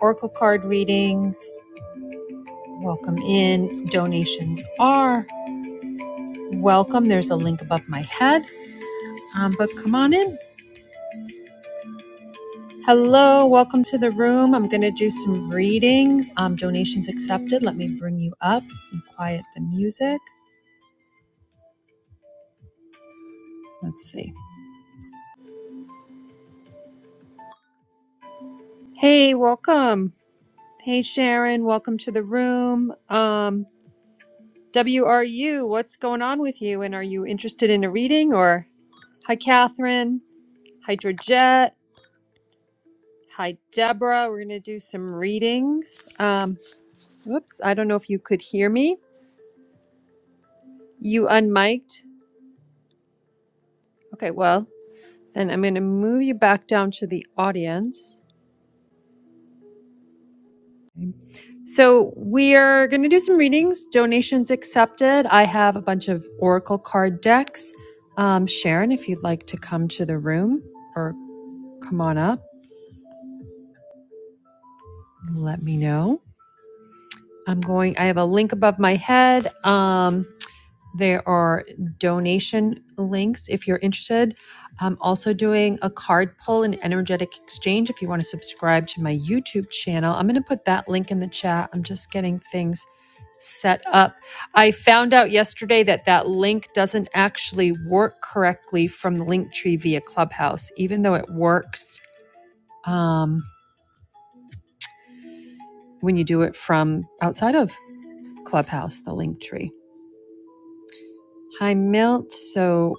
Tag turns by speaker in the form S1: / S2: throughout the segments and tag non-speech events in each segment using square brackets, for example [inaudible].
S1: Oracle card readings, welcome in. Donations are welcome. There's a link above my head, um, but come on in. Hello, welcome to the room. I'm going to do some readings. Um, donations accepted. Let me bring you up and quiet the music. Let's see. Hey, welcome. Hey, Sharon, welcome to the room. Um, WRU, what's going on with you? And are you interested in a reading or? Hi, Catherine. Hydrojet. Hi, Deborah. We're going to do some readings. Um, whoops, I don't know if you could hear me. You unmiked. Okay, well, then I'm going to move you back down to the audience. So we are going to do some readings, donations accepted. I have a bunch of oracle card decks. Um, Sharon, if you'd like to come to the room or come on up, let me know. I'm going. I have a link above my head. Um, There are donation links if you're interested. I'm also doing a card pull and energetic exchange if you want to subscribe to my YouTube channel. I'm going to put that link in the chat. I'm just getting things set up. I found out yesterday that that link doesn't actually work correctly from the Linktree via Clubhouse, even though it works um, when you do it from outside of Clubhouse, the Linktree. Hi, Milt. So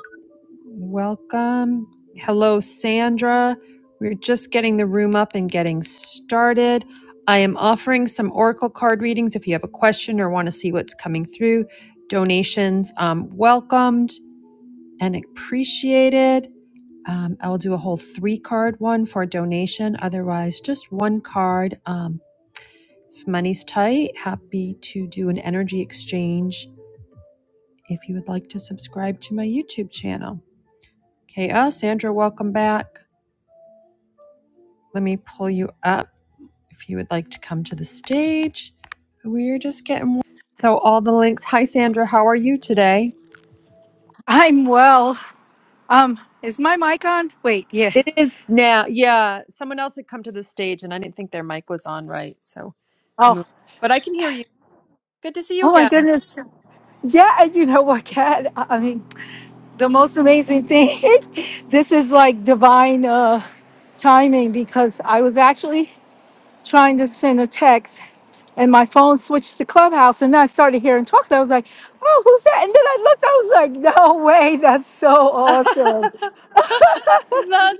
S1: Welcome. Hello, Sandra. We're just getting the room up and getting started. I am offering some Oracle card readings if you have a question or want to see what's coming through. Donations um, welcomed and appreciated. Um, I will do a whole three card one for donation. Otherwise, just one card. Um, if money's tight, happy to do an energy exchange if you would like to subscribe to my YouTube channel. Okay, uh, Sandra, welcome back. Let me pull you up if you would like to come to the stage. We're just getting so all the links. Hi, Sandra. How are you today?
S2: I'm well. Um, is my mic on? Wait, yeah.
S1: It is now. Yeah, someone else had come to the stage, and I didn't think their mic was on right, so I
S2: Oh,
S1: moved. But I can hear you. Good to see you
S2: oh my
S1: again.
S2: goodness. Yeah, and you know what, Kat? I I mean, the most amazing thing. [laughs] this is like divine uh, timing because I was actually trying to send a text, and my phone switched to Clubhouse, and then I started hearing talk. and I was like, "Oh, who's that?" And then I looked. I was like, "No way! That's so
S1: [laughs] That's
S2: awesome!"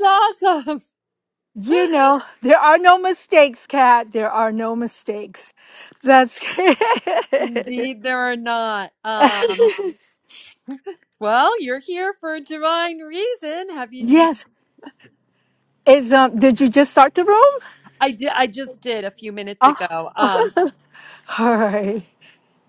S1: awesome.
S2: You know, there are no mistakes, Kat. There are no mistakes. That's [laughs]
S1: Indeed, there are not. Um, well, you're here for a divine reason. Have you? Do you-
S2: yes. Is um did you just start the room?
S1: I did. I just did a few minutes
S2: Oh
S1: ago. Um,
S2: all right.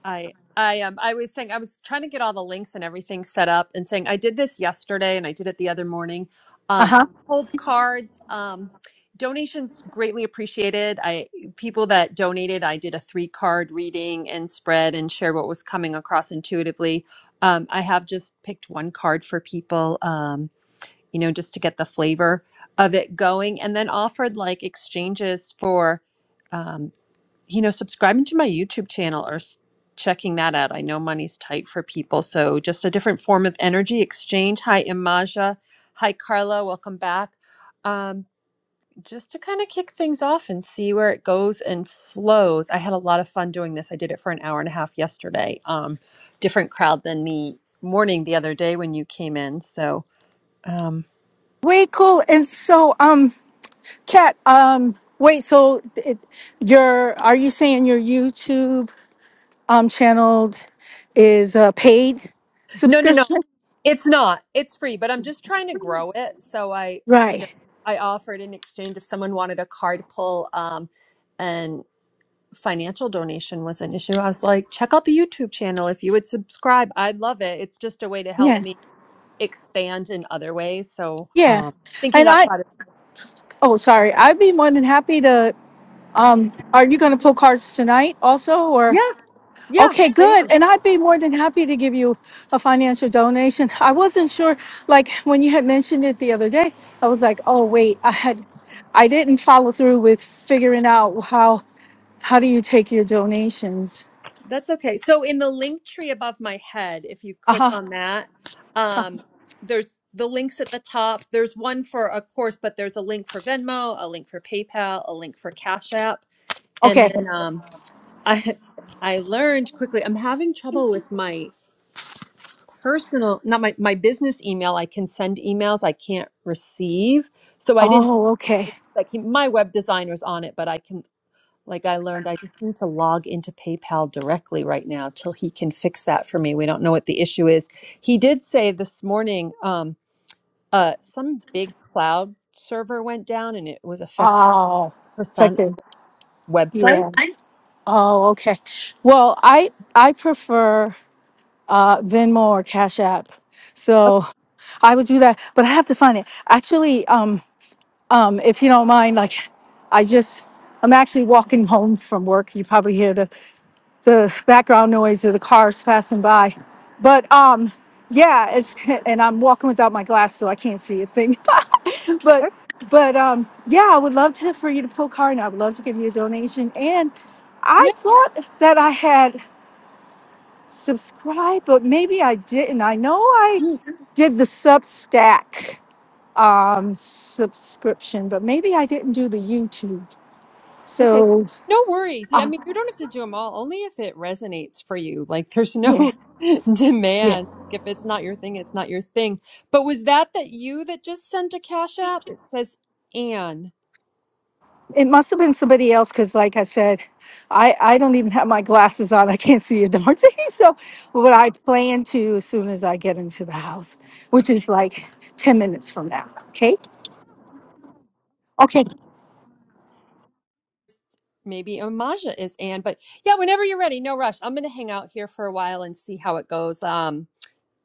S1: I I um I was saying I was trying to get all the links and everything set up and saying I did this yesterday and I did it the other morning. Um
S2: Uh-huh.
S1: I pulled cards. Um donations greatly appreciated. I people that donated, I did a three card reading and spread and shared what was coming across intuitively. Um I have just picked one card for people um you know just to get the flavor of it going and then offered like exchanges for um you know, subscribing to my YouTube channel or s- checking that out. I know money's tight for people. So just a different form of energy exchange. Hi, Imaja. Hi, Carla. Welcome back. Um, just to kind of kick things off and see where it goes and flows. I had a lot of fun doing this. I did it for an hour and a half yesterday. Um, different crowd than the morning the other day when you came in. So, um,
S2: Way cool. And so um Kat, um wait, so it, your are you saying your YouTube um channel is a paid
S1: no, no, no.
S2: subscription?
S1: It's not. It's free, but I'm just trying to grow it. So I, you know,
S2: Right.
S1: I offered in exchange if someone wanted a card pull um, and financial donation was an issue. I was like, check out the YouTube channel. If you would subscribe, I'd love it. It's just a way to help
S2: Yeah.
S1: me expand in other ways. So
S2: Yeah.
S1: um, thinking
S2: And I
S1: outside of
S2: oh sorry, I'd be more than happy to Um, are you going to pull cards tonight also or?
S1: Yeah, yeah,
S2: Okay,
S1: I
S2: good.
S1: am.
S2: And I'd be more than happy to give you a financial donation. I wasn't sure, like when you had mentioned it the other day, I was like, oh, wait, I had, I didn't follow through with figuring out how, how do you take your donations?
S1: That's okay. So in the link tree above my head, if you
S2: Uh
S1: click
S2: huh.
S1: on that, um, there's the links at the top. There's one for a course, but there's a link for Venmo, a link for PayPal, a link for Cash App, and
S2: Okay.
S1: then um, [laughs] I I learned quickly. I'm having trouble with my personal, not my my business email. I can send emails, I can't receive. So I didn't
S2: Oh, okay.
S1: like my web design was on it, but I can like I learned, I just need to log into PayPal directly right now till he can fix that for me. We don't know what the issue is. He did say this morning, um, uh, some big cloud server went down and it was affecting
S2: Oh,
S1: percent
S2: effective.
S1: website.
S2: Yeah. Oh, okay. Well, I, I prefer uh, Venmo or Cash App. So I would do that, but I have to find it. Actually, um, um, if you don't mind, like I just, I'm actually walking [laughs] home from work. You probably hear the, the background noise of the cars passing by, but um, yeah, it's [laughs] and I'm walking without my glass, so I can't see a thing. [laughs] but but um, yeah, I would love to for you to pull card, and I would love to give you a donation. And I
S1: Yeah.
S2: thought that I had subscribe, but maybe I didn't. I know I did the Substack um, subscription, but maybe I didn't do the YouTube.
S1: Okay.
S2: So
S1: No worries. Yeah, I
S2: uh,
S1: mean, you don't have to do them all, only if it resonates for you. Like, there's
S2: yeah,
S1: no [laughs]
S2: yeah,
S1: demand. If it's not your thing, it's not your thing. But was that that you that just sent a Cash App? It says Anne.
S2: it must have been somebody else because, like I said, I I don't even have my glasses on. I can't see a darn thing. [laughs] So, what I plan to as soon as I get into the house, which is like ten minutes from now. Okay. Okay.
S1: Maybe Imaja is Anne. But yeah, whenever you're ready, no rush. I'm going to hang out here for a while and see how it goes. Um,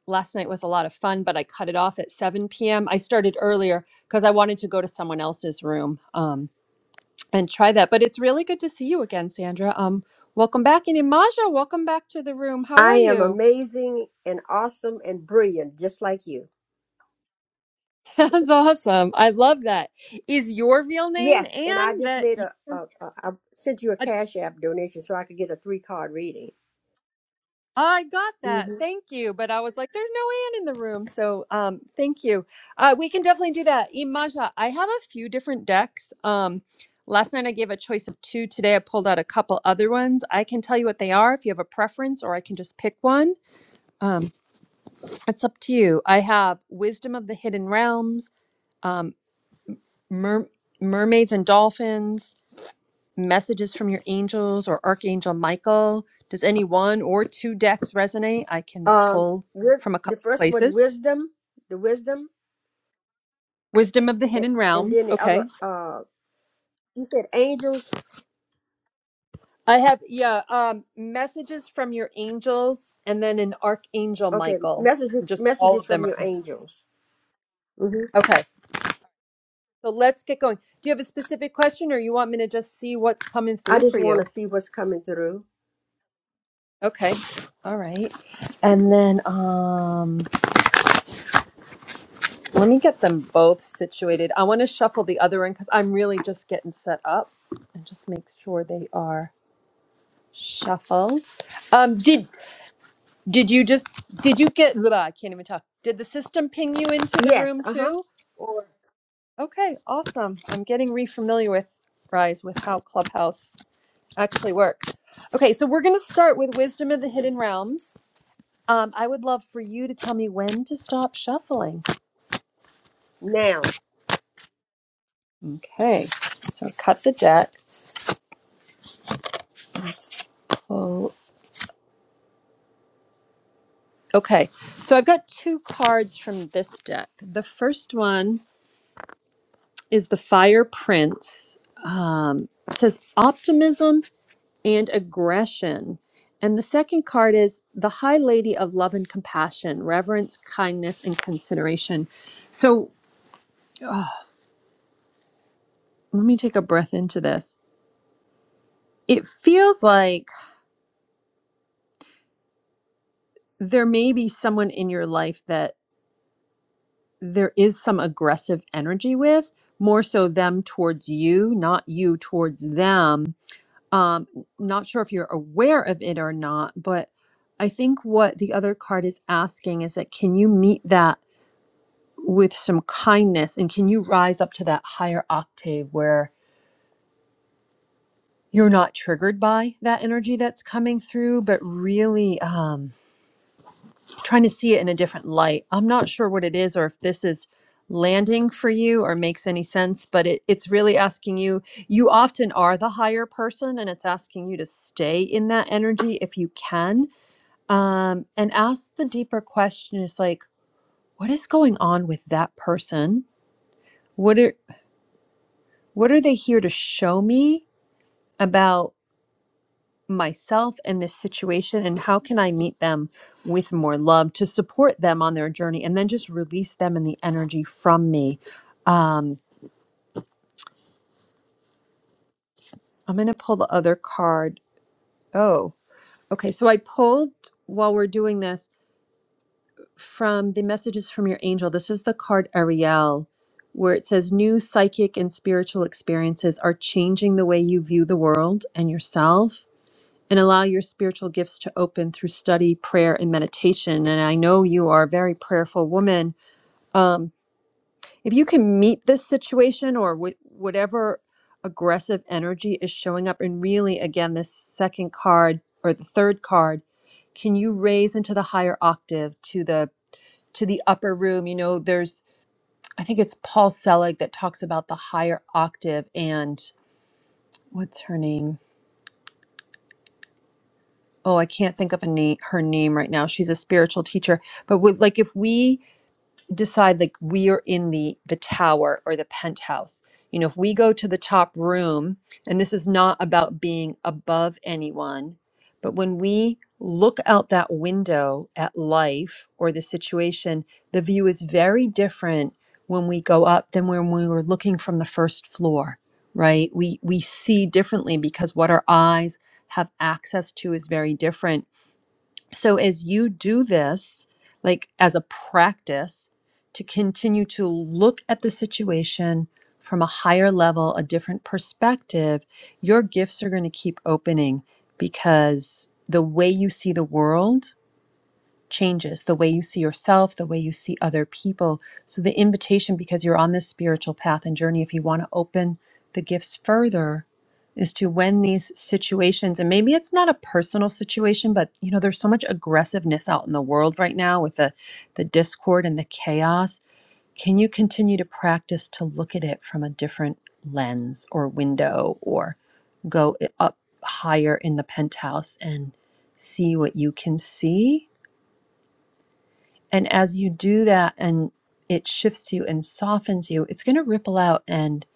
S1: last night was a lot of fun, but I cut it off at 7 p.m. I started earlier because I wanted to go to someone else's room um, and try that. But it's really good to see you again, Sandra. Um, welcome back. And Imaja, welcome back to the room. How
S3: I
S1: are
S3: am
S1: you?
S3: amazing and awesome and brilliant, just like you.
S1: [laughs] That's awesome. I love that. Is your real name
S3: Yes, and I
S1: Anne
S3: just
S1: that
S3: made
S1: you?
S3: a, a, a I sent you a Cash App donation so I could get a three card reading.
S1: I got
S3: hmm
S1: that. Thank you. But I was like, there's no Anne in the room. So um thank you. Uh we can definitely do that. Imaja, I have a few different decks. Um last night I gave a choice of two. Today I pulled out a couple other ones. I can tell you what they are if you have a preference, or I can just pick one. Um it's up to you. I have Wisdom of the Hidden Realms, um Mer- Mermaids and Dolphins, messages from your angels or Archangel Michael? Does any one or two decks resonate? I can
S3: Um,
S1: pull
S3: with
S1: from a
S3: the
S1: couple
S3: first one,
S1: places.
S3: wisdom, the wisdom,
S1: Wisdom of the
S3: a-
S1: Hidden
S3: and
S1: Realms.
S3: then the other,
S1: Okay.
S3: uh, you said angels.
S1: I have, yeah, um, messages from your angels and then an Archangel
S3: Okay,
S1: Michael.
S3: messages,
S1: Just all
S3: messages
S1: of
S3: from
S1: them are.
S3: your angels. hmm
S1: Okay. So let's get going. Do you have a specific question or you want me to just see what's coming
S3: I
S1: through for
S3: just
S1: you?
S3: want to see what's coming through.
S1: Okay. All right. And then, um, Let me get them both situated. I want to shuffle the other one because I'm really just getting set up and just make sure they are shuffled. Um, did did you just did you get? Blah, I can't even talk. Did the system ping you into the
S3: Yes,
S1: room
S3: uh huh.
S1: too? Or okay, awesome. I'm getting refamiliar with rise with how Clubhouse actually works. Okay, so we're going to start with wisdom of the hidden realms. Um, I would love for you to tell me when to stop shuffling.
S3: Now,
S1: Okay, so cut the deck. Let's pull. Okay, so I've got two cards from this deck. The first one is the Fire Prince. Um, it says optimism and aggression. And the second card is the High Lady of Love and Compassion, reverence, kindness, and consideration. So let me take a breath into this. It feels like there may be someone in your life that there is some aggressive energy with more so them towards you not you towards them um not sure if you're aware of it or not but i think what the other card is asking is that can you meet that with some kindness and can you rise up to that higher octave where you're not triggered by that energy that's coming through but really um, trying to see it in a different light. I'm not sure what it is or if this is landing for you or makes any sense, but it, it's really asking you. You often are the higher person, and it's asking you to stay in that energy if you can. Um, and ask the deeper question is like, what is going on with that person? What are what are they here to show me about myself in this situation and how can I meet them with more love to support them on their journey and then just release them and the energy from me. Um, I'm going to pull the other card. Oh, okay. So I pulled while we're doing this from the messages from your angel. This is the card Ariel, where it says new psychic and spiritual experiences are changing the way you view the world and yourself and allow your spiritual gifts to open through study, prayer, and meditation. And I know you are a very prayerful woman. Um, if you can meet this situation or wh- whatever aggressive energy is showing up, and really, again, this second card or the third card, can you raise into the higher octave to the to the upper room? You know, there's I think it's Paul Selig that talks about the higher octave and what's her name? oh, I can't think of a name, her name right now. She's a spiritual teacher. But with, like, if we decide like we are in the the tower or the penthouse you know if we go to the top room and this is not about being above anyone but when we look out that window at life or the situation the view is very different when we go up than when we were looking from the first floor right we we see differently because what our eyes have access to is very different so, as you do this, like as a practice, to continue to look at the situation from a higher level, a different perspective, your gifts are going to keep opening because the way you see the world changes the way you see yourself, the way you see other people. So, the invitation, because you're on this spiritual path and journey, if you want to open the gifts further, is to when these situations, and maybe it's not a personal situation, but you know, there's so much aggressiveness out in the world right now with the, the discord and the chaos. Can you continue to practice to look at it from a different lens or window or go up higher in the penthouse and see what you can see? And as you do that and it shifts you and softens you, it's going to ripple out and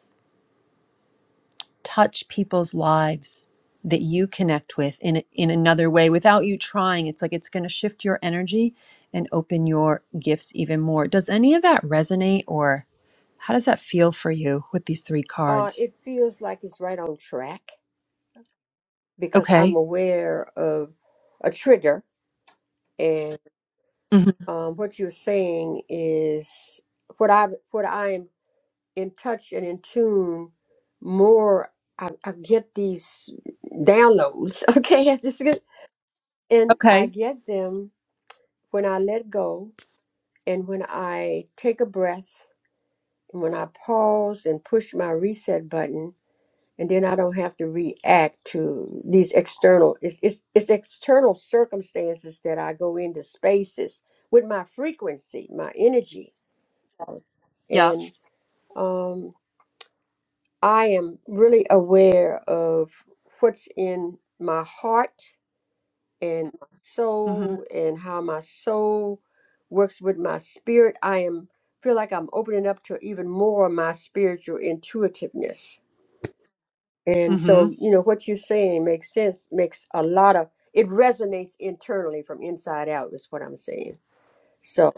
S1: touch people's lives that you connect with in in another way without you trying. It's like it's going to shift your energy and open your gifts even more. Does any of that resonate or how does that feel for you with these three
S3: uh,
S1: cards?
S3: it feels like it's right on track because I'm
S1: Okay.
S3: aware of a trigger And
S1: hmm
S3: um, what you're saying is what I what I am in touch and in tune more. I, I get these downloads, [laughs] okay, as this is- and I
S1: Okay.
S3: get them when I let go and when I take a breath and when I pause and push my reset button, and then I don't have to react to these external. It's it's, it's external circumstances that I go into spaces with my frequency, my energy
S1: Yep.
S3: And um, I am really aware of what's in my heart and my
S1: Mhm.
S3: soul and how my soul works with my spirit. I am feel like I'm opening up to even more of my spiritual intuitiveness. And so,
S1: Mhm.
S3: you know, what you're saying makes sense, makes a lot of it resonates internally from inside out, is what I'm saying. So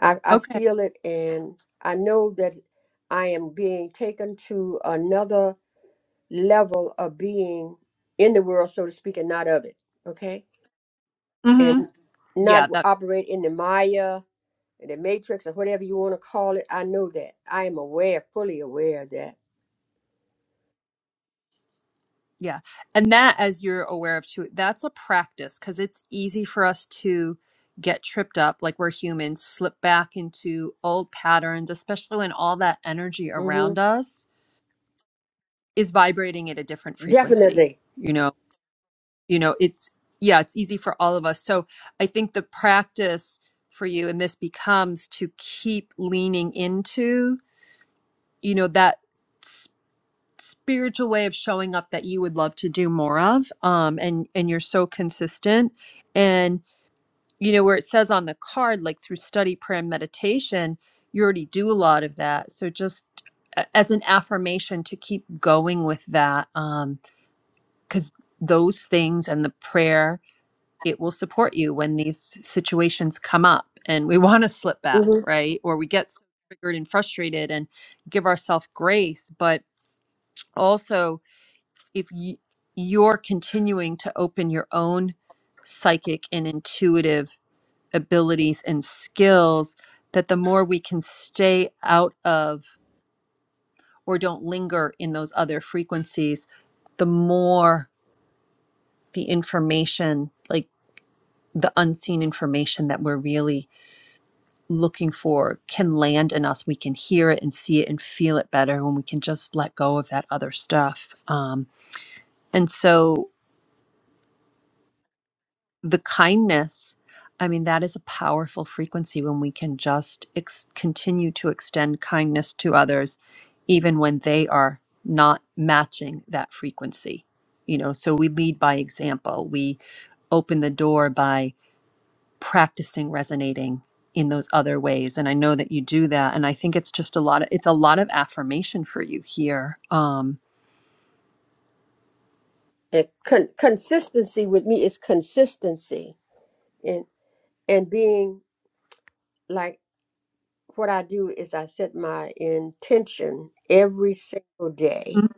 S3: I, I
S1: Okay.
S3: feel it, and I know that I am being taken to another level of being in the world, so to speak, and not of it. Okay. And
S1: Mhm.
S3: not
S1: Yeah, that
S3: operate in the Maya, the Matrix, or whatever you want to call it. I know that. I am aware, fully aware of that.
S1: Yeah. And that, as you're aware of too, that's a practice because it's easy for us to get tripped up like we're humans, slip back into old patterns, especially when all that energy
S3: hmm
S1: around us is vibrating at a different frequency.
S3: Definitely.
S1: You know, you know, it's yeah, it's easy for all of us. So I think the practice for you and this becomes to keep leaning into, you know, that spiritual way of showing up that you would love to do more of um and and you're so consistent and you know where it says on the card like through study prayer and meditation you already do a lot of that so just a- as an affirmation to keep going with that um cuz those things and the prayer it will support you when these situations come up and we [laughs] want to slip back
S3: hmm
S1: right or we get so triggered and frustrated and give ourselves grace but also if you, you're continuing to open your own psychic and intuitive abilities and skills that the more we can stay out of or don't linger in those other frequencies the more the information like the unseen information that we're really looking for can land in us we can hear it and see it and feel it better when we can just let go of that other stuff um, and so the kindness i mean that is a powerful frequency when we can just ex- continue to extend kindness to others even when they are not matching that frequency you know so we lead by example we open the door by practicing resonating in those other ways and i know that you do that and i think it's just a lot of it's a lot of affirmation for you here um
S3: And con- consistency with me is consistency, and and being like what I do is I set my intention every single day.
S1: Mhm.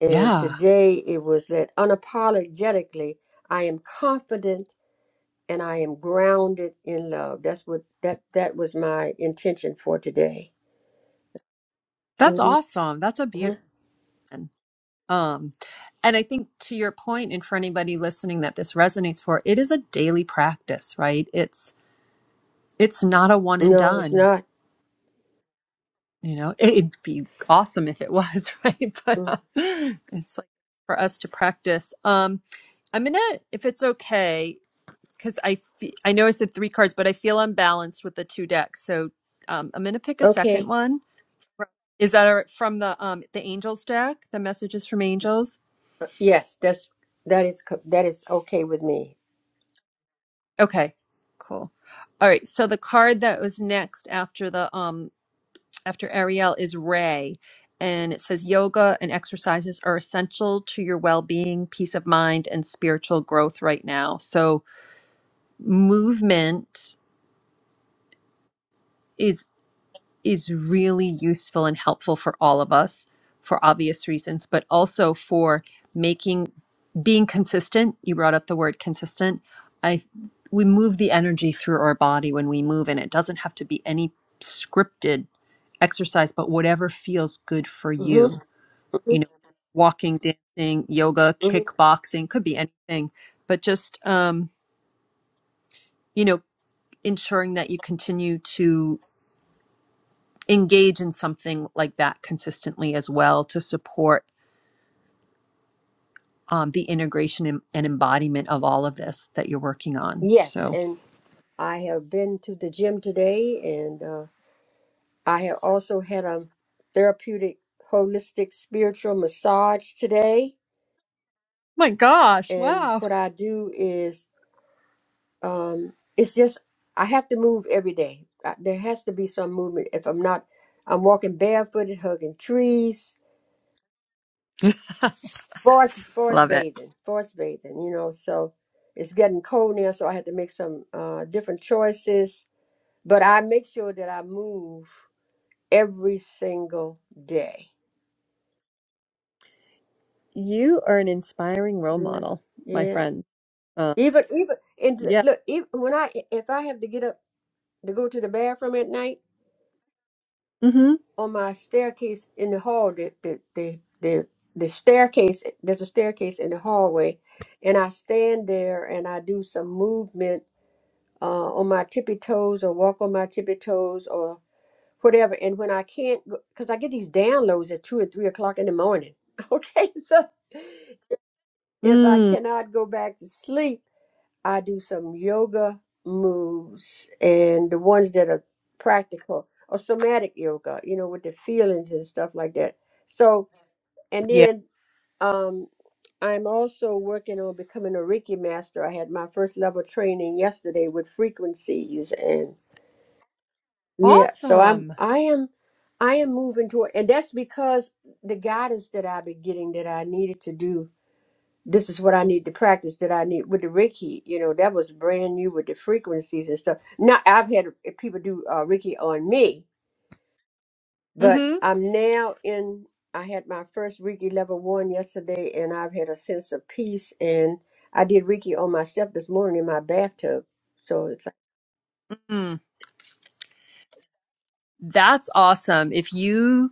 S3: And
S1: yeah
S3: today it was that unapologetically, I am confident and I am grounded in love. That's what that that was my intention for today.
S1: that's
S3: hmm
S1: awesome that's a beautiful one. Um, and I think to your point, and for anybody listening that this resonates for, it is a daily practice, right? It's it's not a one and
S3: No, it's
S1: done.
S3: not.
S1: You know, [laughs] it'd be awesome if it was, [laughs] right? But
S3: Mm.
S1: uh, it's like for us to practice. Um, I'm gonna, if it's okay, because I fe- I know I said three cards, but I feel unbalanced with the two decks, so um, I'm gonna pick a second
S3: Okay.
S1: one. Is that all right? from the um the angels deck? The messages from angels.
S3: Uh, Yes, that's that is co- that is okay with me.
S1: Okay, cool. All right, so the card that was next after the um after Ariel is Ray, and it says yoga and exercises are essential to your well-being, peace of mind, and spiritual growth right now. So movement is is really useful and helpful for all of us for obvious reasons, but also for making being consistent. You brought up the word consistent. I we move the energy through our body when we move, and it doesn't have to be any scripted exercise, but whatever feels good for
S3: hmm
S1: you. You know, walking, dancing, yoga, kickboxing could be anything, but just um, you know, ensuring that you continue to. engage in something like that consistently as well to support um, the integration and, and embodiment of all of this that you're working on.
S3: Yes,
S1: So,
S3: and I have been to the gym today, and uh, I have also had a therapeutic, holistic, spiritual massage today.
S1: My gosh,
S3: And
S1: wow.
S3: what I do is, um, it's just I have to move every day. I, there has to be some movement. If I'm not, I'm walking barefooted, hugging trees, forest, forest
S1: love it.
S3: bathing, forest bathing. You know, so it's getting cold now, so I had to make some uh, different choices. But I make sure that I move every single day.
S1: You are an inspiring role
S3: Yeah.
S1: model, my
S3: Yeah.
S1: friend. Uh,
S3: Even even and
S1: yeah.
S3: look, even when I if I have to get up to go to the bathroom at night
S1: Mm-hmm.
S3: on my staircase in the hall, the the the the, the staircase there's a staircase in the hallway, and I stand there and I do some movement uh, on my tippy toes or walk on my tippy toes or whatever. And when I can't, because I get these downloads at two and three o'clock in the morning. [laughs] Okay, so if I
S1: Mm,
S3: cannot go back to sleep. I do some yoga moves and the ones that are practical or somatic yoga, you know, with the feelings and stuff like that. So, and
S1: yeah.
S3: then um, I'm also working on becoming a Reiki master. I had my first level training yesterday with frequencies and yeah, so I'm
S1: Awesome.
S3: I am I am moving toward and that's because the guidance that I've been getting that I needed to do this is what I need to practice that I need with the Reiki. You know, that was brand new with the frequencies and stuff. Now I've had people do uh, Reiki on me, but
S1: Mm-hmm.
S3: I'm now in. I had my first Reiki level one yesterday, and I've had a sense of peace. And I did Reiki on myself this morning in my bathtub. So it's like,
S1: Mm. That's awesome. If you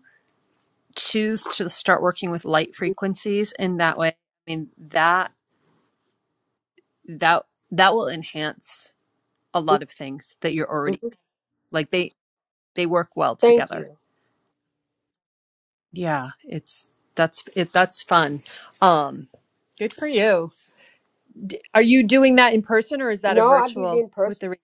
S1: choose to start working with light frequencies in that way, I mean that that that will enhance a lot of things that you're
S3: Mhm.
S1: already like they they work well
S3: thank
S1: together
S3: you.
S1: yeah it's that's it that's fun um good for you D- are you doing that in person or is that a
S3: No, I did it
S1: virtual
S3: in
S1: with
S3: person.
S1: the re-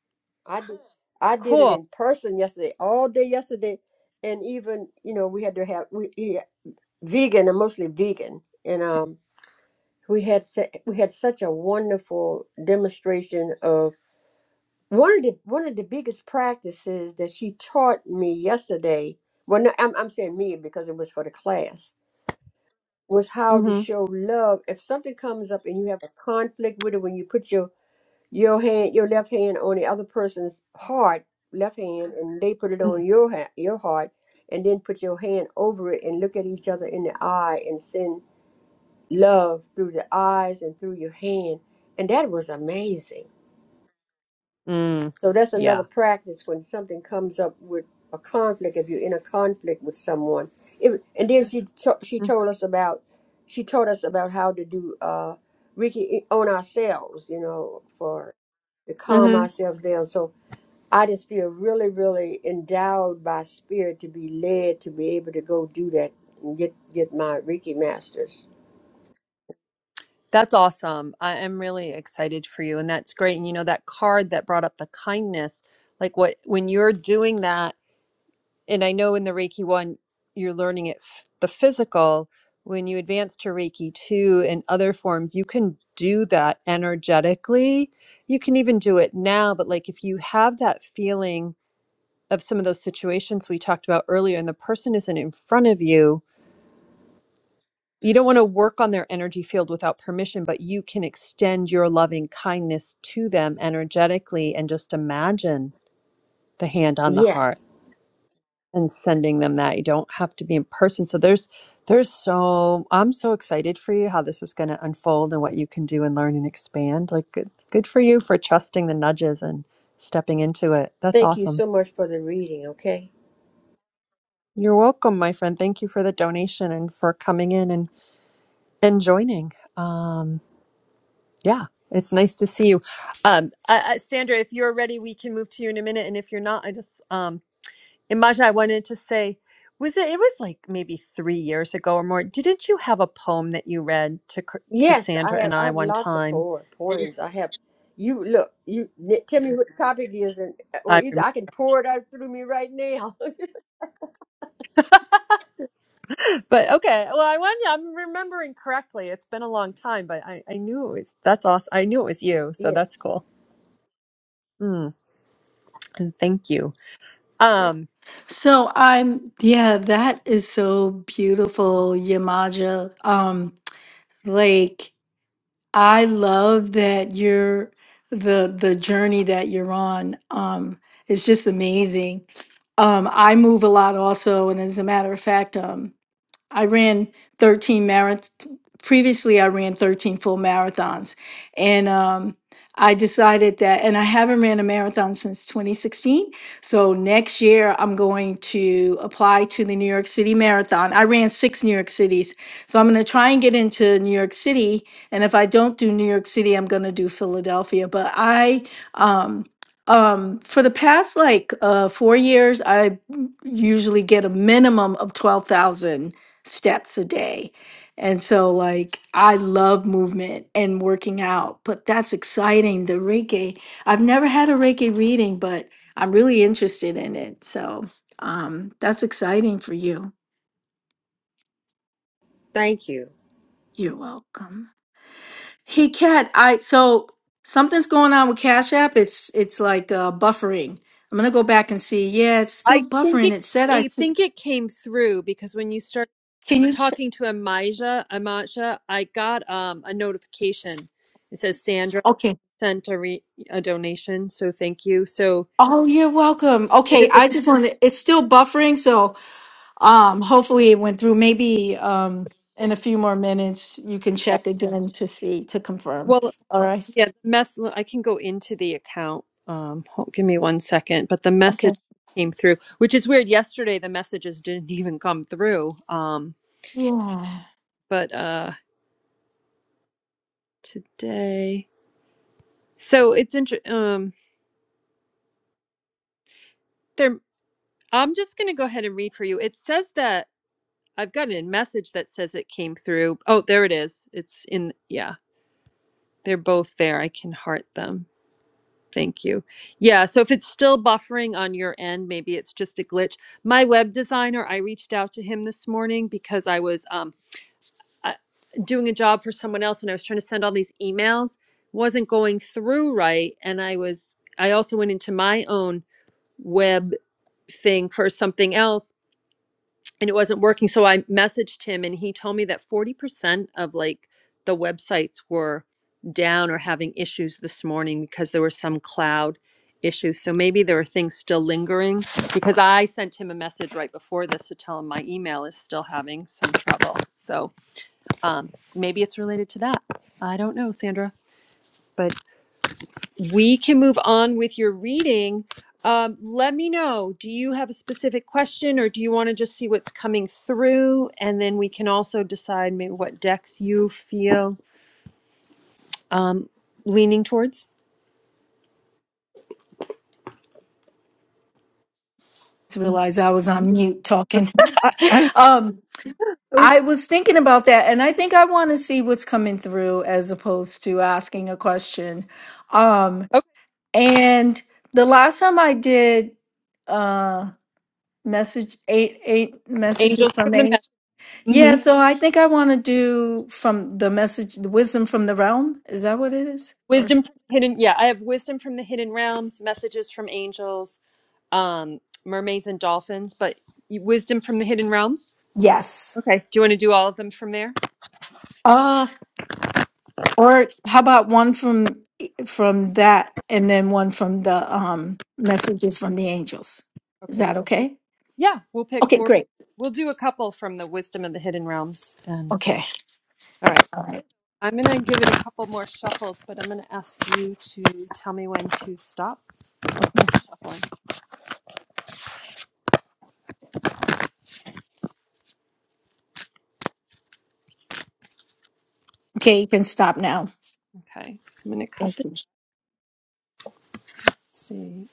S3: I did. I did it
S1: cool
S3: in person yesterday, all day yesterday, and even you know we had to have we. yeah, vegan and mostly vegan. And um, we had sa- we had such a wonderful demonstration of one of the one of the biggest practices that she taught me yesterday. Well, no, I'm I'm saying me because it was for the class was how to
S1: mm-hmm.
S3: show love. If something comes up and you have a conflict with it, when you put your your hand your left hand on the other person's heart, left hand, and they put it on your ha- your heart, and then put your hand over it and look at each other in the eye and send love through the eyes and through your hand. And that was amazing.
S1: mm
S3: So that's
S1: yeah
S3: another practice when something comes up with a conflict, if you're in a conflict with someone. It, and then she, to, she told us about, she taught us about how to do uh, Reiki on ourselves, you know, for to calm
S1: mm-hmm.
S3: ourselves down. So I just feel really, really endowed by spirit to be led to be able to go do that and get, get my Reiki masters.
S1: that's awesome i am really excited for you and that's great and you know that card that brought up the kindness like what when you're doing that and I know in the Reiki one, you're learning it f- the physical. When you advance to Reiki two and other forms, you can do that energetically. You can even do it now, but like if you have that feeling of some of those situations we talked about earlier, and the person isn't in front of you, you don't want to work on their energy field without permission, but you can extend your loving kindness to them energetically and just imagine the hand on the
S3: Yes.
S1: heart and sending them that you don't have to be in person so there's there's so i'm so excited for you how this is going to unfold and what you can do and learn and expand like good, good for you for trusting the nudges and stepping into it that's
S3: Thank you
S1: awesome
S3: so much for the reading, okay?
S1: you're welcome my friend thank you for the donation and for coming in and and joining um yeah it's nice to see you um uh, uh, sandra if you're ready we can move to you in a minute and if you're not i just um And I wanted to say, was it? It was like maybe three years ago or more. Didn't you have a poem that you read to Cr- to
S3: Yes, I
S1: Sandra
S3: have
S1: and
S3: I
S1: I
S3: have
S1: one
S3: lots of
S1: time?
S3: poem,
S1: Mhm.
S3: poems. I have you look, you n- tell me what the topic is and or
S1: I
S3: either
S1: remember,
S3: I can pour it out through me right now.
S1: but okay. Well, I want I'm remembering correctly. It's been a long time, but I I knew it was. That's awesome. I knew it was you,
S3: [laughs]
S1: so that's
S3: yes.
S1: cool. Mm, and thank you. Um,
S2: So I'm yeah, that is so beautiful, Yamaja. Um, Like, I love that you're the the journey that you're on. Um, it's just amazing. Um, I move a lot also, and as a matter of fact, um, I ran 13 marath. Previously, I ran 13 full marathons. And um, I decided that, and I haven't ran a marathon since 2016. So next year, I'm going to apply to the New York City Marathon. I ran six New York cities. So I'm going to try and get into New York City. And if I don't do New York City, I'm going to do Philadelphia. But I, um, um, for the past like uh, four years, I usually get a minimum of 12,000 steps a day. And so like I love movement and working out, but that's exciting. The Reiki, I've never had a Reiki reading, but I'm really interested in it. So um that's exciting for you.
S3: Thank you.
S2: You're welcome. Hey Kat, I so something's going on with Cash App. It's it's like uh buffering. I'm gonna go back and see. Yeah, it's still
S1: I think
S2: buffering.
S1: it.
S2: It said I
S1: I
S2: s-
S1: think it came through because when you start
S2: can you ch-
S1: talking to Amaja, Amaja, I got um a notification. It says Sandra.
S2: okay.
S1: sent a re a donation, so thank you. So
S2: Oh, you're welcome. Okay,
S1: even if
S2: I
S1: it's
S2: just wanted it's still buffering, so Um, hopefully it went through. Maybe um in a few more minutes you can
S1: yeah,
S2: check again to see to confirm.
S1: well,
S2: All right.
S1: yeah, the mess I can go into the account. Um, hold, give me one second, but the
S2: Okay.
S1: message came through, which is weird. Yesterday, the messages didn't [laughs] even come through. Um,
S2: Yeah.
S1: but uh, today, so it's interesting. um, there. I'm just gonna go ahead and read for you. It says that I've got a message that says it came through. Oh, there it is. It's in, yeah, they're both there. I can heart them. Thank you. Yeah, so if it's still buffering on your end, maybe it's just a glitch. My web designer, I reached out to him this morning because I was um, I, doing a job for someone else and I was trying to send all these emails, wasn't going through right, and I was I also went into my own web thing for something else and it wasn't working. So I messaged him and he told me that 40% of like the websites were down or having issues this morning because there was some cloud issue. So maybe there are things still lingering because I sent him a message right before this to tell him my email is still having some trouble. So um, maybe it's related to that. I don't know, Sandra, but we can move on with your reading. Um, let me know. Do you have a specific question or do you want to just see what's coming through? And then we can also decide maybe what decks you feel um, leaning towards.
S2: To realize I was
S1: Mhm.
S2: on mute talking.
S1: I, I,
S2: [laughs] um
S1: [laughs]
S2: I was thinking about that and I think I want to see what's coming through as opposed to asking a question. Um
S1: oh,
S2: and the last time I did uh message eight eight
S1: angels
S2: messages
S1: from
S2: from
S1: the
S2: H
S1: me-
S2: Yeah,
S1: mhm.
S2: so I think I want to do from the message, the wisdom from the realm. Is that what it is? Or s-
S1: wisdom from the hidden. Yeah, I have wisdom from the hidden realms, messages from angels, um, mermaids and dolphins, but wisdom from the hidden realms.
S2: yes.
S1: Okay. Do you want to do all of them from there?
S2: Uh or how about one from from that and then one from the um messages from the angels. Is
S1: Okay.
S2: that
S1: So.
S2: okay?
S1: Yeah, we'll pick.
S2: Okay,
S1: We'll,
S2: great.
S1: we'll do a couple from the Wisdom of the Hidden Realms. And
S2: Okay.
S1: all right,
S2: All right.
S1: I'm going to give it a couple more shuffles, but I'm going to ask you to tell me when to stop
S2: Okay.
S1: shuffling.
S2: Okay, you can stop now.
S1: Okay, so I'm going to cut
S2: Thank
S1: this.
S2: you.
S1: Let's see.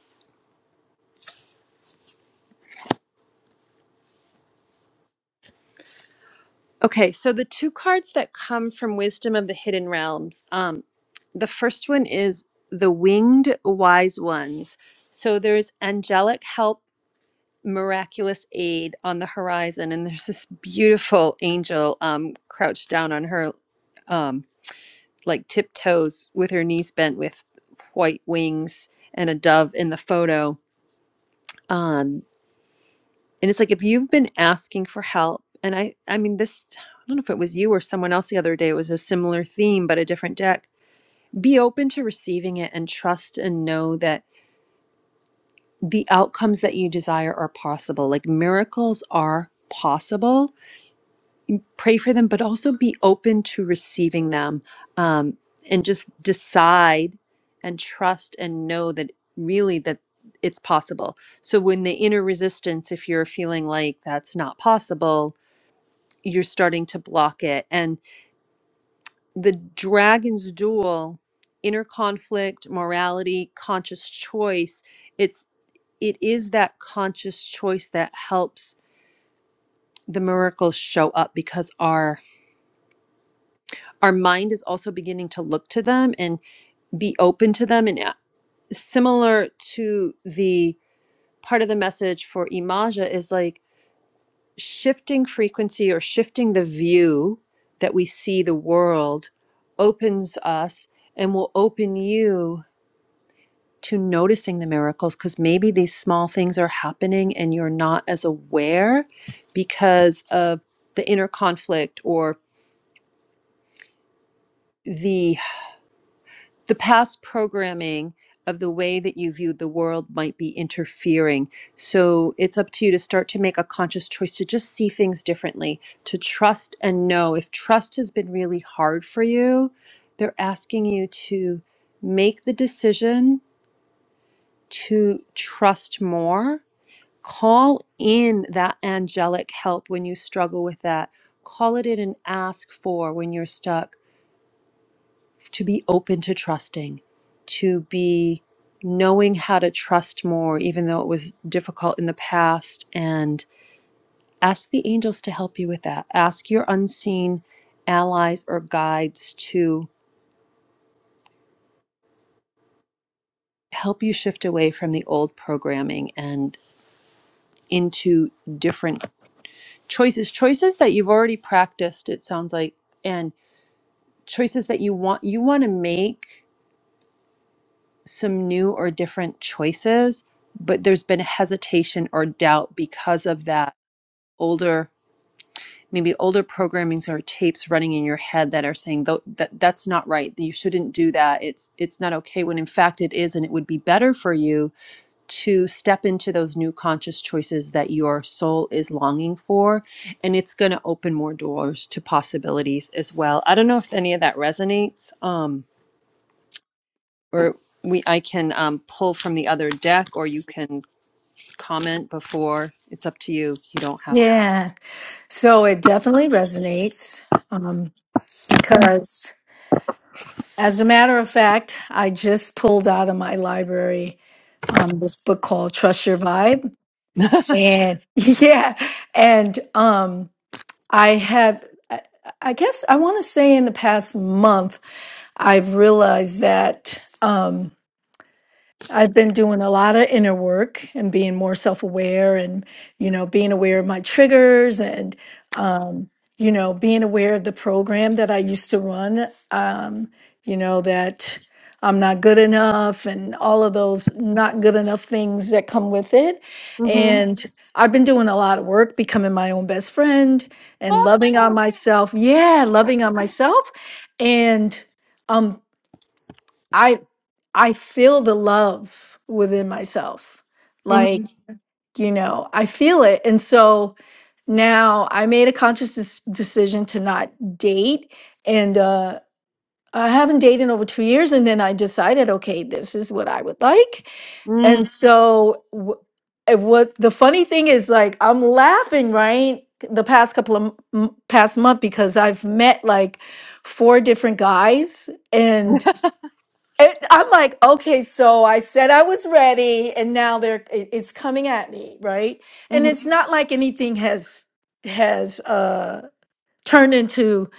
S1: Okay, so the two cards that come from Wisdom of the Hidden Realms. Um, the first one is the Winged Wise Ones. So there's angelic help miraculous aid on the horizon and there's this beautiful angel um crouched down on her um like tiptoes with her knees bent with white wings and a dove in the photo um and it's like if you've been asking for help and i i mean this i don't know if it was you or someone else the other day it was a similar theme but a different deck be open to receiving it and trust and know that the outcomes that you desire are possible like miracles are possible pray for them, but also be open to receiving them um, and just decide and trust and know that really that it's possible. So when the inner resistance, if you're feeling like that's not possible, you're starting to block it. And the dragon's duel, inner conflict, morality, conscious choice, it's it is that conscious choice that helps the miracles show up because our our mind is also beginning to look to them and be open to them and uh, similar to the part of the message for imaja is like shifting frequency or shifting the view that we see the world opens us and will open you to noticing the miracles because maybe these small things are happening and you're not as aware because of the inner conflict or the. the past programming of the way that you viewed the world might be interfering. So it's up to you to start to make a conscious choice to just see things differently, to trust and know. If trust has been really hard for you, they're asking you to make the decision to trust more. Call in that angelic help when you struggle with that. Call it in and ask for when you're stuck to be open to trusting, to be knowing how to trust more, even though it was difficult in the past. And ask the angels to help you with that. Ask your unseen allies or guides to help you shift away from the old programming and into different choices choices that you've already practiced it sounds like and choices that you want you want to make some new or different choices, but there's been hesitation or doubt because of that older, maybe older programmings or tapes running in your head that are saying "Tho- that that's not right. You shouldn't do that. It's it's not okay. When in fact it is, and it would be better for you to step into those new conscious choices that your soul is longing for, and it's going to open more doors to possibilities as well. I don't know if any of that resonates, Um or we I can um, pull from the other deck, or you can comment before. It's up to you. You don't have
S2: Yeah. So it definitely resonates um because As a matter of fact, I just pulled out of my library um, this book called Trust Your Vibe,
S1: to. [laughs]
S2: and [laughs] yeah, and um, I have, I, I guess, I want to say in the past month, I've realized that. Um, I've been doing a lot of inner work and being more self aware and, you know, being aware of my triggers and, um, you know, being aware of the program that I used to run, um, you know, that I'm not good enough and all of those not good enough things that come with it. And I've been doing a lot of work becoming my own best friend and loving on myself. Yeah, loving on myself. And, um. I I feel the love within myself. Like,
S1: Mhm.
S2: you know, I feel it. And so now I made a conscious des- decision to not date and uh I haven't dated in over 2 years and then I decided, okay, this is what I would like. And
S1: Mhm.
S2: so w- it was the funny thing is like I'm laughing, right? The past couple of m- m- past month because I've met like four different guys and. It, I'm like, okay, so I said I was ready, and now they're it, it's coming at me, right? And
S1: Mhm.
S2: it's not like anything has has uh turned into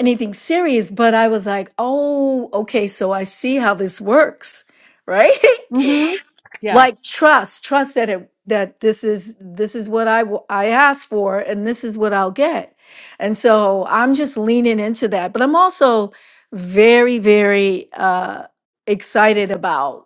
S2: anything serious, but I was like, oh, okay, so I see how this works, right? [laughs]
S1: Mhm. yeah.
S2: like trust trust that it that this is this is what I w- I asked for and this is what I'll get. And so I'm just leaning into that, but I'm also very very uh excited about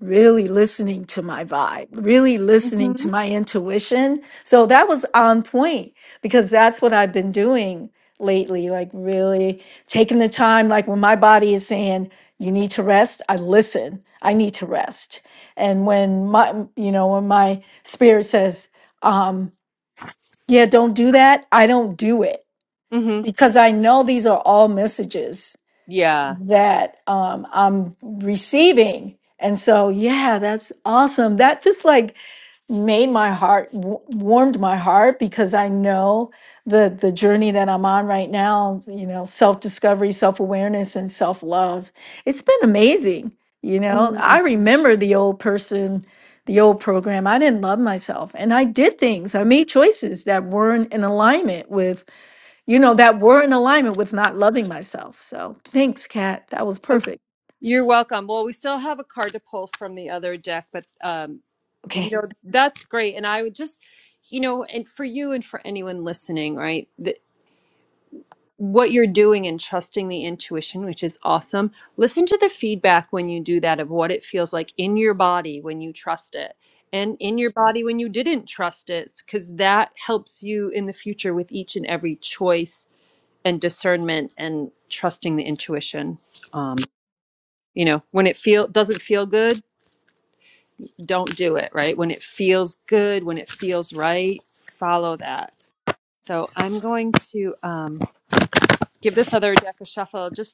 S2: really listening to my vibe, really listening
S1: Mhm.
S2: to my intuition. So that was on point because that's what I've been doing lately, like really taking the time, like when my body is saying, you need to rest, I listen, I need to rest. And when my, you know, when my spirit says, um, yeah, don't do that, I don't do it
S1: hmm
S2: because I know these are all messages
S1: Yeah.
S2: that um, I'm receiving. And so, yeah, that's awesome. That just like made my heart wa- warmed my heart because I know the the journey that I'm on right now. You know, self discovery, self awareness, and self love. It's been amazing. You know, I
S1: Mm.
S2: remember the old person, the old program. I didn't love myself, and I did things. I made choices that weren't in alignment with you know, that were in alignment with not loving myself. So thanks, Kat. That was perfect.
S1: You're welcome. Well, we still have a card to pull from the other deck, but um,
S2: Okay.
S1: that's great. And I would just, you know, and for you and for anyone listening, right? what you're doing and trusting the intuition, which is awesome. Listen to the feedback when you do that of what it feels like in your body when you trust it and in your body when you didn't trust it, because that helps you in the future with each and every choice and discernment and trusting the intuition. Um, you know, when it feel doesn't feel good, don't do it, right? When it feels good, when it feels right, follow that. So I'm going to um, give this other deck a shuffle just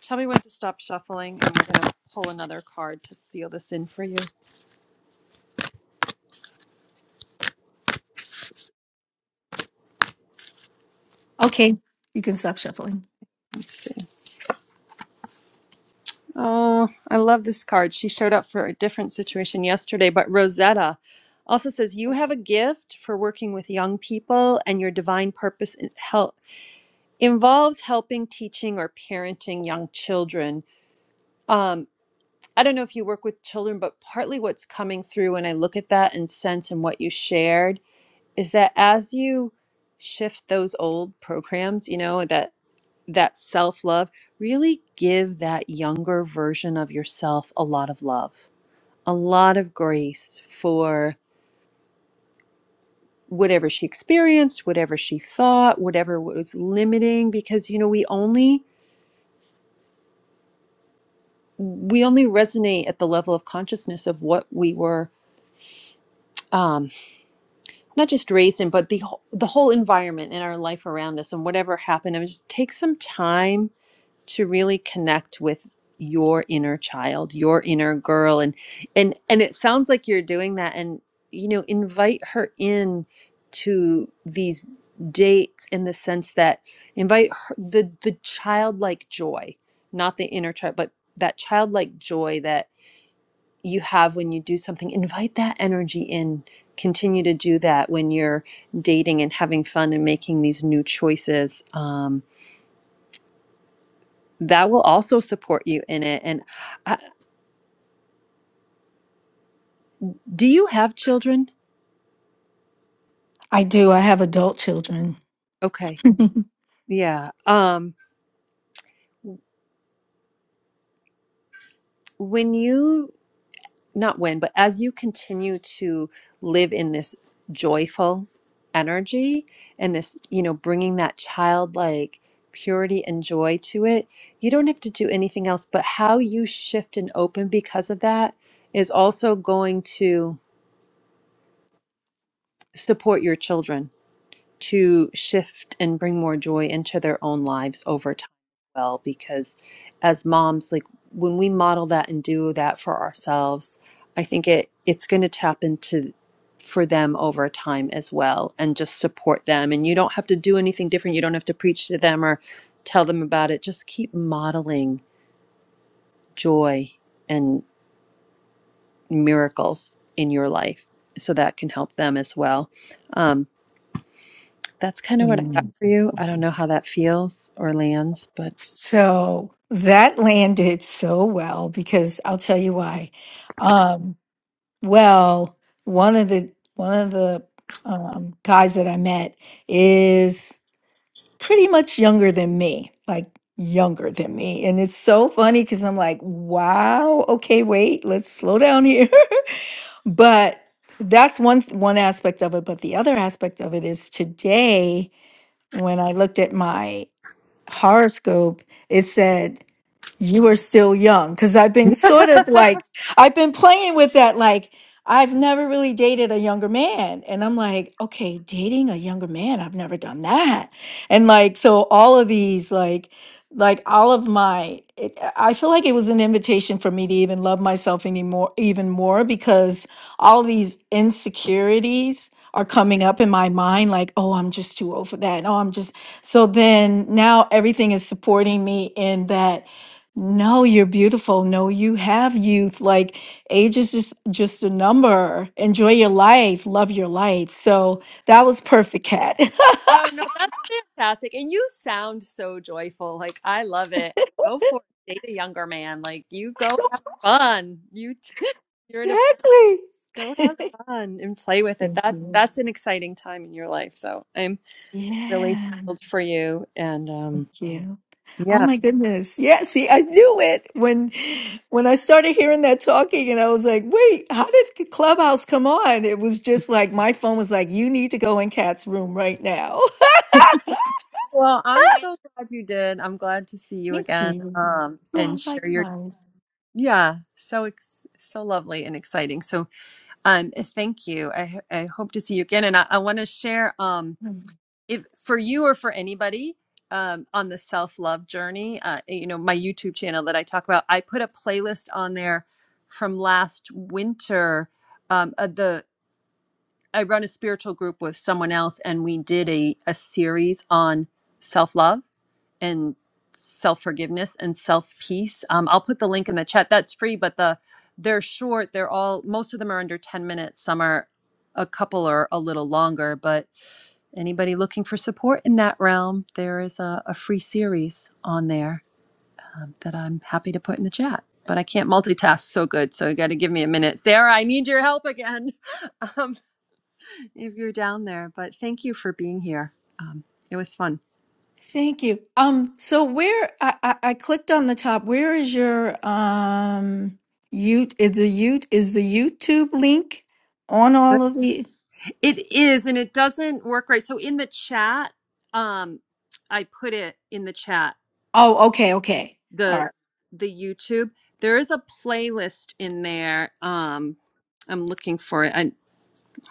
S1: Tell me when to stop shuffling, and we're gonna pull another card to seal this in for you.
S2: Okay. You can stop shuffling.
S1: Let's see. Oh, I love this card. She showed up for a different situation yesterday, but Rosetta also says you have a gift for working with young people, and your divine purpose in help involves helping, teaching, or parenting young children. Um, I don't know if you work with children, but partly what's coming through when I look at that and sense and what you shared is that as you shift those old programs, you know, that that self love, really give that younger version of yourself a lot of love, a lot of grace for whatever she experienced, whatever she thought, whatever was limiting because you know we only we only resonate at the level of consciousness of what we were um not just raised in but the wh- the whole environment in our life around us and whatever happened. I mean just take some time to really connect with your inner child your inner girl and and and it sounds like you're doing that and you know invite her in to these dates in the sense that invite her, the the childlike joy not the inner child but that childlike joy that you have when you do something invite that energy in continue to do that when you're dating and having fun and making these new choices Um, that will also support you in it and uh, do you have children
S2: I do. I have adult children.
S1: okay
S2: [laughs]
S1: yeah um when you not when but as you continue to live in this joyful energy and this you know bringing that childlike purity and joy to it you don't have to do anything else but how you shift and open because of that is also going to support your children to shift and bring more joy into their own lives over time as well because as moms like when we model that and do that for ourselves i think it it's going to tap into for them over time as well and just support them and you don't have to do anything different you don't have to preach to them or tell them about it just keep modeling joy and miracles in your life so that can help them as well Um, That's kind of what I got
S2: Mm.
S1: for you. I don't know how that feels or lands, but
S2: So that landed so well because I'll tell you why. Well, one of the one of the um, guys that I met is pretty much younger than me, like younger than me, and it's so funny because I'm like, wow, okay, wait, let's slow down here. [laughs] but that's one th- one aspect of it. But the other aspect of it is today when I looked at my horoscope, it said you are still young because I've been sort of like, I've been playing with that. Like, I've never really dated a younger man. And I'm like, okay, dating a younger man, I've never done that. And like, so all of these, like, like all of my, it, I feel like it was an invitation for me to even love myself anymore, even more because all these insecurities are coming up in my mind. Like, oh, I'm just too old for that. And, Oh, I'm just, so then now everything is supporting me in that no, you're beautiful. No, you have youth. Like age is just just a number. Enjoy your life. Love your life. So that was perfect, Kat. [laughs]
S1: Oh no, that's fantastic. And you sound so joyful. Like I love it. Go for it. Date a younger man. Like you go have
S2: exactly.
S1: fun. You t- [laughs] you're to go have
S2: [laughs]
S1: fun and play with it.
S2: Thank
S1: That's
S2: you.
S1: that's an exciting time in your life. So I'm really
S2: Yeah,
S1: thrilled for you. And um
S2: thank you. Oh
S1: yeah.
S2: my goodness. Yeah, see, I knew it when when I started hearing that talking and I was like, wait, how did Clubhouse come on? It was just like my phone was like, you need to go in Kat's room right now.
S1: Well, I'm so glad you did. I'm glad to see
S2: [laughs]
S1: you
S2: Thank
S1: again.
S2: you.
S1: Um
S2: Yeah,
S1: and
S2: [laughs]
S1: share your
S2: likewise.
S1: yeah, so ex so lovely and exciting. So Um, thank you. I, I hope to see you again. And I, I want to share um,
S2: Hmm.
S1: if for you or for anybody um, on the self love journey, uh, eh, you know, my YouTube channel that I talk about, I put a playlist on there from last winter. Um, uh, the I run a spiritual group with someone else, and we did a, a series on self love and self forgiveness and self peace. Um, I'll put the link in the chat. That's free, but the they're short. They're all most of them are under ten minutes. Some are a couple or a little longer. But anybody looking for support in that realm, there is a, a free series on there um, that I'm happy to put in the chat. But I can't multitask so good, so you got to give me a minute, Sarah. I need your help again. [laughs] if you're down there. But thank you for being here. Um, it was fun.
S2: Thank you. Um, so where I, I, I clicked on the top, where is your um you is the you is the YouTube link on all of the
S1: It is, and it doesn't work right. So in the chat, um, I put it in the chat.
S2: Oh, okay, okay. All
S1: The
S2: right.
S1: the YouTube there is a playlist in there. Um, I'm looking for it. I,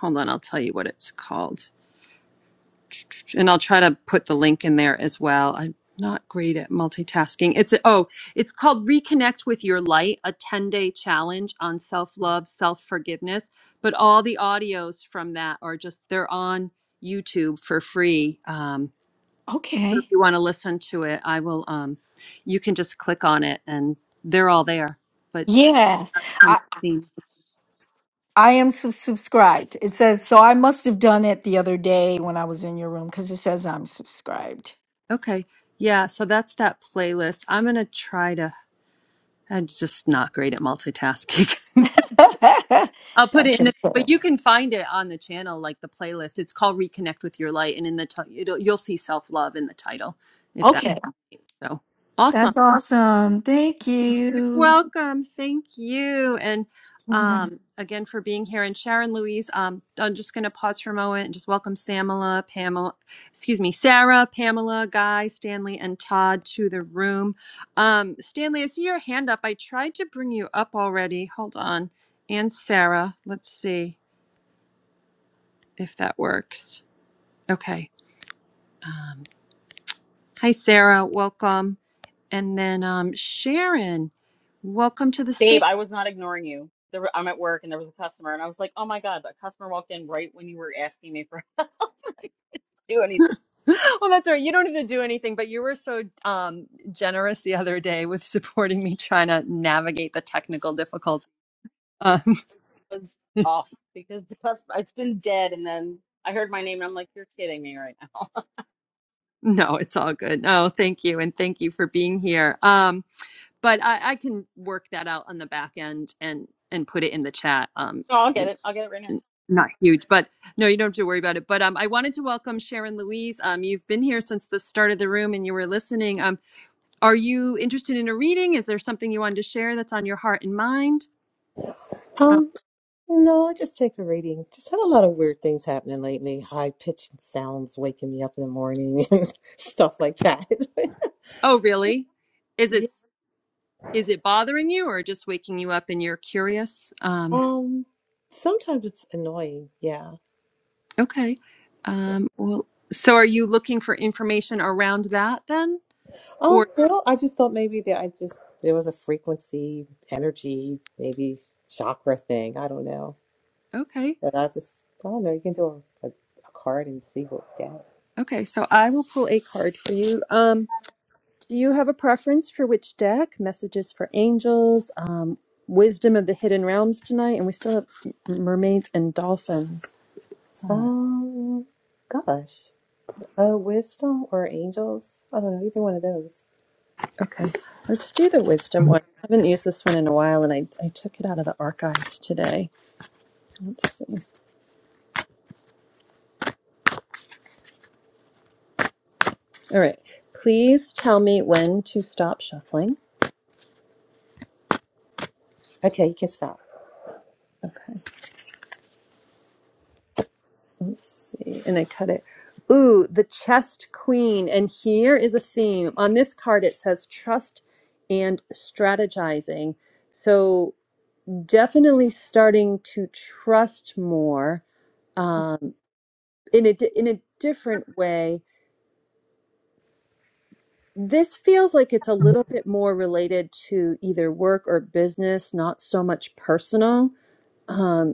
S1: hold on, I'll tell you what it's called. and I'll try to put the link in there as well. I'm not great at multitasking. It's oh, it's called Reconnect with Your Light, a 10-day challenge on self-love, self-forgiveness. But all the audios from that are just they're on YouTube for free. Um, so if
S2: Okay.
S1: you want to listen to it, I will. Um, you can just click on it, and they're all there. But
S2: Yeah.
S1: that's
S2: I
S1: something.
S2: I am sub- subscribed. It says so I must have done it the other day when I was in your room cuz it says I'm subscribed.
S1: Okay, yeah. So that's that playlist. I'm gonna try to. I'm just not great at multitasking. [laughs]
S2: [laughs]
S1: I'll put it
S2: That's
S1: in
S2: okay.
S1: the, but you can find it on the channel, like the playlist. It's called Reconnect with Your Light, and in the ti- it'll, you'll see self love in the title, if that.
S2: Okay.
S1: So awesome!
S2: That's awesome. Thank
S1: You're
S2: you.
S1: welcome. Thank you, and um, again for being here. And Sharon Louise, um, I'm just going to pause for a moment and just welcome Samala, Pamela, excuse me, Sarah, Pamela, Guy, Stanley, and Todd to the room. Um, Stanley, I see your hand up. I tried to bring you up already. Hold on, and Sarah. Let's see. if that works. Okay. Um, hi, Sarah. Welcome. And then um, Sharon, welcome to the
S4: Babe,
S1: stage.
S4: I was not ignoring you. There were, I'm at work and there was a customer, and I was like, oh my God, that customer walked in right when you were asking me for [laughs] help. I couldn't do anything.
S1: [gasps] Well, that's all right. You don't have to do anything, but you were so um, generous the other day with [laughs] supporting me trying to navigate the technical difficulty. Um,
S4: It was
S1: [laughs]
S4: off because the customer, it's been dead. And then I heard my name, and I'm like, you're kidding me right now. [laughs]
S1: No, it's all good. No, thank you. And thank you for being here. Um, but I, I can work that out on the back end and and put it in the chat. Um,
S4: No, I'll get it. I'll
S1: it's
S4: get it right now.
S1: n- not huge, but no, you don't have to worry about it. But um, I wanted to welcome Sharon Louise. Um, you've been here since the start of the room, and you were listening. Um, are you interested in a reading? Is there something you wanted to share that's on your heart and mind? Um,
S5: Um, no, I just take a reading. Just had a lot of weird things happening lately. High pitched sounds waking me up in the morning [laughs] and stuff like that. [laughs]
S1: oh, really? Is it
S5: Yeah.
S1: is it bothering you, or just waking you up and you're curious? Um,
S5: Um, sometimes it's annoying. Yeah.
S1: okay.
S5: Yeah.
S1: Um, well, so are you looking for information around that then,
S5: Um,
S1: or
S5: well, I just thought maybe that I just there was a frequency, energy, maybe chakra thing. I don't know.
S1: okay?
S5: But I just I don't know. You can do a, a, a card and see what you get.
S1: Okay, so I will pull a card for you. Um, do you have a preference for which deck? Messages for angels, um, wisdom of the hidden realms tonight, and we still have m- mermaids and dolphins somewhere.
S5: Um, gosh, uh, wisdom or angels? I don't know either one of those.
S1: Okay, let's do the wisdom one. I haven't used this one in a while, and I, I took it out of the archives today. Let's see. All right, please tell me when to stop shuffling.
S5: Okay, you can stop.
S1: Okay. Let's see. And I cut it. Ooh, the chest queen. And here is a theme. On this card, it says trust and strategizing. So definitely starting to trust more um, in a di- in a different way. This feels like it's a little bit more related to either work or business, not so much personal. Um,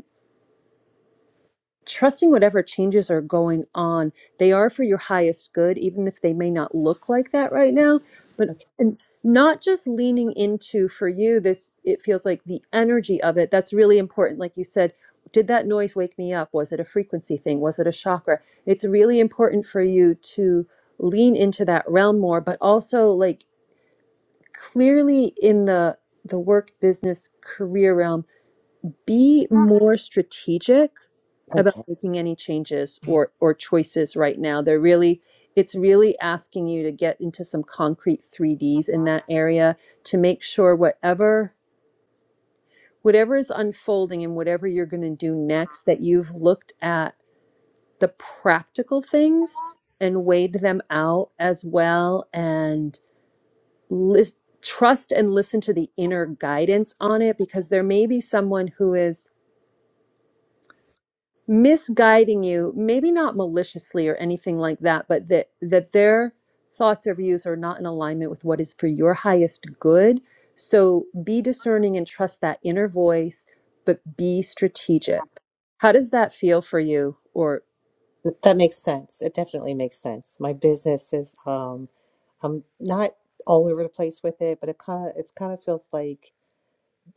S1: trusting whatever changes are going on they are for your highest good even if they may not look like that right now but
S5: Okay,
S1: and not just leaning into for you this it feels like the energy of it that's really important like you said did that noise wake me up was it a frequency thing was it a chakra it's really important for you to lean into that realm more but also like clearly in the the work business career realm be more strategic about
S5: okay.
S1: making any changes or or choices right now they're really it's really asking you to get into some concrete 3ds in that area to make sure whatever whatever is unfolding and whatever you're going to do next that you've looked at the practical things and weighed them out as well and list, trust and listen to the inner guidance on it because there may be someone who is misguiding you maybe not maliciously or anything like that but that that their thoughts or views are not in alignment with what is for your highest good so be discerning and trust that inner voice but be strategic how does that feel for you or
S5: Th- That makes sense. It definitely makes sense. My business is um I'm not all over the place with it, but it kind of it's kind of feels like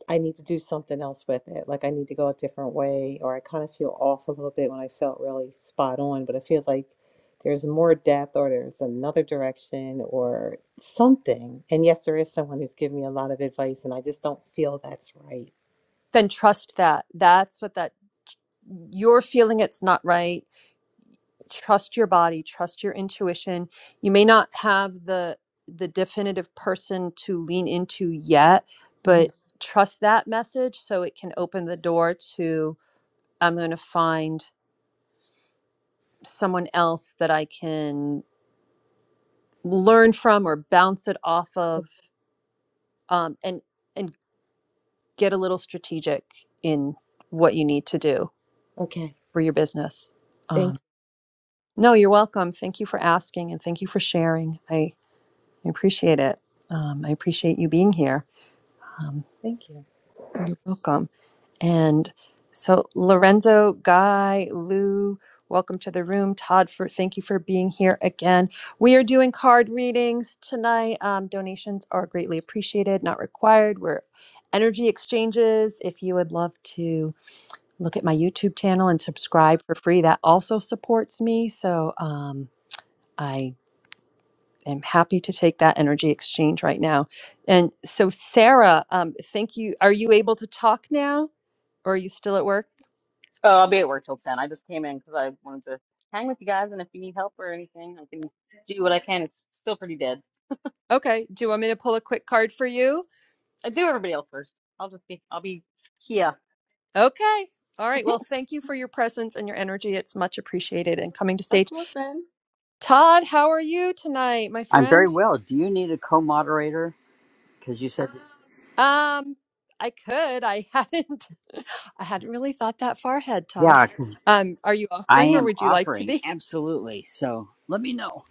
S5: I need to do something else with it. Like I need to go a different way or I kind of feel off a little bit when I felt really spot on, but it feels like there's more depth or there's another direction or something. And yes, there is someone who's given me a lot of advice and I just don't feel that's right.
S1: then trust that that's what that you're feeling it's not right trust your body trust your intuition you may not have the the definitive person to lean into yet
S5: Mhm.
S1: but trust that message so it can open the door to i'm going to find someone else that i can learn from or bounce it off of um, and and get a little strategic in what you need to do
S5: Okay.
S1: for your business
S5: Thank
S1: um, no you're welcome thank you for asking and thank you for sharing I. I appreciate it. Um, I appreciate you being here. Um,
S5: Thank you.
S1: you're welcome. And so, Lorenzo, Guy, Lou, welcome to the room. Todd, for thank you for being here again. We are doing card readings tonight. Um, donations are greatly appreciated, not required. We're energy exchanges. If you would love to look at my YouTube channel and subscribe for free, that also supports me. So, um, I I'm happy to take that energy exchange right now. And so, Sarah, um, thank you. Are you able to talk now or are you still at work?
S4: Oh, I'll be at work till 10. I just came in because I wanted to hang with you guys, and if you need help or anything, I can do what I can. It's still pretty dead.
S1: Okay. Do you want me to pull a quick card for you?
S4: I do everybody else first. I'll just be, I'll be here.
S1: Okay. All right. Well, thank you for your presence and your energy. It's much appreciated and coming to
S4: Of
S1: stage.
S4: course, then.
S1: Todd, how are you tonight, my
S6: I'm
S1: friend?
S6: very well. Do you need a co-moderator? Because you said,
S1: Um, I could. I [laughs] hadn't I hadn't really thought that far ahead, Todd.
S6: yeah, because
S1: Um, are you
S6: I
S1: offering or
S6: am
S1: would you like to
S6: offering
S1: be?
S6: absolutely. So let me know.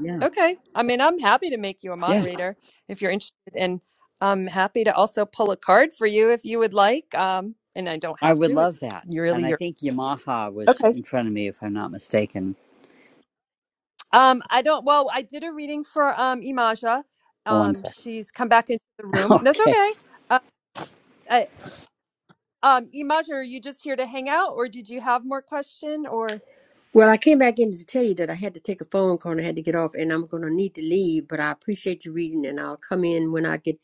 S6: Yeah,
S1: Okay. I mean, I'm happy to make you a
S6: yeah,
S1: moderator if you're interested, and I'm happy to also pull a card for you if you would like. Um, and I don't
S6: I
S1: have
S6: would
S1: to.
S6: love
S1: It's
S6: that.
S1: you
S6: And
S1: really
S6: I
S1: your.
S6: think Yamaha was
S1: Okay.
S6: in front of me, if I'm not mistaken.
S1: Um, I don't. Well, I did a reading for um Imaja.
S6: Hold on a
S1: Um,
S6: second.
S1: she's come back into the
S6: [laughs]
S1: room. That's
S6: okay,
S1: okay. Uh, I, um, Imaja, are you just here to hang out, or did you have more question, or?
S3: Well, I came back in to tell you that I had to take a phone call and I had to get off and I'm going to need to leave, but I appreciate you reading and I'll come in when I get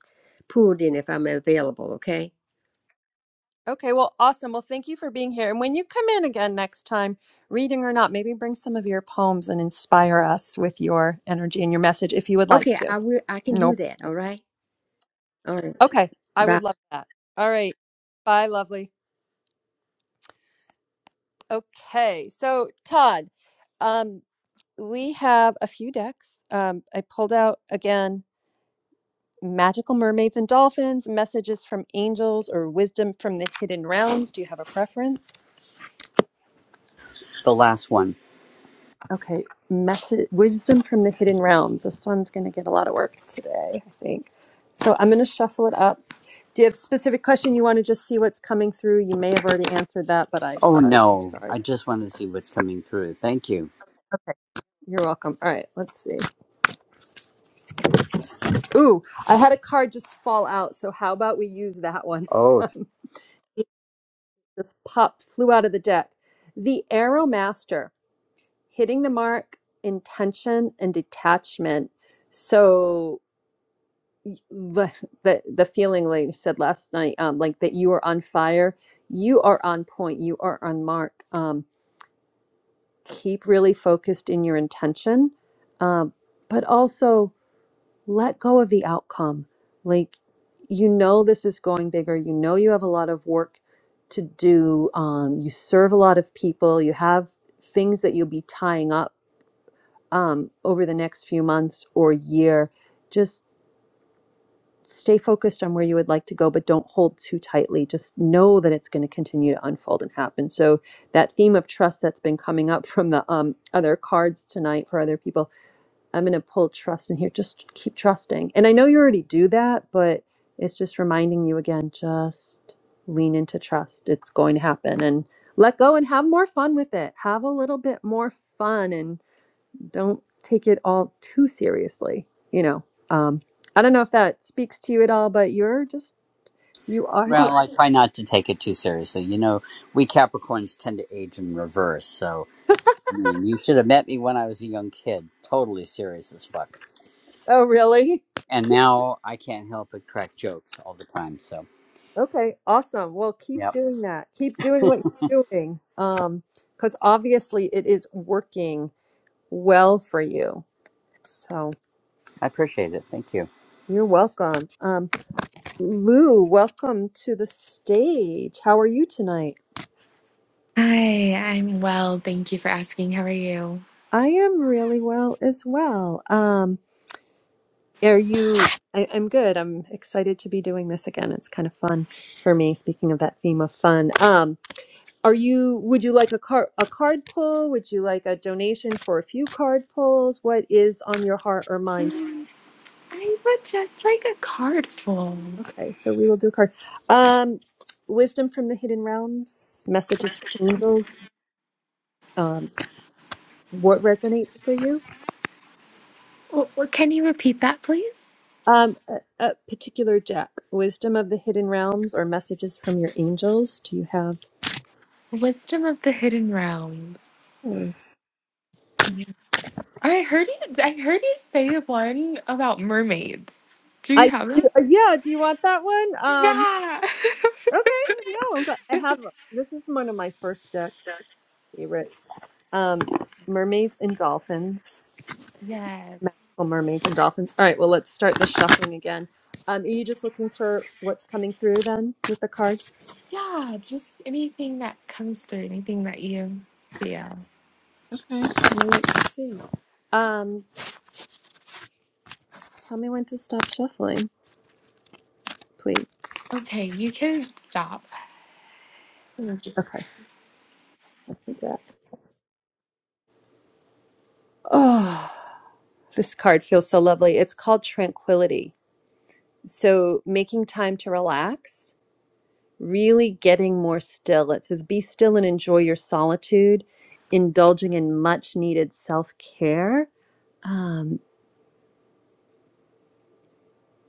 S3: pulled in if I'm available, okay?
S1: Okay, well, awesome. Well, thank you for being here. And when you come in again next time, reading or not, maybe bring some of your poems and inspire us with your energy and your message if you would like
S3: Okay,
S1: to.
S3: I will I can do
S1: Nope.
S3: that, all right? All right.
S1: Okay, I
S3: Bye.
S1: would love that. All right. Bye, lovely. Okay, so Todd, um, we have a few decks. Um, I pulled out again Magical Mermaids and Dolphins, Messages from Angels, or Wisdom from the Hidden Realms. Do you have a preference?
S6: the last one.
S1: Okay, message wisdom from the hidden realms. This one's going to get a lot of work today, I think. So I'm going to shuffle it up. Do you have a specific question you want to just see what's coming through? You may have already answered that, but I,
S6: Oh
S1: I'm
S6: no,
S1: sorry.
S6: I just want to see what's coming through. Thank you.
S1: Okay, you're welcome. All right, let's see. Ooh, I had a card just fall out. So how about we use that one?
S6: Oh,
S1: [laughs] just pop flew out of the deck. The Arrow Master, hitting the mark, intention, and detachment. So y- the the the feeling like you said last night um like that you are on fire you are on point you are on mark um keep really focused in your intention um but also let go of the outcome like you know this is going bigger you know you have a lot of work to do um you serve a lot of people you have things that you'll be tying up um over the next few months or year just stay focused on where you would like to go, but don't hold too tightly. Just know that it's going to continue to unfold and happen. So that theme of trust that's been coming up from the um, other cards tonight for other people, I'm going to pull trust in here. Just keep trusting. And I know you already do that, but it's just reminding you again, just lean into trust. It's going to happen and let go and have more fun with it. Have a little bit more fun and don't take it all too seriously you know um i don't know if that speaks to you at all but you're just you are the
S6: well, I try not to take it too seriously. You know, we Capricorns tend to age in reverse. So, I mean, you should have met me when I was a young kid. Totally serious as fuck.
S1: [laughs] oh really
S6: and now I can't help but crack jokes all the time. So,
S1: okay awesome well keep
S6: yep,
S1: doing that keep doing what you're doing um because obviously it is working well for you so
S6: I appreciate it. Thank you.
S1: you're welcome um lou welcome to the stage how are you tonight
S7: Hi, I'm well. Thank you for asking. How are you?
S1: i am really well as well um Are you? I, I'm good. I'm excited to be doing this again. It's kind of fun for me. Speaking of that theme of fun, um, are you? Would you like a card a card pull? Would you like a donation for a few card pulls? What is on your heart or mind?
S7: Um, I would just like a card full.
S1: Okay, so we will do a card. Um, wisdom from the hidden realms, messages from angels. Um, what resonates for you?
S7: What, what, can you repeat that, please?
S1: Um, a, a particular deck, wisdom of the hidden realms, or messages from your angels. Do you have?
S7: Wisdom of the Hidden Realms.
S1: hmm,
S7: I heard you. I heard you say one about mermaids. Do you
S1: I
S7: have that?
S1: yeah. Do you want that one? Um.
S7: Yeah.
S1: Okay. No, but I have. This is one of my first deck favorites. Um, mermaids and dolphins.
S7: [laughs] yes.
S1: Magical mermaids and dolphins. All right. Well, let's start the shuffling again. Um, are you just looking for what's coming through then with the card?
S7: Yeah. Just anything that comes through. Anything that you feel.
S1: Well, Let's see. Um, tell me when to stop shuffling, please.
S7: Okay, you can stop.
S1: Okay. Yeah. Oh, [sighs] this card feels so lovely. It's called Tranquility. So making time to relax really getting more still. It says, Be still and enjoy your solitude, indulging in much needed self care. Um,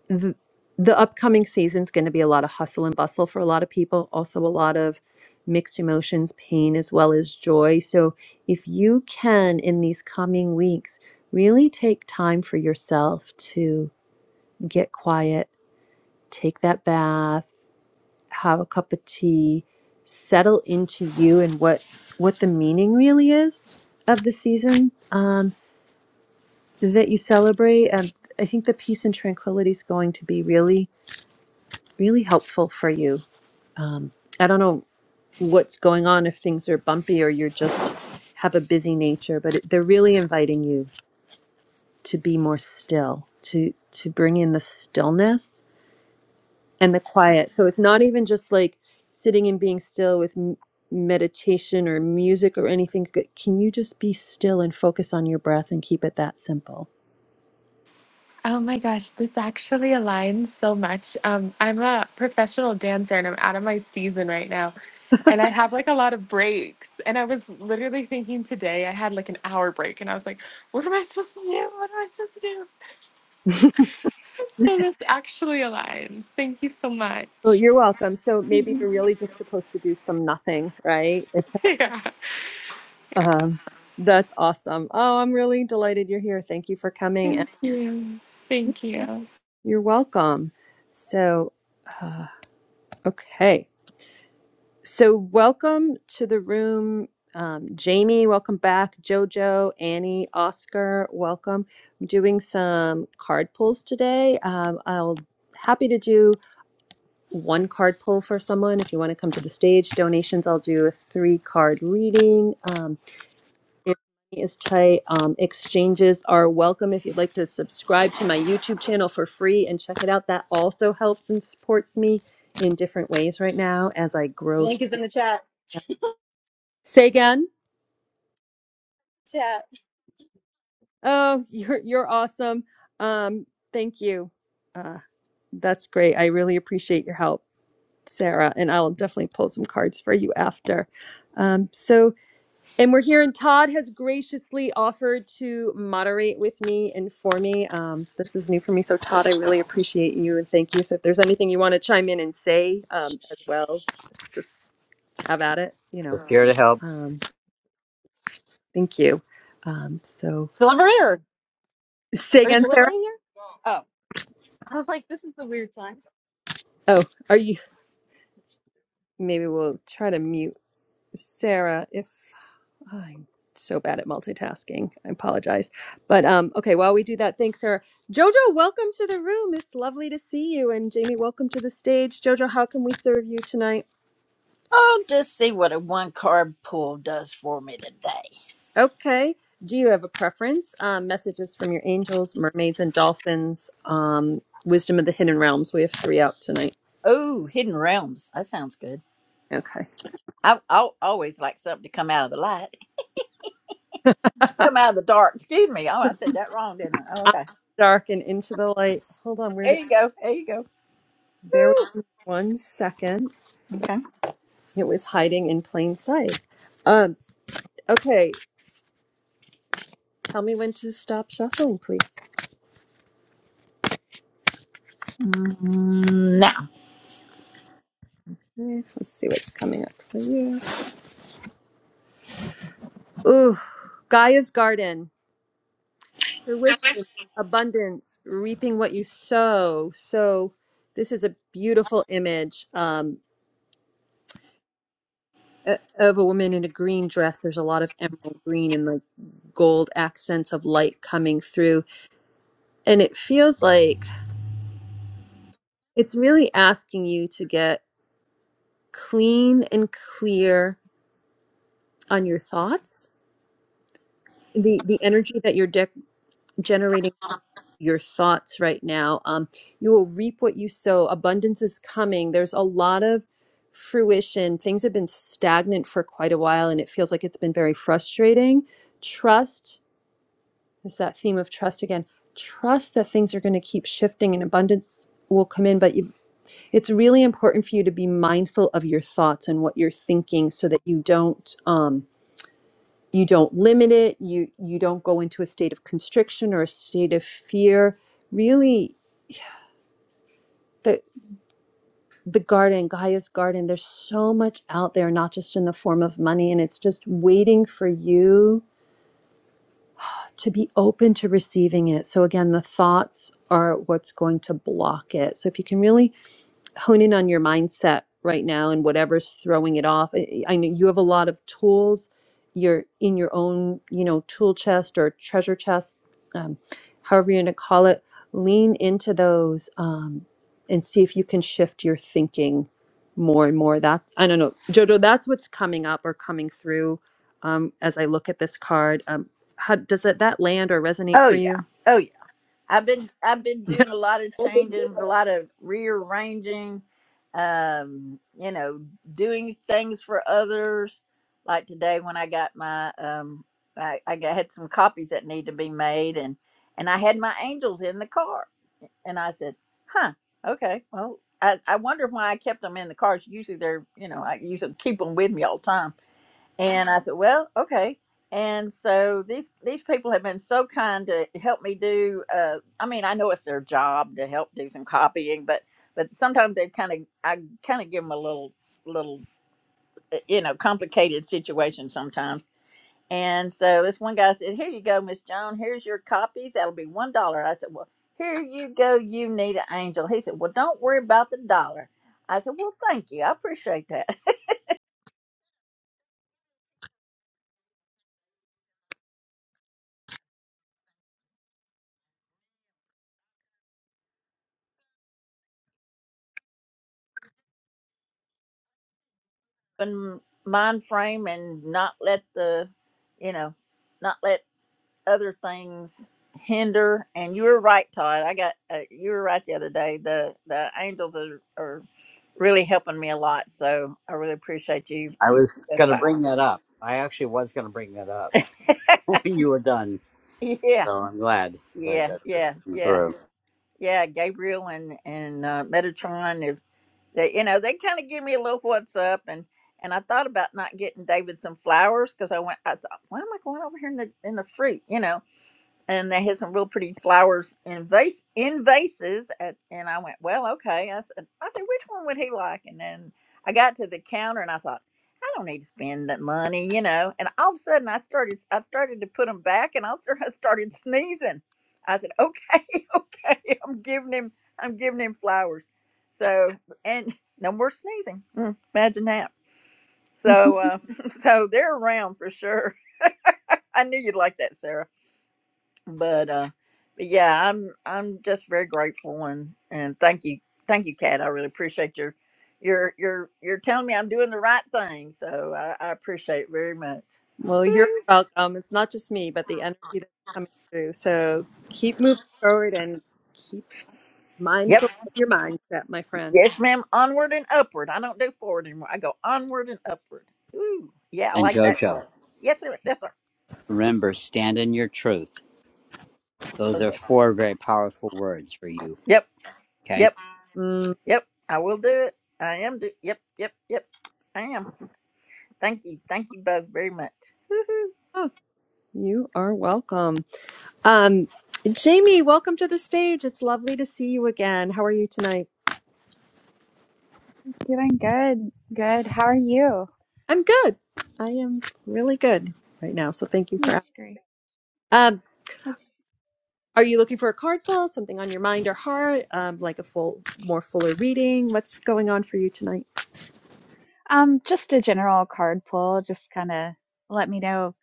S1: the, the upcoming season's going to be a lot of hustle and bustle for a lot of people, also a lot of mixed emotions, pain as well as joy. So, if you can, in these coming weeks, really take time for yourself to get quiet, take that bath have a cup of tea, settle into you and what what the meaning really is of the season um, that you celebrate. Um, I think the peace and tranquility is going to be really really helpful for you. I don't know what's going on if things are bumpy or you're just have a busy nature, but it, they're really inviting you to be more still, to to bring in the stillness and the quiet. So it's not even just like sitting and being still with m- meditation or music or anything. C- Can you just be still and focus on your breath and keep it that simple?
S7: Oh my gosh, this actually aligns so much. Um, I'm a professional dancer and I'm out of my season right now. And I have like a lot of breaks. And I was literally thinking today, I had like an hour break and I was like, what am I supposed to do? What am I supposed to do?
S1: [laughs]
S7: And so this actually aligns. Thank you so
S1: Oh,
S7: much. [laughs]
S1: you're welcome. So maybe you're really just supposed to do some nothing, right? If
S7: Yeah.
S1: um, that's awesome. Oh, I'm really delighted you're here. Thank you for coming, and
S7: Thank you. Thank you.
S1: you're welcome. So, uh, okay. So, welcome to the room, um, Jamie. Welcome back, JoJo, Annie, Oscar. Welcome. I'm doing some card pulls today. Um, I'll happy to do one card pull for someone if you want to come to the stage. Donations, I'll do a three card reading. Um, if money is tight. Um, exchanges are welcome if you'd like to subscribe to my YouTube channel for free and check it out. That also helps and supports me in different ways right now as I grow.
S4: link is in the chat.
S1: Say again.
S4: Chat.
S1: Oh, [laughs] you're you're awesome. Um, thank you. Uh, that's great. I really appreciate your help, Sarah, and I'll definitely pull some cards for you after. Um, so, and we're here, and Todd has graciously offered to moderate with me and for me. Um, this is new for me, so Todd, I really appreciate you and thank you. So, if there's anything you want to chime in and say um, as well, just have at it. You know,
S6: Just here to help.
S1: um, thank you. Um, so,
S4: Delivery.
S1: say
S4: Are you
S1: again, Sarah.
S4: delivering here? Oh, I was like, this is the weird time. It's
S1: Oh, are you? Maybe we'll try to mute Sarah if I'm so bad at multitasking. I apologize. But um, okay, while we do that, thanks, Sarah. Jojo, welcome to the room. It's lovely to see you. And Jamie, welcome to the stage. Jojo, how can we serve you tonight?
S8: I'll just see what a one card pull does for me today.
S1: Okay. Do you have a preference? Um, messages from your angels, mermaids, and dolphins. Um, Wisdom of the Hidden Realms. We have three out tonight.
S8: Oh, Hidden Realms. That sounds good.
S1: Okay.
S8: I, I always like something to come out of the light,
S1: [laughs] Out
S8: come out of the dark. Excuse me. Oh, I said that wrong, didn't I? Oh,
S1: of
S8: okay.
S1: the dark and into the light. Hold on. Where
S8: There
S1: did?
S8: you go. There you go.
S1: Bear with
S8: Woo.
S1: me one second.
S8: Okay.
S1: It was hiding in plain sight. Um, okay, tell me when to stop shuffling, please.
S8: Mm, Now.
S1: Eh, Let's see what's coming up for you. Ooh, Gaia's Garden, fruition, abundance, reaping what you sow. So, this is a beautiful image um, o- of a woman in a green dress. There's a lot of emerald green and like gold accents of light coming through. And it feels like it's really asking you to get clean and clear on your thoughts the the energy that you're dec generating from your thoughts right now um you will reap what you sow abundance is coming there's a lot of fruition things have been stagnant for quite a while and it feels like it's been very frustrating trust is that theme of trust again trust that things are going to keep shifting and abundance will come in but you, it's really important for you to be mindful of your thoughts and what you're thinking so that you don't um, you don't limit it you you don't go into a state of constriction or a state of fear really the the garden gaia's garden there's so much out there not just in the form of money and it's just waiting for you to be open to receiving it so again the thoughts are what's going to block it so if you can really hone in on your mindset right now and whatever's throwing it off. I, I know you have a lot of tools. You're in your own, you know, tool chest or treasure chest, um, however you're going to call it. Lean into those um, and see if you can shift your thinking more and more. That I don't know, Jojo. That's what's coming up or coming through um, as I look at this card. Um, how does that that land or resonate
S8: Oh,
S1: for
S8: yeah.
S1: you?
S8: Oh, yeah. I've been I've been doing a lot of changing, a lot of rearranging, um, you know, doing things for others. Like today when I got my um I, I got, had some copies that need to be made and and I had my angels in the car and I said, Huh, okay, well I, I wonder why I kept them in the car. Usually they're you know, I usually keep them with me all the time and I said, well, okay. And so these these people have been so kind to help me do. Uh, I mean, I know it's their job to help do some copying, but but sometimes they kind of I kind of give them a little little uh, you know complicated situation sometimes. And so this one guy said, "Here you go, Miss Joan. Here's your copies. That'll be one dollar." I said, "Well, here you go. You need an angel." He said, "Well, don't worry about the dollar." I said, "Well, thank you. I appreciate that." [laughs] open mind frame and not let the you know not let other things hinder and you were right todd i got uh, you were right the other day the the angels are, are really helping me a lot so i really appreciate you
S6: I
S8: you-
S6: was
S8: That's
S6: gonna
S8: why.
S6: bring that up. I actually was gonna bring that up [laughs] when you were done.
S8: yeah
S6: So I'm glad that,
S8: yeah
S6: that
S8: yeah
S6: that's come
S8: yeah
S6: through.
S8: yeah gabriel and and uh, metatron if they you know they kind of give me a little what's up and and I thought about not getting David some flowers because I went. I thought, why am I going over here in the in the fruit? You know, and they had some real pretty flowers in vase in vases at, and i went well okay i said i said which one would he like and then i got to the counter and i thought i don't need to spend that money you know and all of a sudden i started i started to put them back and all of a sudden i started sneezing i said okay [laughs] okay i'm giving him i'm giving him flowers so and no more sneezing Mm, imagine that
S1: [laughs]
S8: so uh [laughs] so they're around for sure [laughs] i knew you'd like that Sarah but uh but yeah i'm i'm just very grateful and and thank you thank you kat i really appreciate your your your you're telling me i'm doing the right thing so i, I appreciate it very much
S1: Well, you're welcome. It's not just me, but the energy that's coming through. So keep moving forward and keep
S8: yep
S1: mindful of your mindset, my friend.
S8: yes ma'am onward and upward i don't do forward anymore i go onward and upward Ooh, yeah i
S6: And
S8: like that
S6: Jojo,
S8: phrase yes sir yes sir
S6: remember, stand in your truth. Those
S8: oh
S6: are
S8: yes
S6: four very powerful words for you.
S8: yep
S6: Okay.
S8: yep
S1: Mm.
S8: yep i will do it i am do yep yep yep i am thank you thank you both very much
S1: Oh, you are welcome. Um, Jamie, welcome to the stage. It's lovely to see you again. How are you tonight?
S9: Doing good. Good. How are you?
S1: I'm good. I am really good right now. So thank you for
S9: That's
S1: asking.
S9: great.
S1: Um,
S9: That's,
S1: are you looking for a card pull, something on your mind or heart, um, like a full, more fuller reading? What's going on for you tonight?
S9: um, just a general card pull, just kind of let me know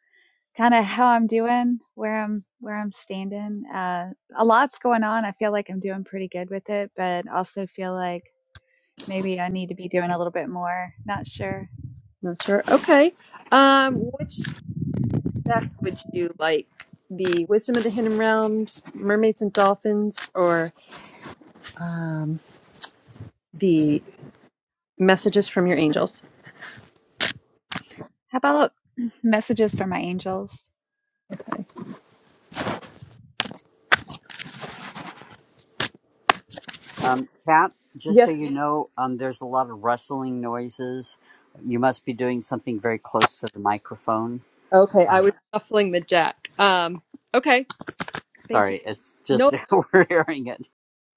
S9: kind of how I'm doing, where I'm where I'm standing. Uh, a lot's going on. I feel like I'm doing pretty good with it, but also feel like maybe I need to be doing a little bit more. Not sure.
S1: Not sure. Okay. Um, which Jack, would you like the Wisdom of the Hidden Realms, Mermaids and Dolphins, or um, the Messages from Your Angels?
S9: How about [clears throat] messages from my angels?
S1: Okay.
S6: Um, Kat, just so
S1: Yes.
S6: you know, um, there's a lot of rustling noises. You must be doing something very close to the microphone.
S1: Okay, I
S6: Um,
S1: was shuffling the Jack. Um, okay, thank you.
S6: sorry, it's just
S1: No,
S6: [laughs] we're hearing it.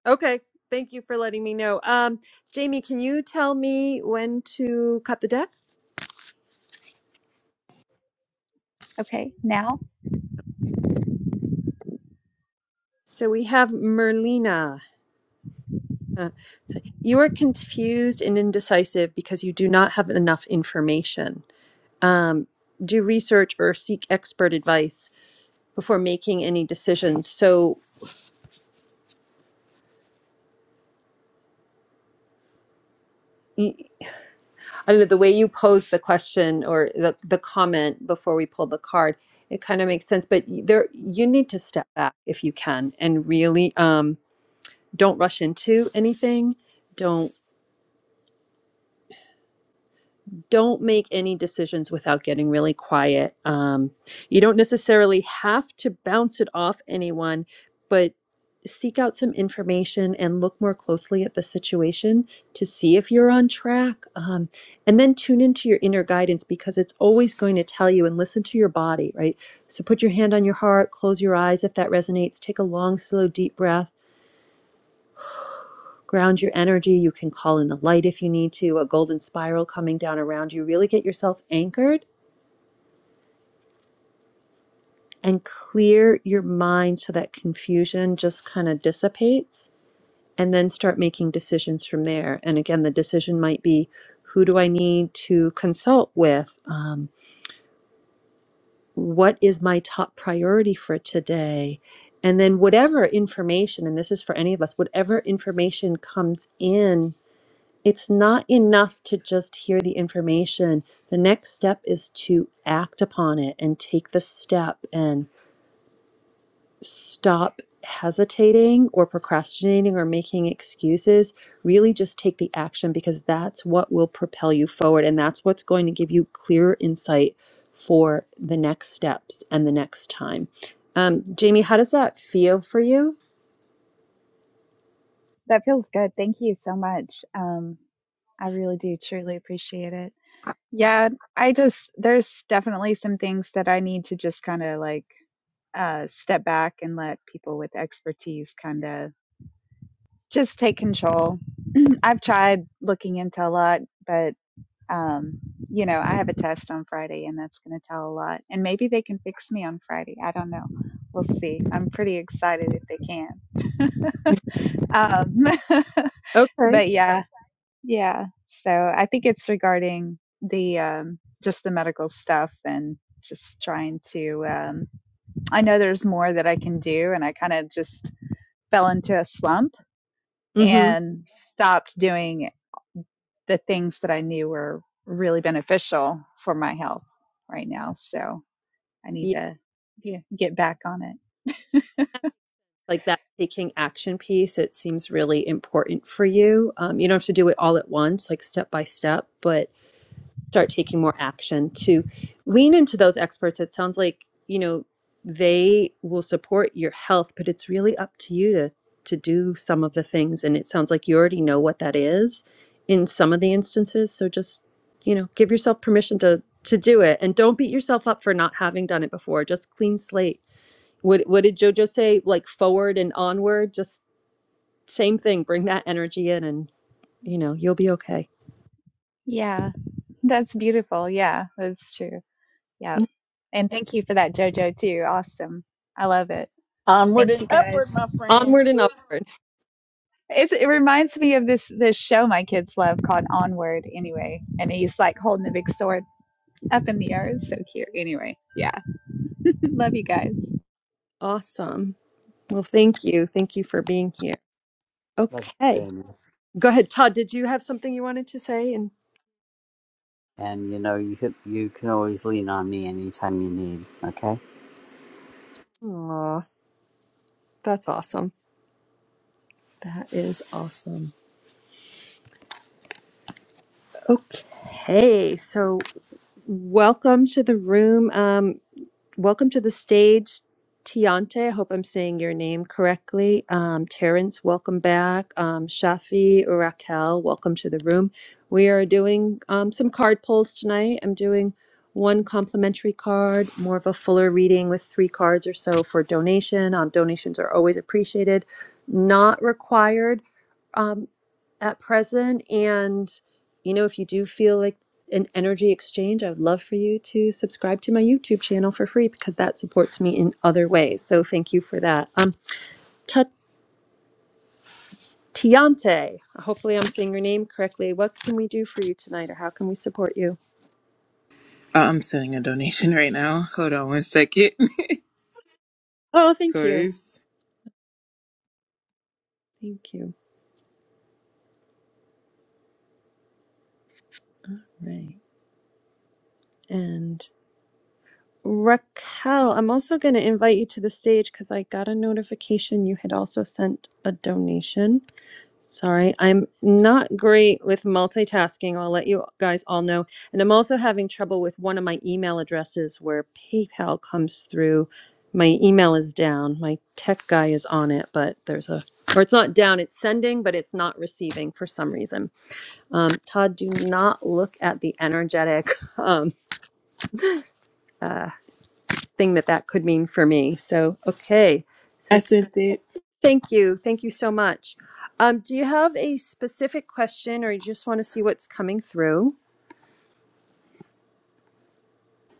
S1: okay, thank you for letting me know. Um, Jamie, can you tell me when to cut the deck?
S9: Okay, now
S1: So we have Merlina. Uh, so you are confused and indecisive because you do not have enough information. um, do research or seek expert advice before making any decisions. So I I don't know the way you posed the question or the the comment before we pulled the card. It kind of makes sense, but there you need to step back if you can and really um, don't rush into anything. Don't don't make any decisions without getting really quiet. Um, you don't necessarily have to bounce it off anyone, but seek out some information and look more closely at the situation to see if you're on track. Um, and then tune into your inner guidance because it's always going to tell you and listen to your body, right? So put your hand on your heart, close your eyes if that resonates, take a long, slow, deep breath. Ground your energy. You can call in the light if you need to, a golden spiral coming down around you. Really get yourself anchored and clear your mind so that confusion just kind of dissipates and then start making decisions from there. And again, the decision might be who do I need to consult with? Um, what is my top priority for today? And then, whatever information, and this is for any of us, whatever information comes in, it's not enough to just hear the information. The next step is to act upon it and take the step and. stop hesitating or procrastinating or making excuses. Really just take the action because that's what will propel you forward. And that's what's going to give you clear insight for the next steps and the next time. Um, Jamie, how does that feel for you?
S9: that feels good. Thank you so much. Um, I really do truly appreciate it. Yeah, I just there's definitely some things that I need to just kind of like uh step back and let people with expertise kind of just take control. [clears throat] I've tried looking into a lot, but um you know, I have a test on Friday and that's going to tell a lot. And maybe they can fix me on Friday. I don't know. We'll see. I'm pretty excited if they can. Um [laughs]
S1: Okay.
S9: but yeah, Yeah. So I think it's regarding the um, just the medical stuff and just trying to. Um, I know there's more that I can do, and I kind of just fell into a slump
S1: Mm-hmm.
S9: and stopped doing the things that I knew were really beneficial for my health right now. So I need
S1: Yeah.
S9: to yeah, get back on it.
S1: Like that taking action piece, it seems really important for you. Um, you don't have to do it all at once, like step by step, but start taking more action to lean into those experts. It sounds like, you know, they will support your health, but it's really up to you to to do some of the things and it sounds like you already know what that is in some of the instances, so just, you know, give yourself permission to to do it and don't beat yourself up for not having done it before. Just clean slate. What what did Jojo say? Like forward and onward, just same thing. Bring that energy in and, you know, you'll be okay.
S9: Yeah, that's beautiful. Yeah, that's true. Yeah. And thank you for that, JoJo, too. Awesome. I love it.
S8: onward
S9: Thank
S8: and
S9: you
S8: upward
S9: guys.
S8: my friend
S1: Onward and upward.
S9: It's, it reminds me of this this show my kids love called Onward. Anyway, and he's like holding the big sword up in the air. It's so cute. Anyway, yeah, [laughs] love you guys.
S1: Awesome. Well, thank you. Thank you for being here.
S6: Like
S1: Okay.
S6: Ben.
S1: Go ahead, Todd. Did you have something you wanted to say? And
S6: And you know, you could, you can always lean on me anytime you need. Okay,
S1: aw, that's awesome. That is awesome. Okay. So, welcome to the room. Um, Welcome to the stage, Tiante. I hope I'm saying your name correctly. Um, Terrence, welcome back. Um, Shafi, Raquel, welcome to the room. We are doing um, some card pulls tonight. I'm doing one complimentary card, more of a fuller reading with three cards or so for donation. Um, donations are always appreciated, not required. Um, at present. And, you know, if you do feel like an energy exchange, I would love for you to subscribe to my YouTube channel for free because that supports me in other ways. So thank you for that. Um, Tatiante, hopefully I'm saying your name correctly. What can we do for you tonight or how can we support you?
S10: I'm sending a donation [laughs] right now. Hold on one second. [laughs]
S1: Oh, thank you.
S10: Cause
S1: Thank you. Right. And Raquel, I'm also going to invite you to the stage because I got a notification you had also sent a donation. Sorry, I'm not great with multitasking. I'll let you guys all know. And I'm also having trouble with one of my email addresses where PayPal comes through. My email is down. My tech guy is on it, but there's a, or it's not down, it's sending, but it's not receiving for some reason. Um, Todd, do not look at the energetic [laughs] um, uh, thing that that could mean for me. So, okay. so.
S10: I sent it.
S1: Thank you. Thank you so much. Um, do you have a specific question or you just want to see what's coming through?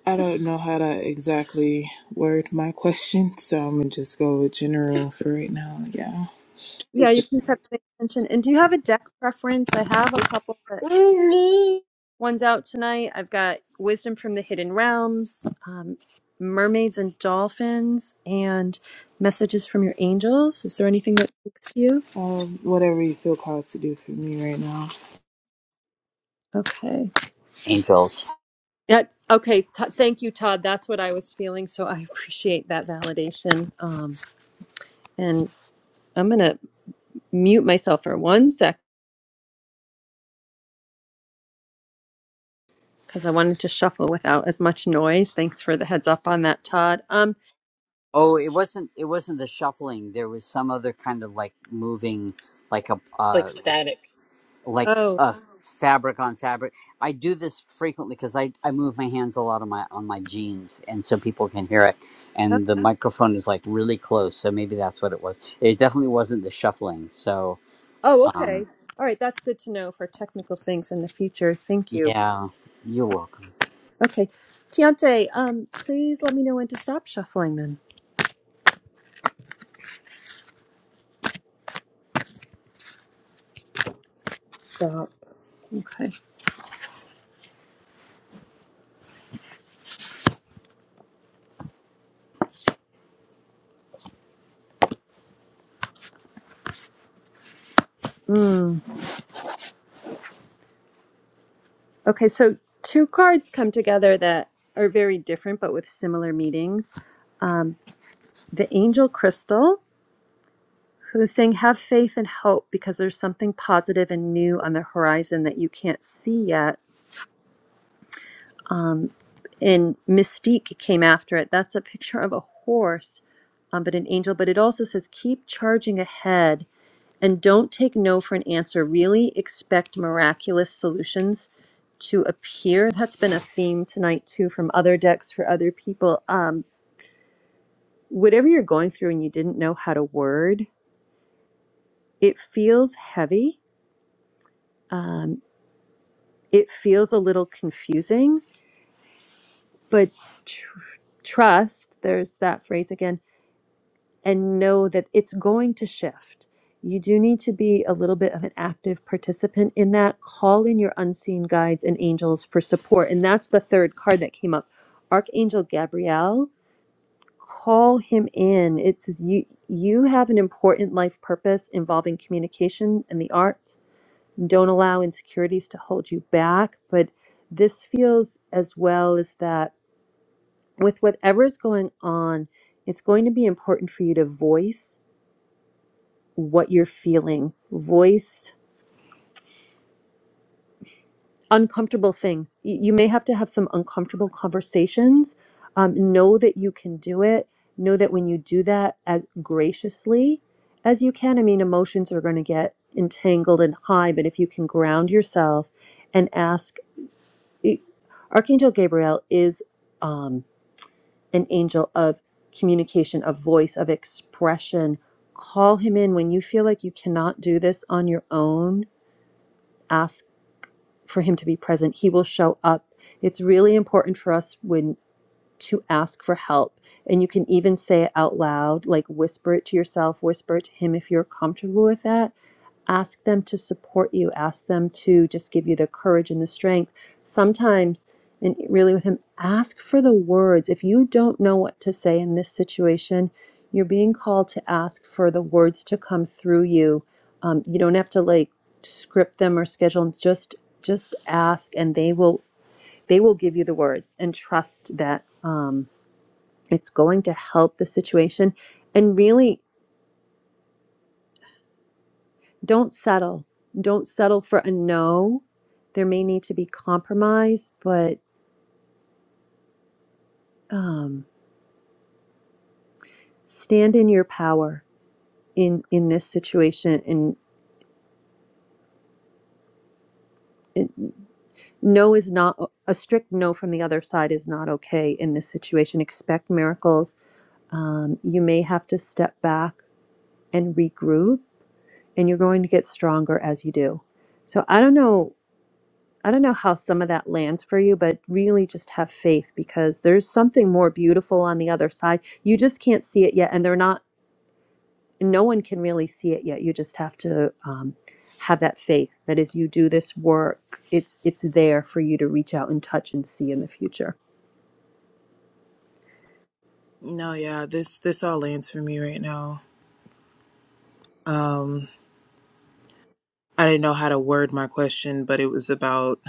S10: I don't know how to exactly word my question, so I'm gonna just go with general for right now. Yeah. [laughs]
S1: Yeah, you can set the intention. And do you have a deck preference? I have a couple that
S10: Mommy.
S1: ones out tonight. I've got Wisdom from the Hidden Realms, um, Mermaids and Dolphins, and Messages from Your Angels. Is there anything that speaks to you?
S10: Um, whatever you feel called to do for me right now.
S1: Okay.
S6: angels.
S1: That, okay. T- thank you, Todd. That's what I was feeling. So I [laughs] appreciate that validation. Um, and I'm gonna mute myself for one sec because I wanted to shuffle without as much noise. Thanks for the heads up on that, Todd. Um,
S6: Oh, it wasn't it wasn't the shuffling. There was some other kind of like moving, like a
S4: like
S6: uh,
S4: static.
S6: like
S1: oh,
S6: a fabric on fabric. I do this frequently because I I move my hands a lot on my on my jeans, and so people can hear it.
S1: oh,
S6: And the microphone is like really close, so maybe that's what it was. It definitely wasn't the shuffling. So,
S1: oh,
S6: um,
S1: okay. All right, that's good to know for technical things in the future. Thank you.
S6: yeah, you're welcome,
S1: Okay, Tiante, um, please let me know when to stop shuffling then.
S10: Stop.
S1: Okay. Okay, so two cards come together that are very different but with similar meanings. The angel crystal, who's saying, Have faith and hope because there's something positive and new on the horizon that you can't see yet and Mystique came after it. That's a picture of a horse, um, but an angel. But it also says, keep charging ahead and don't take no for an answer. Really expect miraculous solutions to appear. That's been a theme tonight, too, from other decks for other people. Um, whatever you're going through and you didn't know how to word, it feels heavy. Um, it feels a little confusing, but tr- trust, there's that phrase again and know that it's going to shift. You do need to be a little bit of an active participant in that. Call in your unseen guides and angels for support. And that's the third card that came up. Archangel Gabriel, call him in. It says you you have an important life purpose involving communication and the arts. Don't allow insecurities to hold you back, but this feels as well as that with whatever's going on, it's going to be important for you to voice what you're feeling, voice uncomfortable things. Y- You may have to have some uncomfortable conversations. Um, know that you can do it. Know that when you do that as graciously as you can, I mean, emotions are going to get entangled and high, but if you can ground yourself and ask, it- Archangel Gabriel is um, an angel of communication, of voice, of expression. Call him in when you feel like you cannot do this on your own Ask. for him to be present he will show up it's really important for us when to ask for help and you can even say it out loud like whisper it to yourself whisper it to him if you're comfortable with that ask them to support you ask them to just give you the courage and the strength sometimes and really with him ask for the words if you don't know what to say in this situation you're being called to ask for the words to come through you um, you don't have to like script them or schedule them just just ask and they will they will give you the words and trust that um, it's going to help the situation and really Don't settle. Don't settle for a no. There may need to be compromise, but um, stand in your power in in this situation. And and no is not a strict no from the other side is not okay in this situation. Expect miracles. Um, you may have to step back and regroup, and you're going to get stronger as you do. So I don't know I don't know how some of that lands for you, but really just have faith because there's something more beautiful on the other side. You just can't see it yet, and they're not, no one can really see it yet. You just have to um, have that faith that as you do this work, it's it's there for you to reach out and touch and see in the future.
S10: No, yeah, this this all lands for me right now. Um, I didn't know how to word my question, but it was about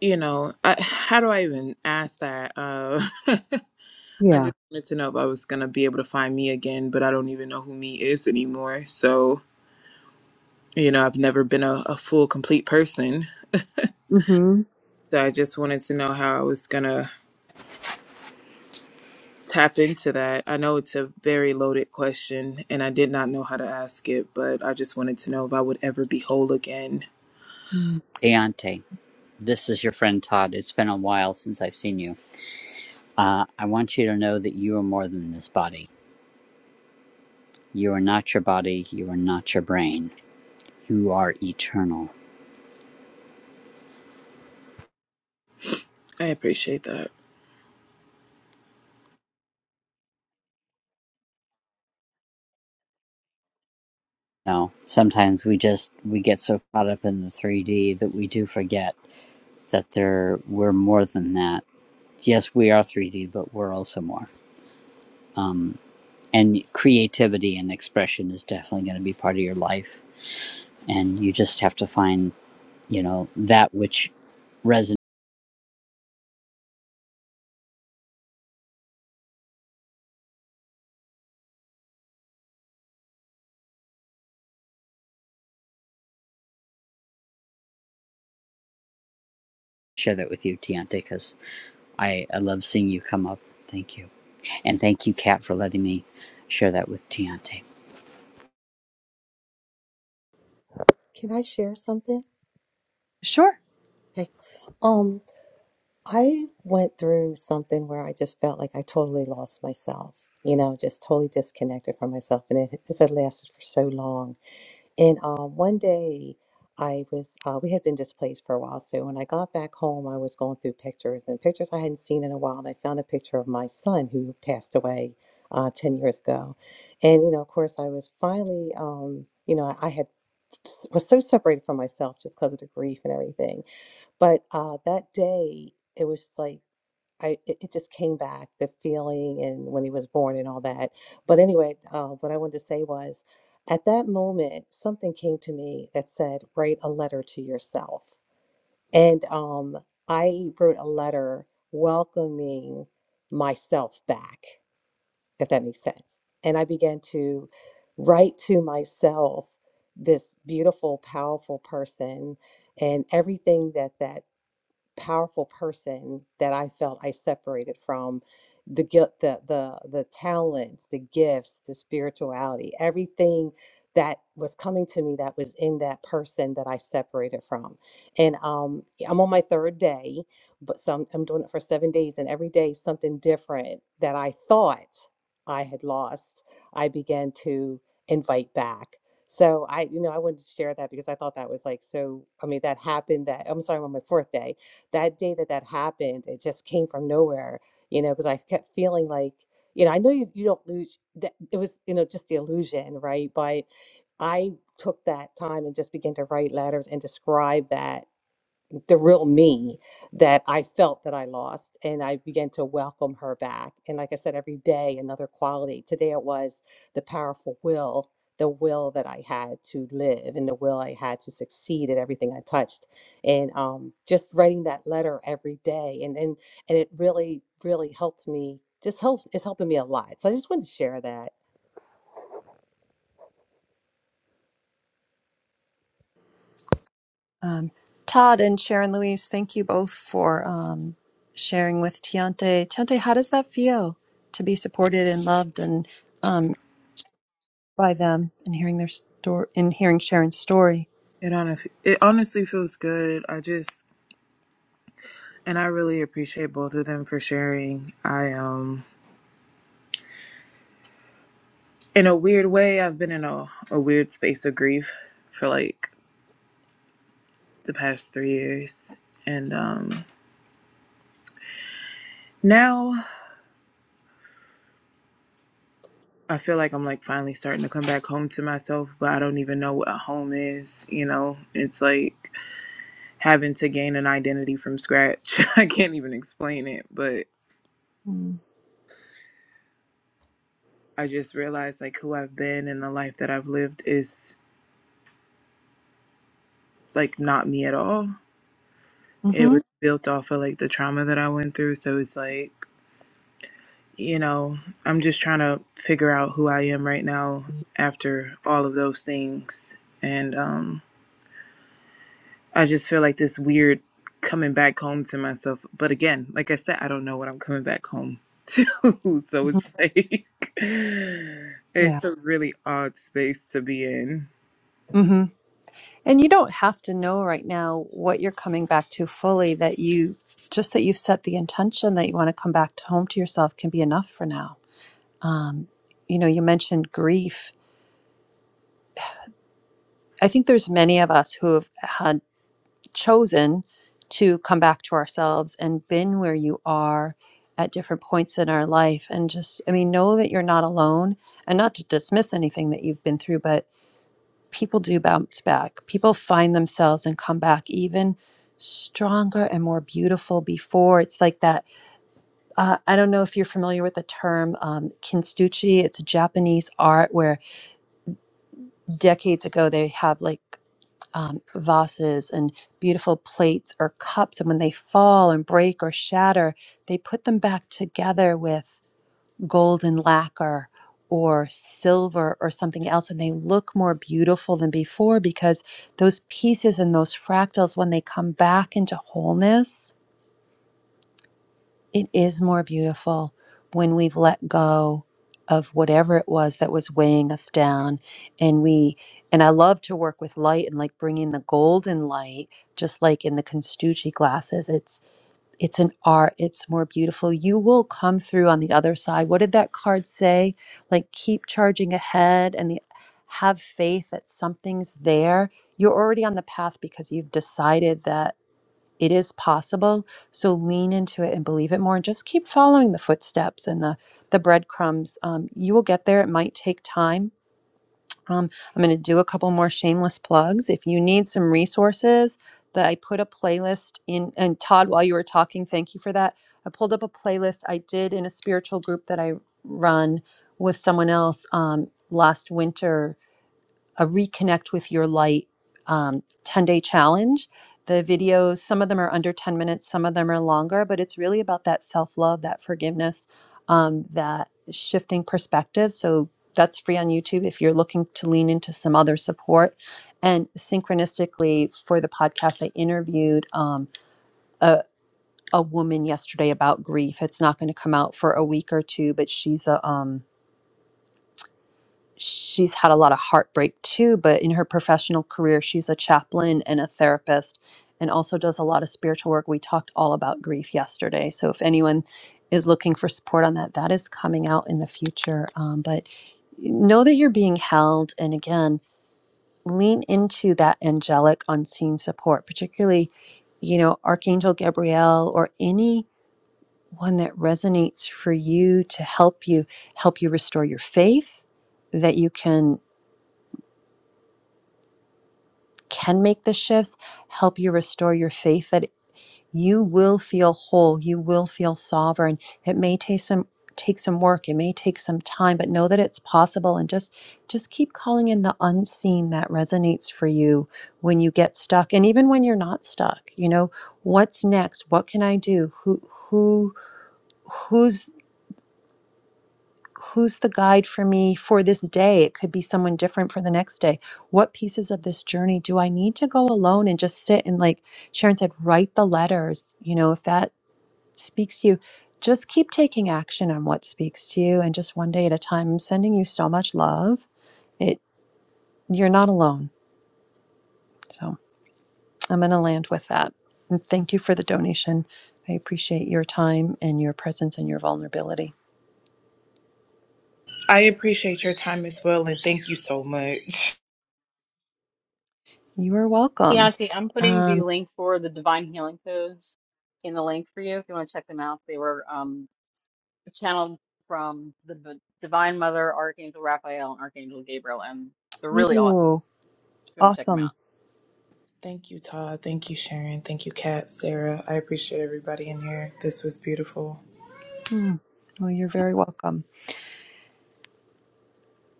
S10: you know I, how do I even ask that? Uh, [laughs] I
S1: Yeah.
S10: just wanted to know if I was going to be able to find me again, but I don't even know who me is anymore. So, you know, I've never been a, a full, complete person. [laughs]
S1: Mm-hmm.
S10: So I just wanted to know how I was going to tap into that. I know it's a very loaded question and I did not know how to ask it, but I just wanted to know if I would ever be whole again.
S1: Mm.
S6: Deontay. This is your friend Todd. It's been a while since I've seen you. Uh, I want you to know that you are more than this body. You are not your body. You are not your brain. You are eternal.
S10: I appreciate that.
S6: Now, sometimes we just we get so caught up in the 3D that we do forget that there we're more than that. Yes, we are 3D, but we're also more. Um, and creativity and expression is definitely going to be part of your life, and you just have to find you know that which resonates. share that with you, Tiante, because I, I love seeing you come up. Thank you. And thank you, Kat, for letting me share that with Tiante.
S5: Can I share something?
S1: Sure.
S5: Okay. um, I went through something where I just felt like I totally lost myself, you know, just totally disconnected from myself. And it just had lasted for so long. And uh, one day I was, uh, we had been displaced for a while. So when I got back home, I was going through pictures and pictures I hadn't seen in a while. And I found a picture of my son who passed away uh, 10 years ago. And, you know, of course, I was finally, um, you know, I I had was so separated from myself just because of the grief and everything but uh, that day, it was just like I it, it just came back the feeling and when he was born and all that. But anyway, uh, what I wanted to say was, at that moment, something came to me that said, "Write a letter to yourself." And um, I wrote a letter welcoming myself back, if that makes sense. And I began to write to myself this beautiful, powerful person and everything that that powerful person that I felt I separated from the guilt, the the the talents, the gifts, the spirituality, everything that was coming to me that was in that person that I separated from. And um yeah, I'm on my third day, but some I'm doing it for seven days and every day something different that I thought I had lost, I began to invite back. So I, you know, I wanted to share that because I thought that was like so I mean that happened that I'm sorry, on my fourth day that day that that happened, it just came from nowhere, you know, because I kept feeling like, you know, I know you, you don't lose that it was, you know, just the illusion, right? But I took that time and just began to write letters and describe that the real me that I felt that I lost. And I began to welcome her back. And like I said, every day, another quality. Today it was the powerful will, the will that I had to live and the will I had to succeed at everything I touched. And um, just writing that letter every day. And, and, and it really, really helped me. Just helps, it's helping me a lot. So I just wanted to share that.
S1: Um, Todd and Sharon Louise, thank you both for um, sharing with Tiante. Tiante, how does that feel to be supported and loved and um, by them and hearing their story and hearing Sharon's story.
S10: It honestly it honestly feels good. I just and I really appreciate both of them for sharing. I um in a weird way, I've been in a, a weird space of grief for like the past three years. And um, now I feel like I'm like finally starting to come back home to myself, but I don't even know what a home is. You know, it's like having to gain an identity from scratch. [laughs] I can't even explain it, but
S1: Mm.
S10: I just realized like who I've been and the life that I've lived is like not me at all. It
S1: Mhm.
S10: was built off of like the trauma that I went through. So it's like, You know, I'm just trying to figure out who I am right now after all of those things. And um I just feel like this weird coming back home to myself. But again, like I said, I don't know what I'm coming back home to. [laughs] So
S1: Mhm.
S10: it's like, [laughs]
S1: Yeah.
S10: it's a really odd space to be in.
S1: Mhm. And you don't have to know right now what you're coming back to fully that you just that you've set the intention that you want to come back to home to yourself can be enough for now. Um, you know, you mentioned grief. I think there's many of us who have had chosen to come back to ourselves and been where you are at different points in our life and just i mean know that you're not alone and not to dismiss anything that you've been through but people do bounce back people find themselves and come back even stronger and more beautiful before it's like that uh, i don't know if you're familiar with the term um, kintsugi it's a japanese art where decades ago they have like um, vases and beautiful plates or cups. And when they fall and break or shatter, they put them back together with golden lacquer or silver or something else. And they look more beautiful than before because those pieces and those fractals, when they come back into wholeness, it is more beautiful when we've let go of whatever it was that was weighing us down and we and I love to work with light and like bringing the golden light just like in the Constucci glasses it's it's an art it's more beautiful you will come through on the other side what did that card say like keep charging ahead and the, have faith that something's there you're already on the path because you've decided that it is possible. So lean into it and believe it more and just keep following the footsteps and the, the breadcrumbs. Um, you will get there. It might take time. Um, I'm going to do a couple more shameless plugs. If you need some resources, that I put a playlist in, and Todd, while you were talking, thank you for that. I pulled up a playlist I did in a spiritual group that I run with someone else um, last winter a reconnect with your light um, 10 day challenge. The videos, some of them are under 10 minutes, some of them are longer, but it's really about that self love, that forgiveness, um, that shifting perspective. So that's free on YouTube if you're looking to lean into some other support. And synchronistically, for the podcast, I interviewed um, a woman yesterday about grief. It's not going to come out for a week or two, but she's a um, she's had a lot of heartbreak too, but in her professional career, she's a chaplain and a therapist and also does a lot of spiritual work. We talked all about grief yesterday. So if anyone is looking for support on that, that is coming out in the future. Um, but know that you're being held. And again, lean into that angelic unseen support, particularly, you know, Archangel Gabriel or any one that resonates for you to help you help you restore your faith that you can can make the shifts help you restore your faith that you will feel whole you will feel sovereign it may take some take some work it may take some time but know that it's possible and just just keep calling in the unseen that resonates for you when you get stuck and even when you're not stuck you know what's next what can i do who who who's who's the guide for me for this day? It could be someone different for the next day. What pieces of this journey do I need to go alone and just sit and, like Sharon said, write the letters? You know, if that speaks to you, just keep taking action on what speaks to you and just one day at a time. I'm sending you so much love. It you're not alone. So I'm gonna land with that. And thank you for the donation. I appreciate your time and your presence and your vulnerability.
S10: I appreciate your time as well, and thank you so much.
S1: You are welcome.
S4: Tianti, I'm putting the
S1: Um,
S4: link for the Divine Healing Codes in the link for you if you want to check them out. They were um channeled from the B- Divine Mother, Archangel Raphael, and Archangel Gabriel, and they're really awesome.
S1: ooh,
S4: You're gonna check them
S1: awesome.
S4: out.
S10: Thank you, Todd. Thank you, Sharon. Thank you, Kat, Sarah. I appreciate everybody in here. This was beautiful.
S1: Mm. Well, you're very welcome.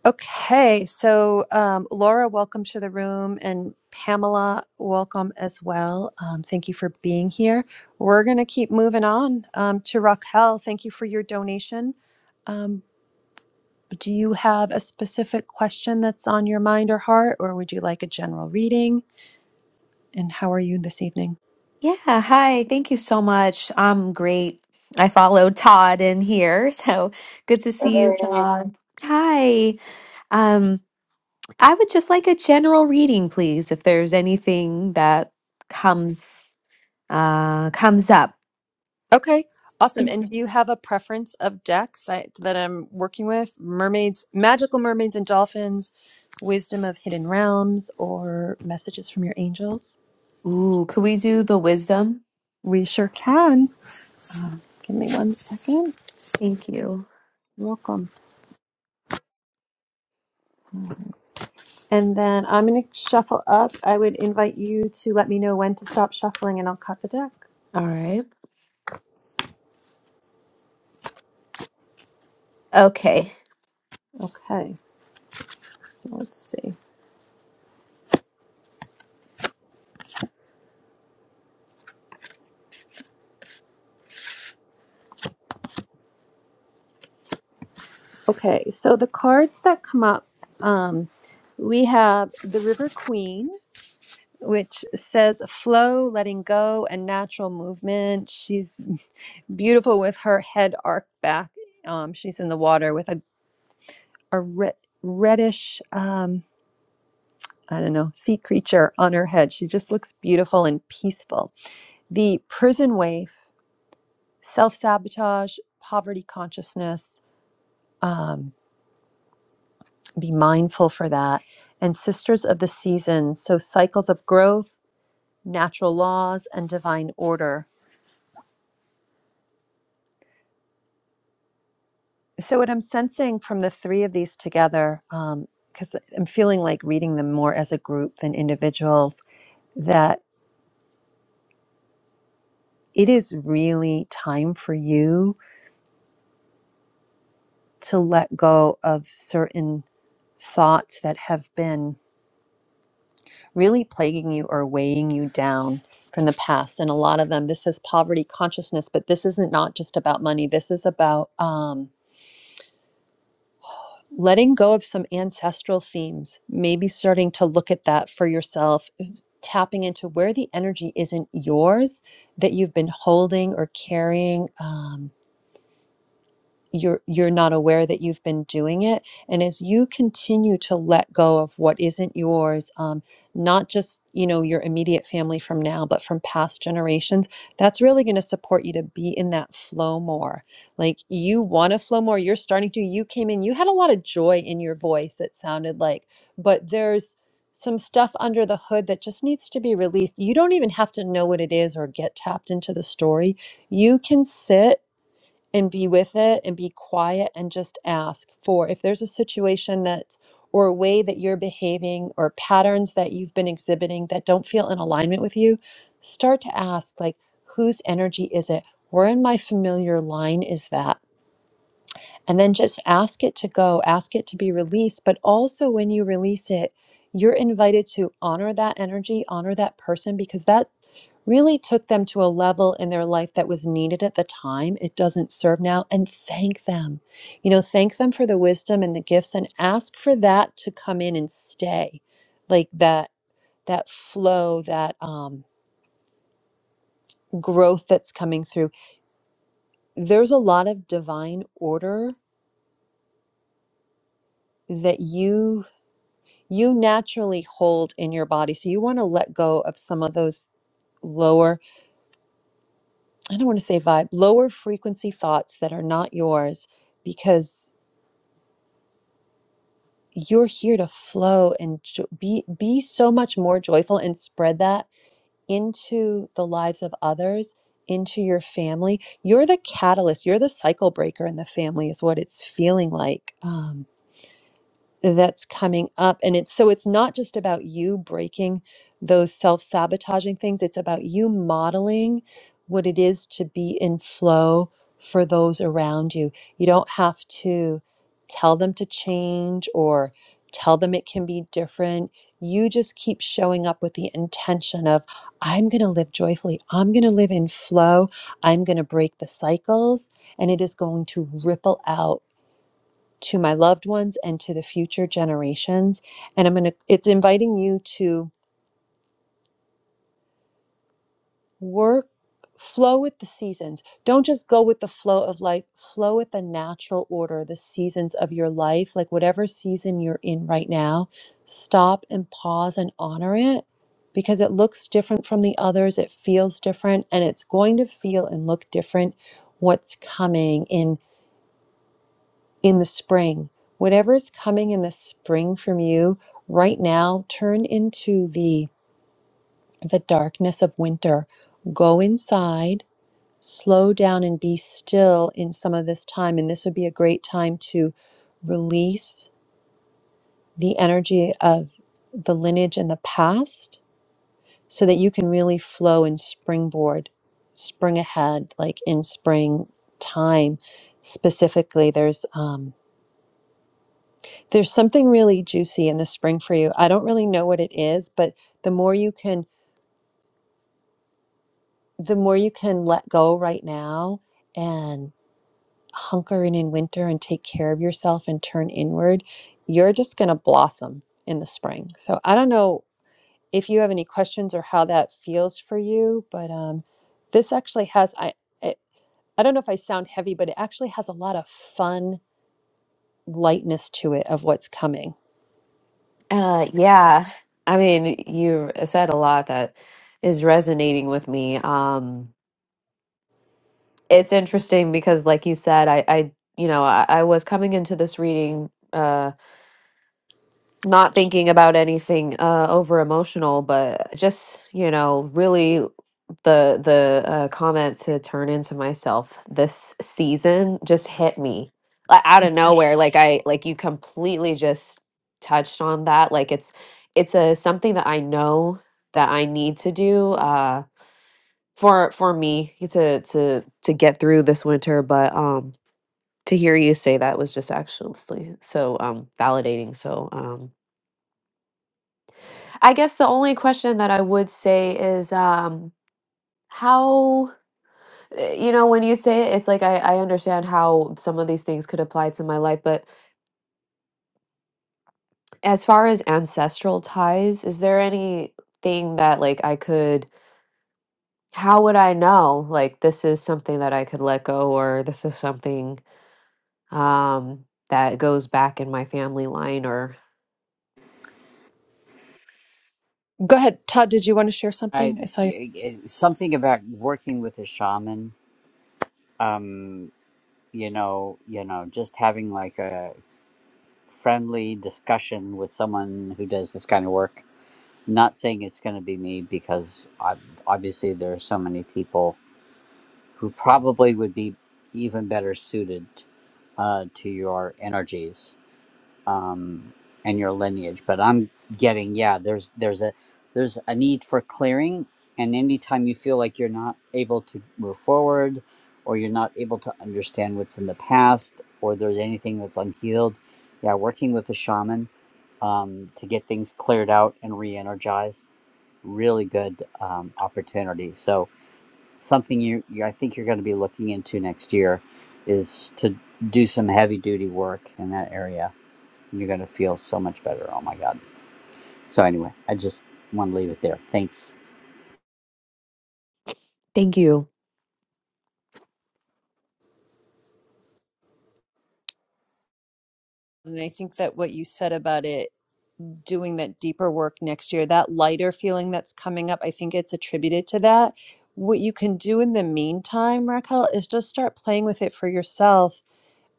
S1: Okay, so um, Laura, welcome to the room, and Pamela, welcome as well. Um, thank you for being here. We're going to keep moving on um, to Raquel. Thank you for your donation. Um, do you have a specific question that's on your mind or heart, or would you like a general reading? And how are you this evening?
S11: Yeah, hi. Thank you so much. I'm great. I followed Todd in here, [laughs] so good to see you, Todd. Hi. Um, I would just like a general reading, please, if there's anything that comes uh comes up.
S1: Okay, awesome.
S11: Thank
S1: And
S11: you.
S1: do you have a preference of decks I, that I'm working with? Mermaids, magical mermaids and dolphins, wisdom of hidden realms, or messages from your angels?
S11: Ooh, could we do the wisdom?
S1: We sure can. Give me one second.
S11: Thank you.
S1: Welcome. And then I'm going to shuffle up. I would invite you to let me know when to stop shuffling and I'll cut the deck.
S11: All right. Okay.
S1: Okay, so let's see. Okay, so the cards that come up, um, we have the River Queen which says flow, letting go, and natural movement. She's beautiful with her head arched back. Um, she's in the water with a, a re- reddish, um, I don't know, sea creature on her head. She just looks beautiful and peaceful. The prison wave, self sabotage, poverty consciousness, um, be mindful for that. And sisters of the seasons, so cycles of growth, natural laws, and divine order So, what I'm sensing from the three of these together, um, because I'm feeling like reading them more as a group than individuals, that it is really time for you to let go of certain thoughts that have been really plaguing you or weighing you down from the past. And a lot of them, this is poverty consciousness, but this isn't not just about money. This is about. um, letting go of some ancestral themes, maybe starting to look at that for yourself, eh, tapping into where the energy isn't yours that you've been holding or carrying. Um, you're you're not aware that you've been doing it and as you continue to let go of what isn't yours um, not just you know your immediate family from now but from past generations that's really going to support you to be in that flow more like you want to flow more you're starting to you came in you had a lot of joy in your voice it sounded like but there's some stuff under the hood that just needs to be released you don't even have to know what it is or get tapped into the story you can sit and be with it and be quiet and just ask for if there's a situation that or a way that you're behaving or patterns that you've been exhibiting that don't feel in alignment with you, start to ask like whose energy is it? Where in my familiar line is that? And then just ask it to go, ask it to be released, but also when you release it, you're invited to honor that energy, honor that person because that really took them to a level in their life that was needed at the time. It doesn't serve now. And thank them. You know, thank them for the wisdom and the gifts and ask for that to come in and stay. Like that, that flow, that um, growth that's coming through. There's a lot of divine order that you you naturally hold in your body. So you want to let go of some of those lower, I don't want to say vibe, lower frequency thoughts that are not yours because. you're here to flow and jo- be be so much more joyful and spread that into the lives of others into your family you're the catalyst you're the cycle breaker in the family is what it's feeling like Um, that's coming up and it's so it's not just about you breaking those self-sabotaging things it's about you modeling what it is to be in flow for those around you you don't have to tell them to change or tell them it can be different you just keep showing up with the intention of i'm going to live joyfully i'm going to live in flow i'm going to break the cycles and it is going to ripple out to my loved ones and to the future generations and i'm going to it's inviting you to work flow with the seasons don't just go with the flow of life flow with the natural order the seasons of your life like whatever season you're in right now stop and pause and honor it because it looks different from the others it feels different and it's going to feel and look different what's coming in in the spring. Whatever is coming in the spring from you right now, turn into the the darkness of winter. Go inside, slow down and be still in some of this time and this would be a great time to release the energy of the lineage and the past so that you can really flow and springboard spring ahead like in spring time specifically there's um, There's something really juicy in the spring for you. I don't really know what it is, but the more you can the more you can let go right now and hunker in in winter and take care of yourself and turn inward, you're just going to blossom in the spring. So I don't know if you have any questions or how that feels for you, but um this actually has I I, I don't know if I sound heavy, but it actually has a lot of fun lightness to it of what's coming.
S11: Uh, yeah. I mean, you said a lot that is resonating with me. Um, it's interesting because like you said i i you know i, I was coming into this reading uh not thinking about anything uh over emotional but just you know really the the uh, comment to turn into myself this season just hit me like out of nowhere like i like you completely just touched on that like it's it's a something that i know that i need to do uh for for me to to to get through this winter but um to hear you say that was just actually so, um, validating, so, um I guess the only question that I would say is, um, how eh, you know, when you say it, it's like I I understand how some of these things could apply to my life, but as far as ancestral ties, is there anything that, like, I could how would I know, like, this is something that I could let go or this is something, um, that goes back in my family line or
S1: Go ahead, Todd, did you want to share
S6: I,
S1: something? I saw you.
S6: something about working with a shaman, um, you know, you know, just having like a friendly discussion with someone who does this kind of work. Not saying it's going to be me because i obviously there are so many people who probably would be even better suited uh, to your energies um, and your lineage. But I'm getting yeah, there's there's a there's a need for clearing, and anytime you feel like you're not able to move forward, or you're not able to understand what's in the past, or there's anything that's unhealed, yeah, working with a shaman um, to get things cleared out and re-energized, really good um, opportunity. So something you, you I think you're going to be looking into next year is to do some heavy duty work in that area and You're going to feel so much better. Oh my God. So, anyway, I just want to leave it there. Thanks.
S11: Thank you.
S1: And I think that what you said about it doing that deeper work next year, that lighter feeling that's coming up, I think it's attributed to that. What you can do in the meantime, Raquel, is just start playing with it for yourself,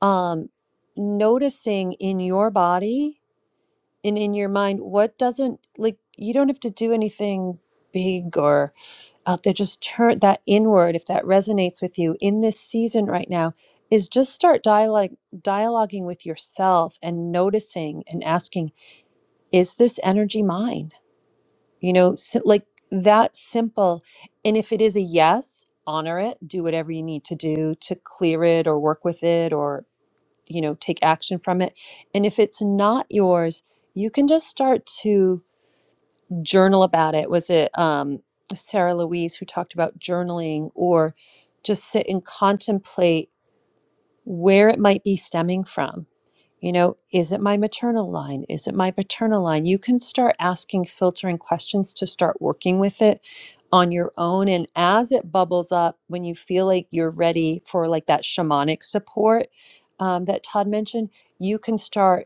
S1: um, noticing in your body and in your mind what doesn't like. You don't have to do anything big or out there just turn that inward if that resonates with you in this season right now is just start dialogue dialoguing with yourself and noticing and asking is this energy mine you know si- like that simple and if it is a yes honor it do whatever you need to do to clear it or work with it or you know take action from it and if it's not yours you can just start to journal about it. Was it um, Sarah Louise who talked about journaling or just sit and contemplate where it might be stemming from? You know, is it my maternal line? Is it my paternal line? You can start asking filtering questions to start working with it on your own. And as it bubbles up, when you feel like you're ready for like that shamanic support um, that Todd mentioned, you can start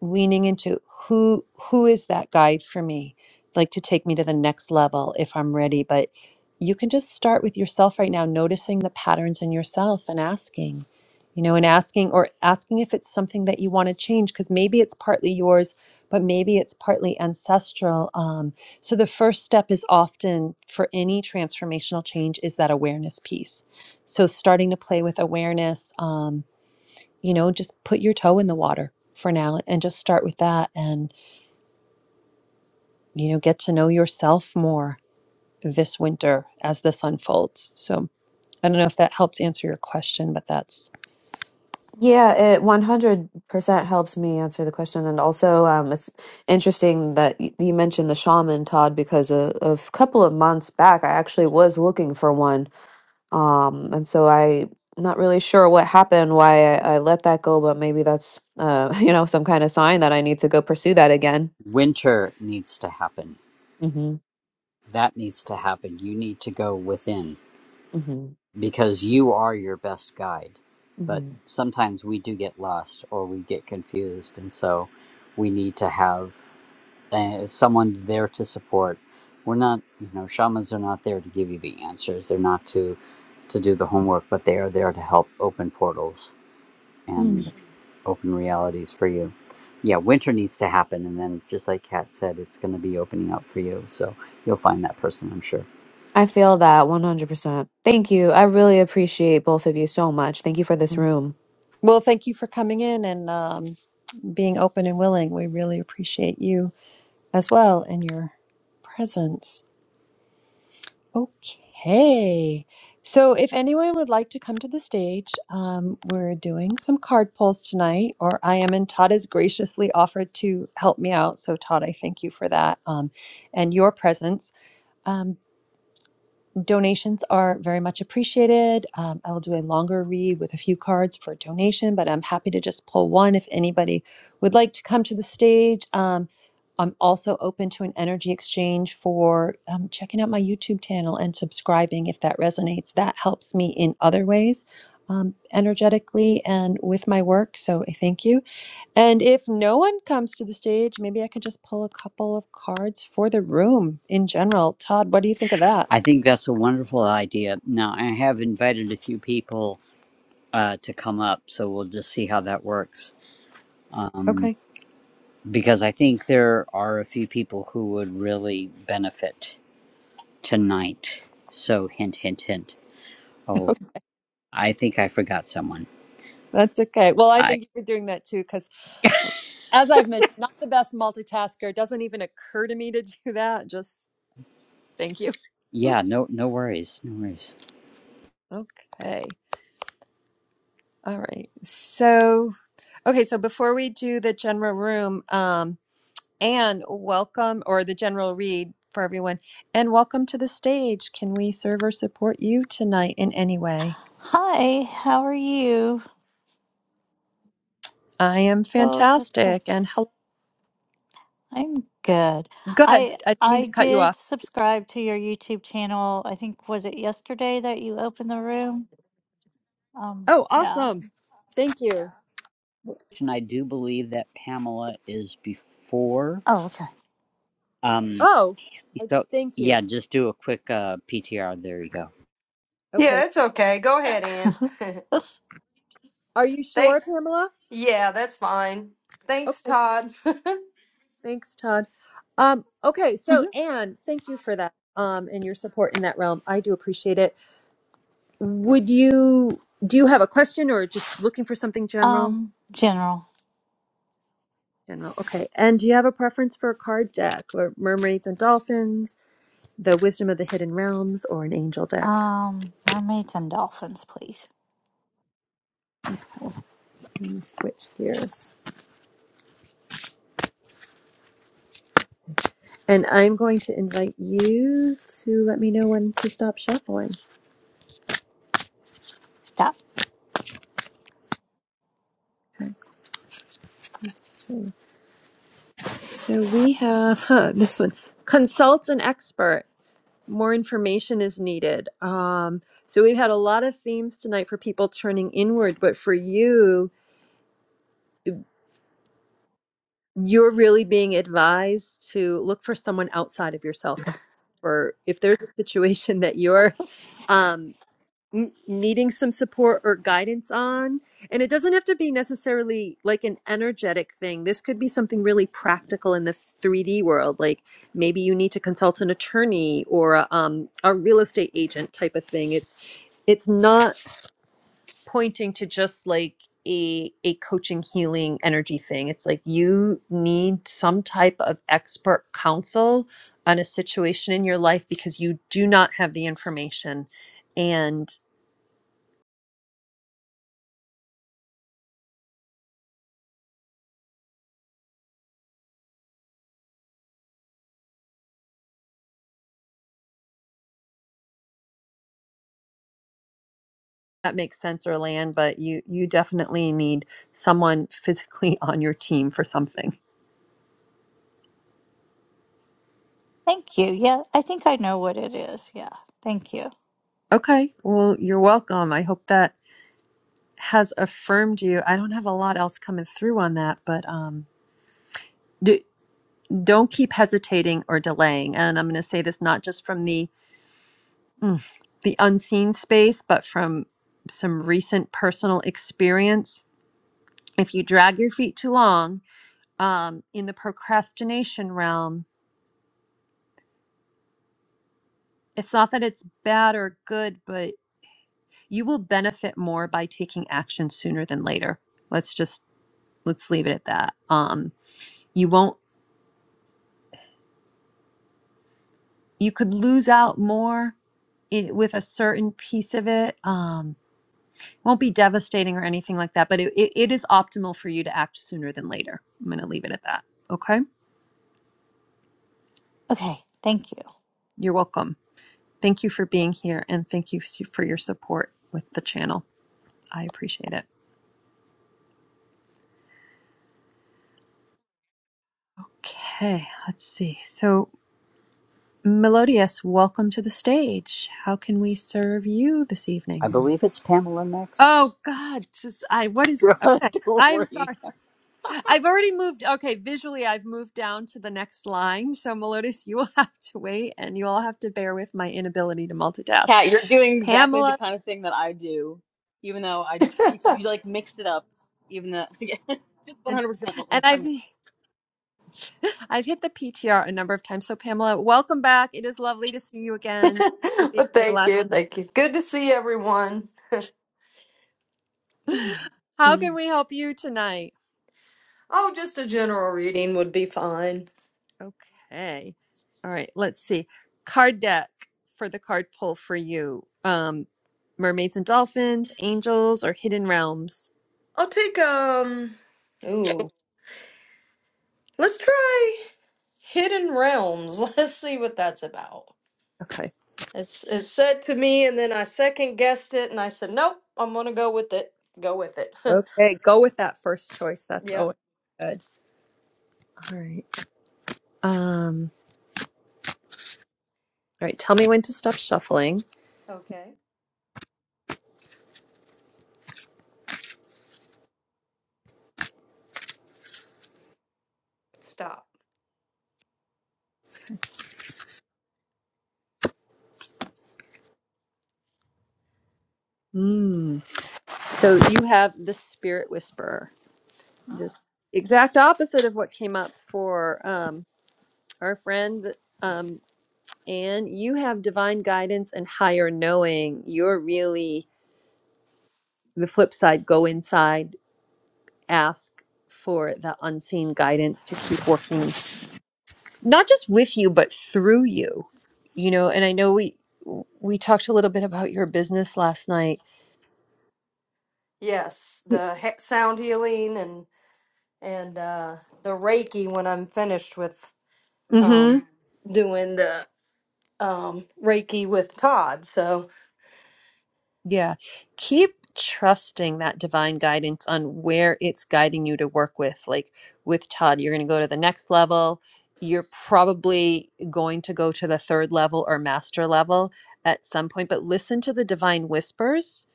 S1: leaning into who who is that guide for me like to take me to the next level if i'm ready but you can just start with yourself right now noticing the patterns in yourself and asking you know and asking or asking if it's something that you want to change because maybe it's partly yours but maybe it's partly ancestral um, so the first step is often for any transformational change is that awareness piece so starting to play with awareness um you know, just put your toe in the water for now and just start with that and, you know, get to know yourself more this winter as this unfolds. So I don't know if that helps answer your question, but that's
S11: Yeah, it 100% helps me answer the question. And also, um, it's interesting that y- you mentioned the shaman, Todd, because a, a couple of months back, I actually was looking for one. Um, and so I not really sure what happened, why I, I let that go, but maybe that's, uh, [laughs] you know, some kind of sign that I need to go pursue that again.
S6: Winter needs to happen.
S11: hmm
S6: That needs to happen. You need to go within
S11: hmm
S6: because you are your best guide. But
S11: hmm
S6: sometimes we do get lost or we get confused. And so we need to have uh, someone there to support. We're not, you know, shamans are not there to give you the answers. They're not to to do the homework, but they are there to help open portals
S11: Mm.
S6: and open realities for you. Yeah, winter needs to happen, and then just like Kat said, it's going to be opening up for you. So you'll find that person, I'm sure.
S11: I feel that 100%. Thank you. I really appreciate both of you so much. Thank you for this room.
S1: well, thank you for coming in and um, being open and willing. We really appreciate you as well and your presence. Okay. So, if anyone would like to come to the stage, um, we're doing some card pulls tonight, or I am, and Todd has graciously offered to help me out. So, Todd, I thank you for that um, and your presence. Um, Donations are very much appreciated. Um, I will do a longer read with a few cards for a donation, but I'm happy to just pull one if anybody would like to come to the stage. Um, I'm also open to an energy exchange for um, checking out my YouTube channel and subscribing if that resonates. That helps me in other ways, um, energetically and with my work. So I thank you. And if no one comes to the stage, maybe I could just pull a couple of cards for the room in general. Todd, what do you think of that?
S6: I think that's a wonderful idea. Now I have invited a few people uh, to come up, so we'll just see how that works.
S1: Okay.
S6: Um, because I think there are a few people who would really benefit tonight. So hint, hint, hint. Oh, I think I forgot someone.
S1: That's okay. Well, I
S6: I
S1: think you're doing that too, because as I've mentioned, not the best multitasker. It doesn't even occur to me to [laughs] do that. Just thank you. [laughs]
S6: yeah, no, no worries, no worries.
S1: Okay. All right. So, okay. So before we do the general room, um, Anne, welcome, or the general read for everyone, and welcome to the stage. Can we serve or support you tonight in any way?
S12: Hi, how are you?
S1: I am
S12: Oh, that's good.
S1: fantastic. And hello.
S12: I'm good.
S1: Go ahead.
S12: I
S1: I didn't mean to
S12: I
S1: cut you
S12: did
S1: off.
S12: subscribe to your YouTube channel. I think was it yesterday that you opened the room? Um,
S1: Oh,
S12: yeah.
S1: awesome. Thank you.
S6: and I do believe that Pamela is before.
S12: Oh, okay.
S6: Um,
S1: Oh, I,
S6: so
S1: thank
S6: yeah,
S1: you.
S6: just do a quick uh, PTR. There you go.
S1: Okay.
S13: Yeah, it's okay. Go ahead, Ann. [laughs]
S12: [laughs]
S1: Are you
S13: thank.
S1: sure, Pamela?
S13: Yeah, that's fine. Thanks,
S1: Okay,
S13: Todd. [laughs]
S1: thanks, Todd. Um, okay, so
S12: Mhm.
S1: Anne, thank you for that um, and your support in that realm. I do appreciate it. Would you do you have a question or just looking for something general?
S12: Um, general.
S1: General, okay. And do you have a preference for a card deck or mermaids and dolphins, the wisdom of the hidden realms, or an angel deck?
S12: Um, mermaids and dolphins, please.
S1: Let me switch gears. And I'm going to invite you to let me know when to stop shuffling.
S12: Stop.
S1: Okay, let's see. So we have huh, this one. Consult an expert. More information is needed. Um, so we've had a lot of themes tonight for people turning inward, but for you, you're really being advised to look for someone outside of yourself. Right? Or if there's a situation that you're um, n- needing some support or guidance on. And it doesn't have to be necessarily like an energetic thing. This could be something really practical in the 3D world. Like maybe you need to consult an attorney or a, um, a real estate agent type of thing. It's it's not pointing to just like a a coaching healing energy thing. It's like you need some type of expert counsel on a situation in your life because you do not have the information. And that makes sense or land, but you you definitely need someone physically [laughs] on your team for something.
S12: Thank you. Yeah, I think I know what it is. Yeah. Thank you.
S1: Okay, well, you're welcome. I hope that has affirmed you. I don't have a lot else coming through on that, but um d- don't keep hesitating or delaying. And I'm going to say this not just from the mm, the unseen space, but from some recent personal experience. If you drag your feet too long um, in the procrastination realm, it's not that it's bad or good, but You will benefit more by taking action sooner than later. Let's just let's leave it at that. Um, you won't. You could lose out more in, with a certain piece of it. Um, won't be devastating or anything like that. But it, it, it is optimal for you to act sooner than later. I'm going to leave it at that. Okay.
S12: Okay. Thank you.
S1: You're welcome. Thank you for being here, and thank you s- for your support with the channel. I appreciate it. Okay, let's see. So Melodious, welcome to the stage. How can we serve you this
S6: I
S1: evening?
S6: believe it's Pamela next.
S1: Oh God, just I what is
S6: [laughs]
S1: okay.
S6: Don't
S1: I'm
S6: worry.
S1: sorry. I've already moved okay, visually I've moved down to the next line. So Melodious, you will [laughs] have to wait and you all have to bear with my inability to multitask.
S4: Kat, you're doing exactly the
S1: Pamela
S4: kind of thing that I do, even though I if you like mixed it up, even though [laughs] yeah, just
S1: and
S4: 100% what we
S1: and I've [laughs] I've hit the PTR a number of times. So Pamela, welcome back. It is lovely to see you again. Thank you for being
S13: Well,
S1: here
S13: thank you,
S1: last night. [gasps]
S13: thank you. Good to see everyone.
S1: [laughs] How can
S13: Mm.
S1: we help you tonight?
S13: Oh, just a general reading would be fine.
S1: Okay. All right. Let's see. Card deck for the card pull for you. Um, mermaids and dolphins, angels, or hidden realms.
S13: I'll take um. Ooh, let's try Hidden Realms. [laughs] Let's see what that's about.
S1: Okay.
S13: It's it said to me, and then I second guessed it, and I said, nope, I'm gonna go with it. Go with it. [laughs]
S1: Okay. Go with that first choice. That's
S13: yep.
S1: always good. All right. Um. All right. Tell me when to stop shuffling.
S13: Okay. Stop.
S1: Hmm. So you have the spirit whisperer.
S13: Ah.
S1: Just exact opposite of what came up for um our friend um and you have divine guidance and higher knowing. You're really the flip side, go inside, ask for the unseen guidance to keep working, not just with you, but through you. You know, and I know we we talked a little bit about your business last night.
S13: Yes, the he- sound healing and and uh, the Reiki when I'm finished with
S1: Mm-hmm.
S13: um, doing the um, Reiki with Todd. So
S1: Yeah. Keep trusting that divine guidance on where it's guiding you to work with. Like with Todd, you're going to go to the next level. You're probably going to go to the third level or master level at some point, but listen to the divine whispers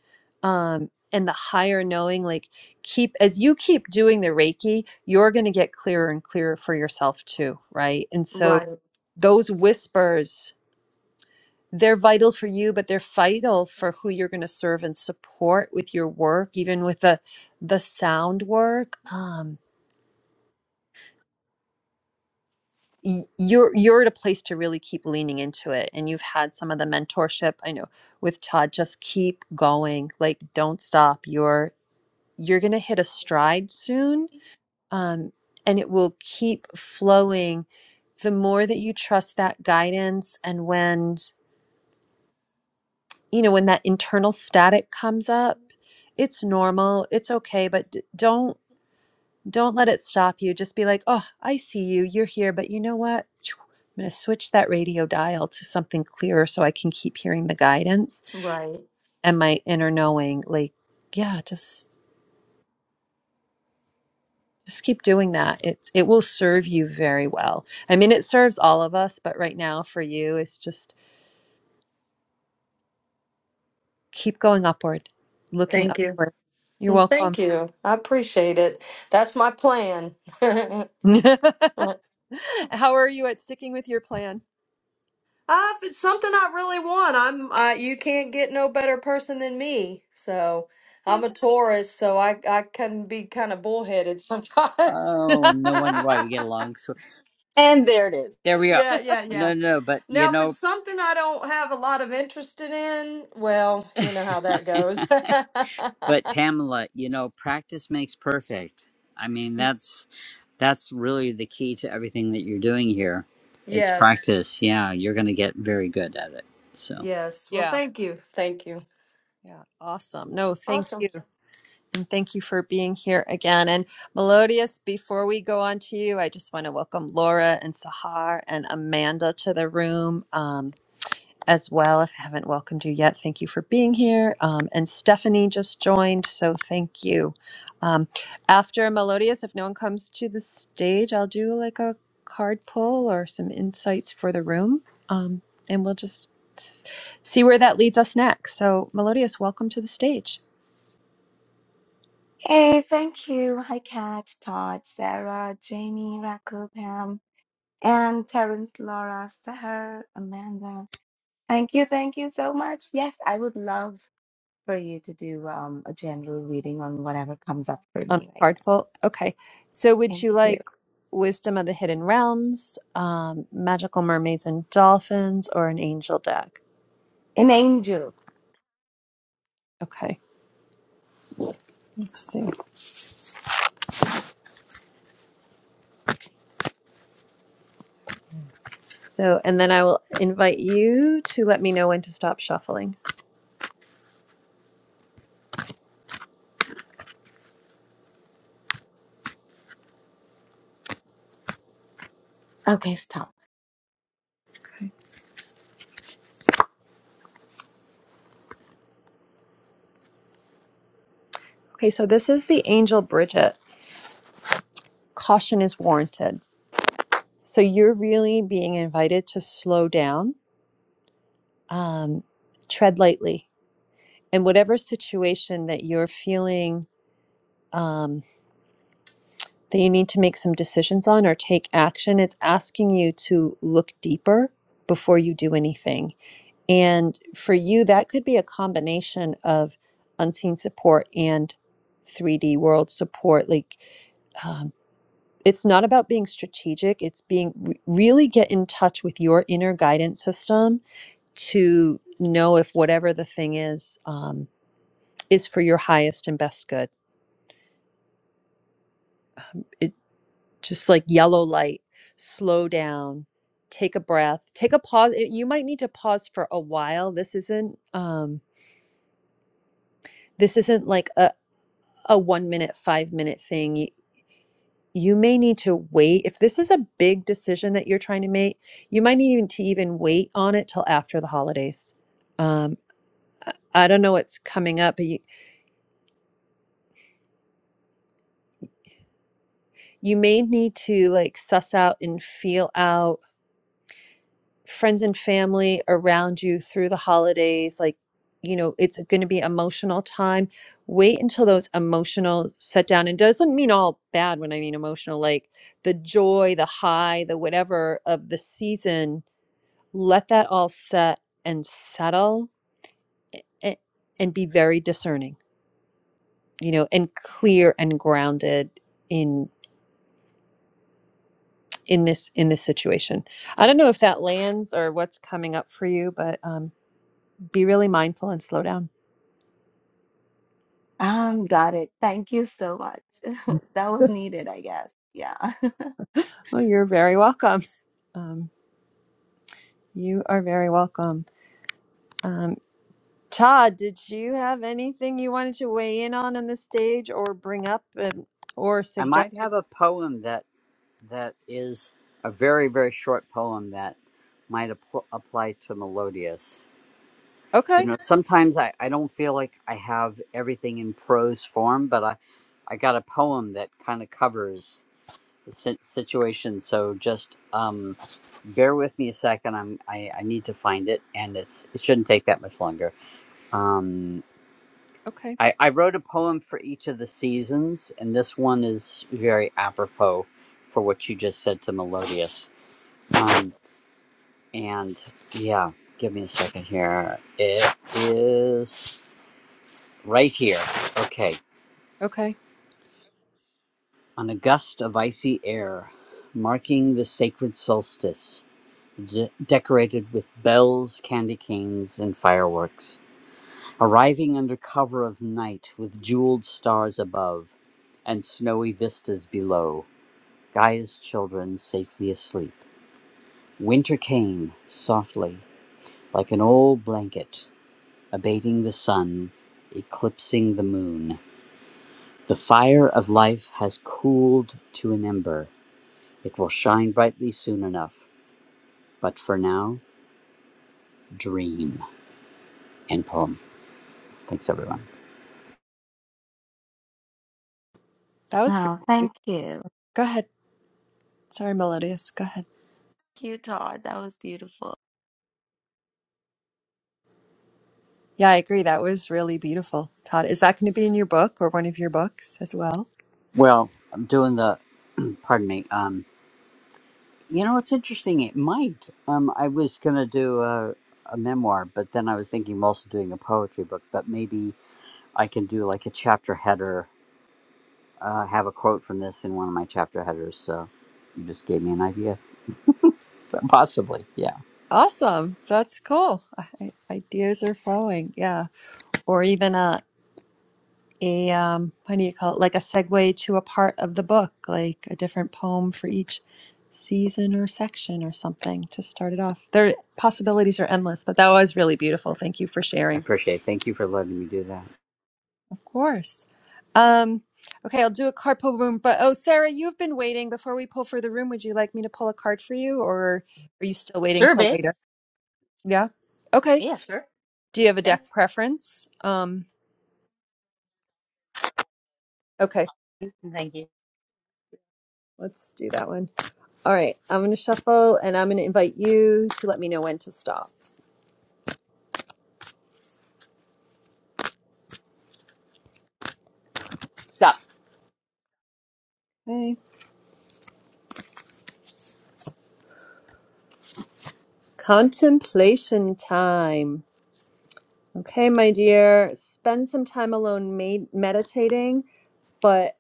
S1: um, and the higher knowing. Like, keep, as you keep doing the Reiki, you're going to get clearer and clearer for yourself too, right? And so,
S13: right,
S1: those whispers they're vital for you, but they're vital for who you're going to serve and support with your work, even with the the sound work. Um, y- you're you're at a place to really keep leaning into it, and you've had some of the mentorship. I know with Todd, just keep going, like don't stop. You're you're going to hit a stride soon, um, and it will keep flowing. The more that you trust that guidance, and when you know, when that internal static comes up, it's normal, it's okay, but d- don't don't let it stop you. Just be like, "Oh, I see you. You're here, but you know what? Choo, I'm going to switch that radio dial to something clearer so I can keep hearing the guidance
S13: right.
S1: and my inner knowing." Like, yeah, just just keep doing that. It it will serve you very well. I mean, it serves all of us, but right now for you, it's just keep going upward, looking
S13: Thank you.
S1: upward. You're
S13: Mm,
S1: welcome.
S13: Thank you. I appreciate it. That's my plan. [laughs]
S1: [laughs] How are you at sticking with your plan?
S13: Ah, if it's something I really want, I'm I, you can't get no better person than me. So I'm a
S1: Fantastic.
S13: Taurus, so I I can be kind of bullheaded sometimes.
S6: Oh,
S1: [laughs]
S13: [laughs]
S6: no wonder why we get along. So
S4: And there it is.
S6: there we go.
S13: yeah, yeah, yeah.
S6: No, no, no, but you
S13: Now, if it's
S6: know,
S13: something I don't have a lot of interest in, well, you know how that goes.
S6: but
S13: [laughs]
S6: Pamela, you know, practice makes perfect. I mean,
S13: Y-
S6: that's that's really the key to everything that you're doing here. It's
S13: yes,
S6: practice. Yeah, you're going to get very good at it. So
S13: yes. Well,
S1: yeah.
S13: thank you. Thank you.
S1: Yeah. Awesome. No, thank
S13: Awesome.
S1: you. And thank you for being here again. And Melodious, before we go on to you, I just want to welcome Laura and Sahar and Amanda to the room. Um, as well. If I haven't welcomed you yet, thank you for being here. Um, and Stephanie just joined, so thank you. Um, after Melodious, if no one comes to the stage, I'll do like a card pull or some insights for the room, um, and we'll just s- see where that leads us next. So, Melodious, welcome to the stage
S14: Hey, thank you. Hi, Kat, Todd, Sarah, Jamie, Raquel, Pam, and Terrence, Laura, Sahar, Amanda. Thank you, thank you so much. Yes, I would love for you to do um, a general reading on whatever comes up for
S1: on a
S14: me right
S1: card
S14: now.
S1: pull. Okay, so would
S14: Thank
S1: you
S14: you.
S1: like Wisdom of the Hidden Realms, um, Magical Mermaids and Dolphins, or an Angel deck?
S14: An angel.
S1: Okay, let's see. So, and then I will invite you to let me know when to stop shuffling.
S14: Okay, stop.
S1: Okay. Okay, so this is the angel Bridget. Caution is warranted. So you're really being invited to slow down, um, tread lightly. And whatever situation that you're feeling um, that you need to make some decisions on or take action, it's asking you to look deeper before you do anything And for you, that could be a combination of unseen support and 3D world support. Like, um, it's not about being strategic, it's being re- really get in touch with your inner guidance system to know if whatever the thing is, um, is for your highest and best good. It just like yellow light, slow down. Take a breath. Take a pause. You might need to pause for a while. This isn't um, this isn't like a, a one minute, five minute thing. You, you may need to wait. If this is a big decision that you're trying to make, you might need even to even wait on it till after the holidays. Um, I I don't know what's coming up, but you, you may need to like suss out and feel out friends and family around you through the holidays like you know it's going to be emotional time wait until those emotional set down and doesn't mean all bad when i mean emotional like the joy the high the whatever of the season let that all set and settle and, and be very discerning you know and clear and grounded in in this in this situation i don't know if that lands or what's coming up for you but um, be really mindful and slow down
S14: Um, got it. Thank you so much. [laughs] that was needed, I guess. Yeah. [laughs]
S1: Oh, you're very welcome. Um, you are very welcome. Um, Todd, did you have anything you wanted to weigh in on on the stage or bring up and, or
S6: I
S1: suggest?
S6: might have a poem that That is a very, very short poem that might apl- apply to Melodius. You
S1: Okay,
S6: know, sometimes I, I don't feel like I have everything in prose form, but I, I got a poem that kind of covers the si- situation. So just um, bear with me a second. I'm, I, I need to find it, and it's it shouldn't take that much longer. Um,
S1: okay,
S6: I, I wrote a poem for each of the seasons, and this one is very apropos for what you just said to Melodious. Um, And yeah, give me a second here. It is right here. Okay.
S1: okay.
S6: On a gust of icy air, marking the sacred solstice, d- decorated with bells, candy canes, and fireworks, arriving under cover of night with jeweled stars above and snowy vistas below, Gaia's children safely asleep. Winter came softly, like an old blanket, abating the sun, eclipsing the moon. The fire of life has cooled to an ember. It will shine brightly soon enough. But for now, dream. End poem. Thanks, everyone.
S1: That was really
S14: Wow, thank
S1: beautiful.
S14: you.
S1: Go ahead. Sorry, Melodious. Go ahead.
S14: Thank you, Todd. That was beautiful.
S1: Yeah, I agree. That was really beautiful. Todd, is that going to be in your book or one of your books as well?
S6: Well, I'm doing the. Pardon me. Um, you know, it's interesting. It might. Um, I was gonna do a, a memoir, but then I was thinking of also doing a poetry book. But maybe I can do like a chapter header. Uh, have a quote from this in one of my chapter headers. So you just gave me an idea. So possibly, yeah.
S1: Awesome. That's cool. I- ideas are flowing. Yeah. Or even a a um, what do you call it? Like a segue to a part of the book, like a different poem for each season or section or something to start it off. Their possibilities are endless, but that was really beautiful. Thank you for
S6: I
S1: sharing.
S6: appreciate it. Thank you for letting me do that.
S1: Of course. Um, okay, I'll do a card pull room. But oh, Sarah, you've been waiting. Before we pull for the room, would you like me to pull a card for you, or are you still waiting
S4: Sure,
S1: till
S4: babes.
S1: later? Yeah. Okay.
S4: Yeah, sure.
S1: Do you have a
S4: Thanks.
S1: deck preference? Um, okay,
S4: And Thank you.
S1: let's do that one. All right, I'm going to shuffle and I'm going to invite you to let me know when to stop.
S4: Stop.
S1: Okay. Contemplation time. Okay, my dear, spend some time alone med- meditating, but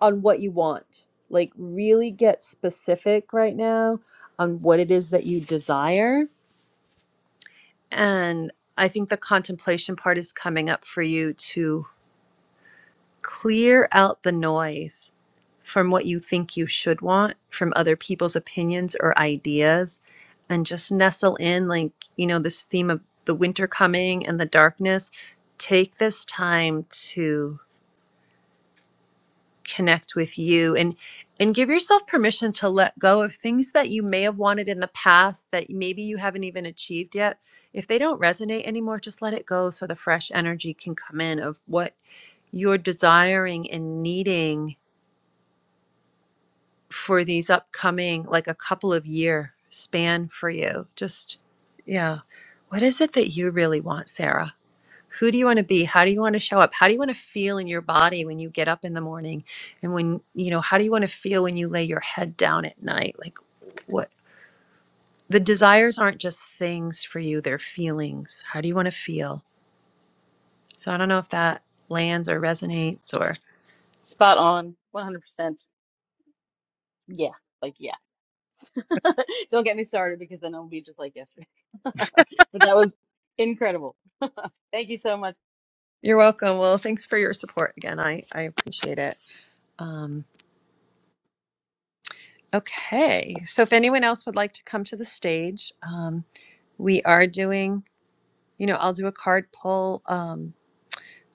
S1: on what you want. Like, really get specific right now on what it is that you desire. And I think the contemplation part is coming up for you to clear out the noise from what you think you should want from other people's opinions or ideas and just nestle in like you know this theme of the winter coming and the darkness take this time to connect with you and and give yourself permission to let go of things that you may have wanted in the past that maybe you haven't even achieved yet if they don't resonate anymore just let it go so the fresh energy can come in of what you're desiring and needing for these upcoming like a couple of year span for you just yeah what is it that you really want sarah who do you want to be how do you want to show up how do you want to feel in your body when you get up in the morning and when you know how do you want to feel when you lay your head down at night like what the desires aren't just things for you they're feelings how do you want to feel so i don't know if that lands or resonates or
S4: Spot on. 100%. Yeah. Like, yeah. [laughs] Don't get me started because then it'll be just like yesterday. [laughs] But that was incredible. Thank you so much.
S1: you're welcome well thanks for your support again i i appreciate it Um. Okay. So if anyone else would like to come to the stage, um, we are doing, you know, I'll do a card pull um,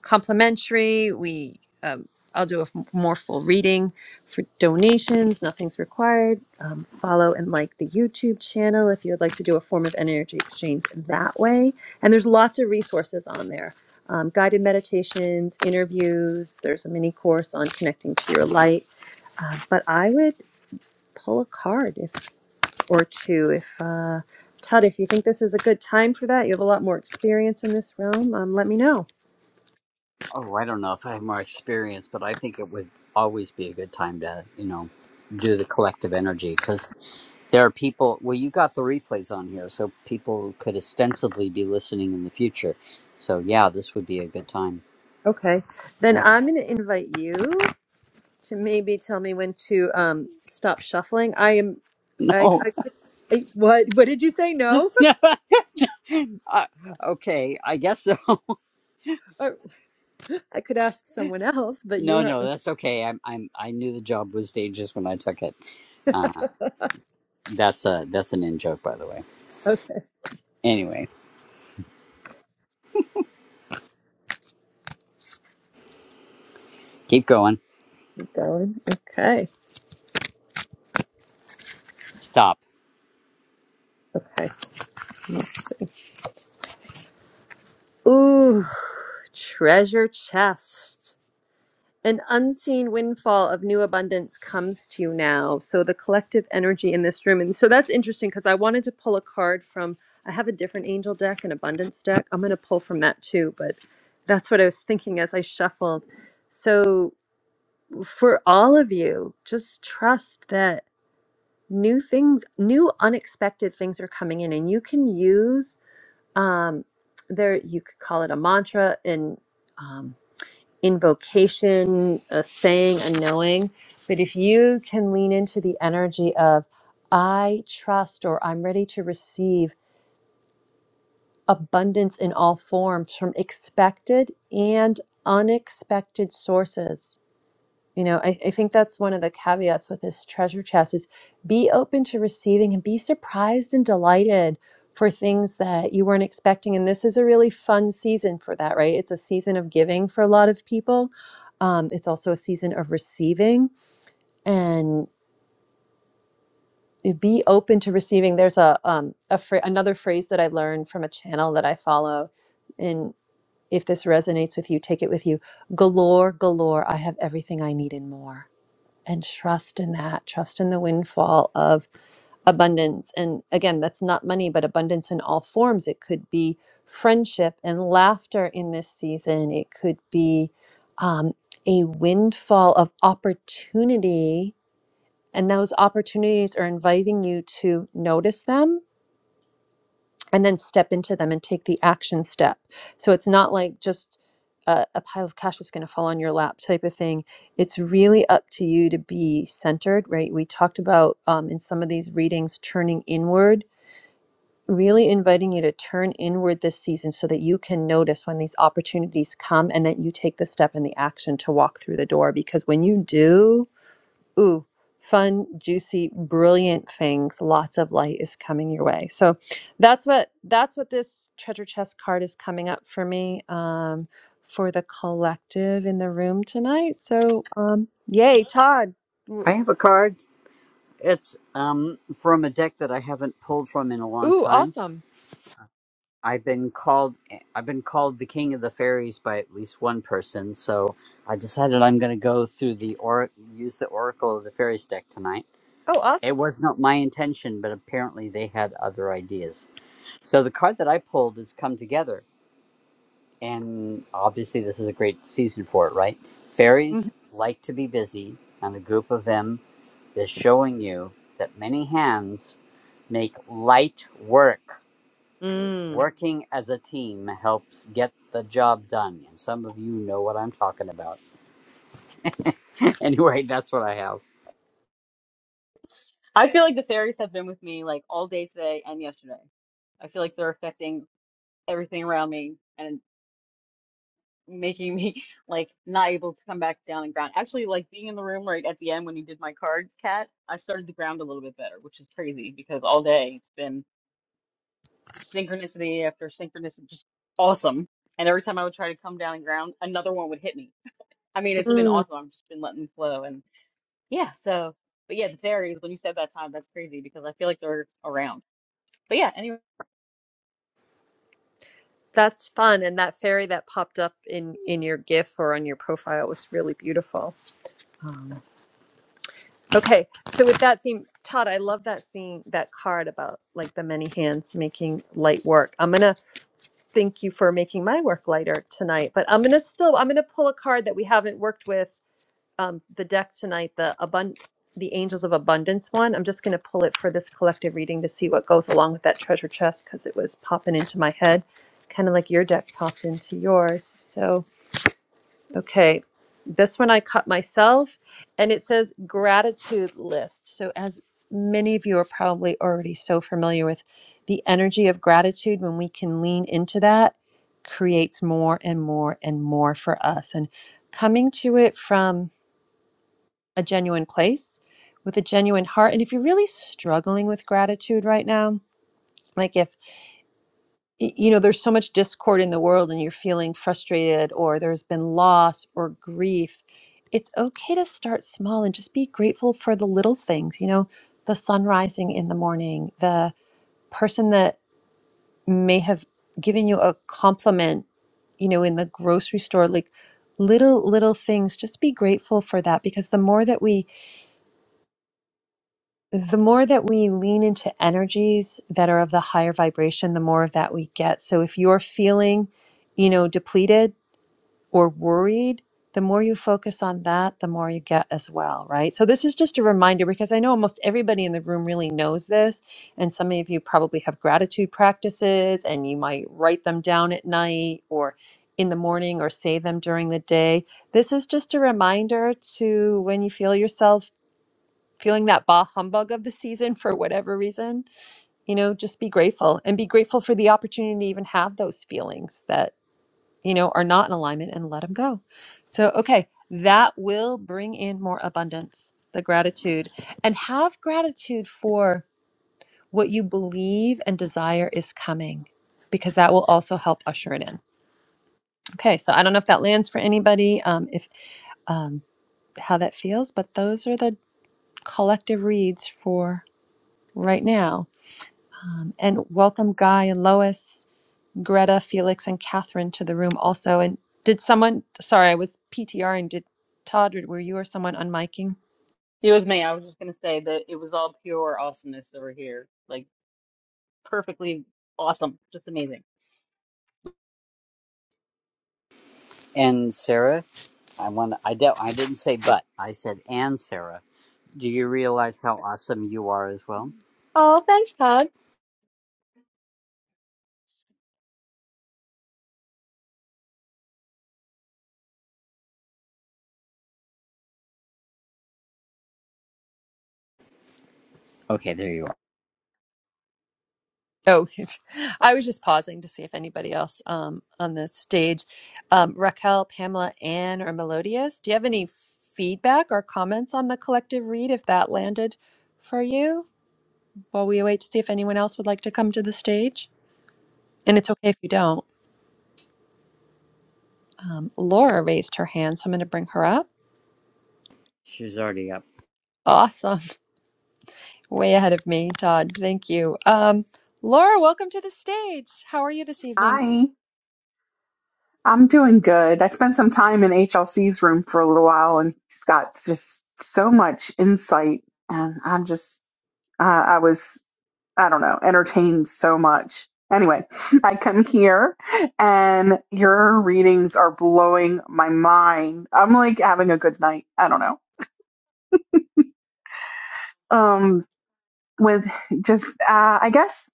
S1: complimentary. We, um, I'll do a f- more full reading for donations. Nothing's required. Um, follow and like the YouTube channel if you'd like to do a form of energy exchange that way. And there's lots of resources on there um, guided meditations, interviews. There's a mini course on connecting to your light. Uh, but I would pull a card if or two. If uh, Todd, if you think this is a good time for that, you have a lot more experience in this realm. Um, let me know.
S6: Oh, I don't know if I have more experience, but I think it would always be a good time to, you know, do the collective energy because there are people. Well, you got the replays on here, so people could ostensibly be listening in the future. So, yeah, this would be a good time.
S1: Okay, then
S6: Yeah.
S1: I'm going to invite you to maybe tell me when to um, stop shuffling. I am.
S6: [laughs]
S1: I,
S6: No.
S1: I, I. What? What did you say? No. [laughs]
S6: [laughs] uh, okay, I guess so. [laughs]
S1: Or I could ask someone else, but you
S6: No,
S1: are
S6: no, that's okay. I'm, I'm, I knew the job was dangerous when I took it. Uh, that's a, that's an in joke, by the way.
S1: okay.
S6: Anyway, keep going.
S1: Keep going. Okay.
S6: Stop.
S1: Okay. Let's see. Ooh, treasure chest. An unseen windfall of new abundance comes to you now. So the collective energy in this room. And so that's interesting because I wanted to pull a card from, I have a different angel deck, an abundance deck. I'm going to pull from that too, but that's what I was thinking as I shuffled. So for all of you, just trust that new things, new unexpected things are coming in and you can use, um, there, you could call it a mantra in. um invocation, a saying, a knowing. But if you can lean into the energy of, I trust or I'm ready to receive abundance in all forms from expected and unexpected sources you know, I, I think that's one of the caveats with this treasure chest is be open to receiving and be surprised and delighted for things that you weren't expecting. And this is a really fun season for that, right? It's a season of giving for a lot of people. Um, it's also a season of receiving and be open to receiving. There's a, um, a fra- another phrase that I learned from a channel that I follow. And if this resonates with you, take it with you. Galore, galore. I have everything I need and more and trust in that trust in the windfall of abundance and again that's not money but abundance in all forms it could be friendship and laughter in this season it could be um, a windfall of opportunity and those opportunities are inviting you to notice them and then step into them and take the action step. So it's not like just a, a pile of cash is going to fall on your lap type of thing. It's really up to you to be centered, right? We talked about um, in some of these readings turning inward, really inviting you to turn inward this season so that you can notice when these opportunities come and that you take the step and the action to walk through the door. Because when you do, ooh, fun, juicy, brilliant things. Lots of light is coming your way. So that's what that's what this treasure chest card is coming up for me um, for the collective in the room tonight. So um, yay, Todd! W-
S6: I have a card. It's um from a deck that I haven't pulled from in a long
S1: Ooh,
S6: time.
S1: awesome!
S6: I've been called I've been called the king of the fairies by at least one person, so I decided I'm going to go through the or use the oracle of the fairies deck tonight.
S1: Oh, awesome.
S6: It was not my intention, but apparently they had other ideas. So the card that I pulled is come together, and obviously this is a great season for it, right?
S1: Mhm.
S6: Fairies like to be busy, and a group of them is showing you that many hands make light work.
S1: Mm,
S6: Working as a team helps get the job done. And some of you know what I'm talking about. [laughs] anyway, that's what I have.
S4: I feel like the fairies have been with me like all day today and yesterday. I feel like they're affecting everything around me and making me [laughs] like not able to come back down and ground. Actually, like being in the room right at the end when you did my card, cat, I started to ground a little bit better, which is crazy because all day it's been. synchronicity after synchronicity, just awesome. And every time I would try to come down and ground, another one would hit me. I mean, it's been
S1: mm,
S4: awesome. I've just been letting them flow. And yeah, so, but yeah, the fairies, when you said that time, that's crazy because I feel like they're around. But yeah, anyway,
S1: that's fun, and that fairy that popped up in in your GIF or on your profile was really beautiful. Oh, Okay, so with that theme, Todd, I love that theme, that card about like the many hands making light work. I'm gonna thank you for making my work lighter tonight, but I'm gonna still I'm gonna pull a card that we haven't worked with um, the deck tonight, the abund the Angels of Abundance one. I'm just gonna pull it for this collective reading to see what goes along with that treasure chest because it was popping into my head, kind of like your deck popped into yours. So. Okay, this one I cut myself, and it says gratitude list. So, as many of you are probably already so familiar with, the energy of gratitude, when we can lean into that, creates more and more and more for us. And coming to it from a genuine place with a genuine heart. And if you're really struggling with gratitude right now, like if y- you know there's so much discord in the world and you're feeling frustrated or there's been loss or grief it's okay to start small and just be grateful for the little things you know the sun rising in the morning the person that may have given you a compliment you know in the grocery store like little little things just be grateful for that because the more that we the more that we lean into energies that are of the higher vibration the more of that we get so if you're feeling you know depleted or worried, the more you focus on that, the more you get as well, right? So, this is just a reminder because I know almost everybody in the room really knows this. And some of you probably have gratitude practices and you might write them down at night or in the morning or say them during the day. This is just a reminder to when you feel yourself feeling that bah humbug of the season for whatever reason, you know, just be grateful and be grateful for the opportunity to even have those feelings that you know, are not in alignment and let them go. So, okay, that will bring in more abundance, the gratitude, and have gratitude for what you believe and desire is coming because that will also help usher it in. Okay, so I don't know if that lands for anybody, um, if um, how that feels, but those are the collective reads for right now. Um, and welcome, Guy and Lois. Greta, Felix, and Catherine to the room also. And did someone, sorry, I was PTRing. Did Todd, were you or someone unmiking?
S4: it was me. I was just going to say that it was all pure awesomeness over here. Like perfectly awesome. Just amazing.
S6: And Sarah, I want I de- I didn't say but. I said and Sarah. Do you realize how awesome you are as well?
S4: Oh, thanks, Todd.
S6: Okay, there you are.
S1: Oh, [laughs] I was just pausing to see if anybody else um, on the stage, um, Raquel, Pamela, Anne, or Melodious, do you have any feedback or comments on the collective read if that landed for you? While we wait to see if anyone else would like to come to the stage. And it's okay if you don't. Um, Laura raised her hand, so I'm going to bring her up.
S6: She's already up.
S1: Awesome. Way ahead of me, Todd. Thank you. Um, Laura, welcome to the stage. How are you this evening?
S15: Hi, I'm doing good. I spent some time in HLC's room for a little while and he's got just so much insight. And I'm just, uh, I was, I don't know, entertained so much. Anyway, [laughs] I come here and your readings are blowing my mind. I'm like having a good night. I don't know. Um, with just, uh, I guess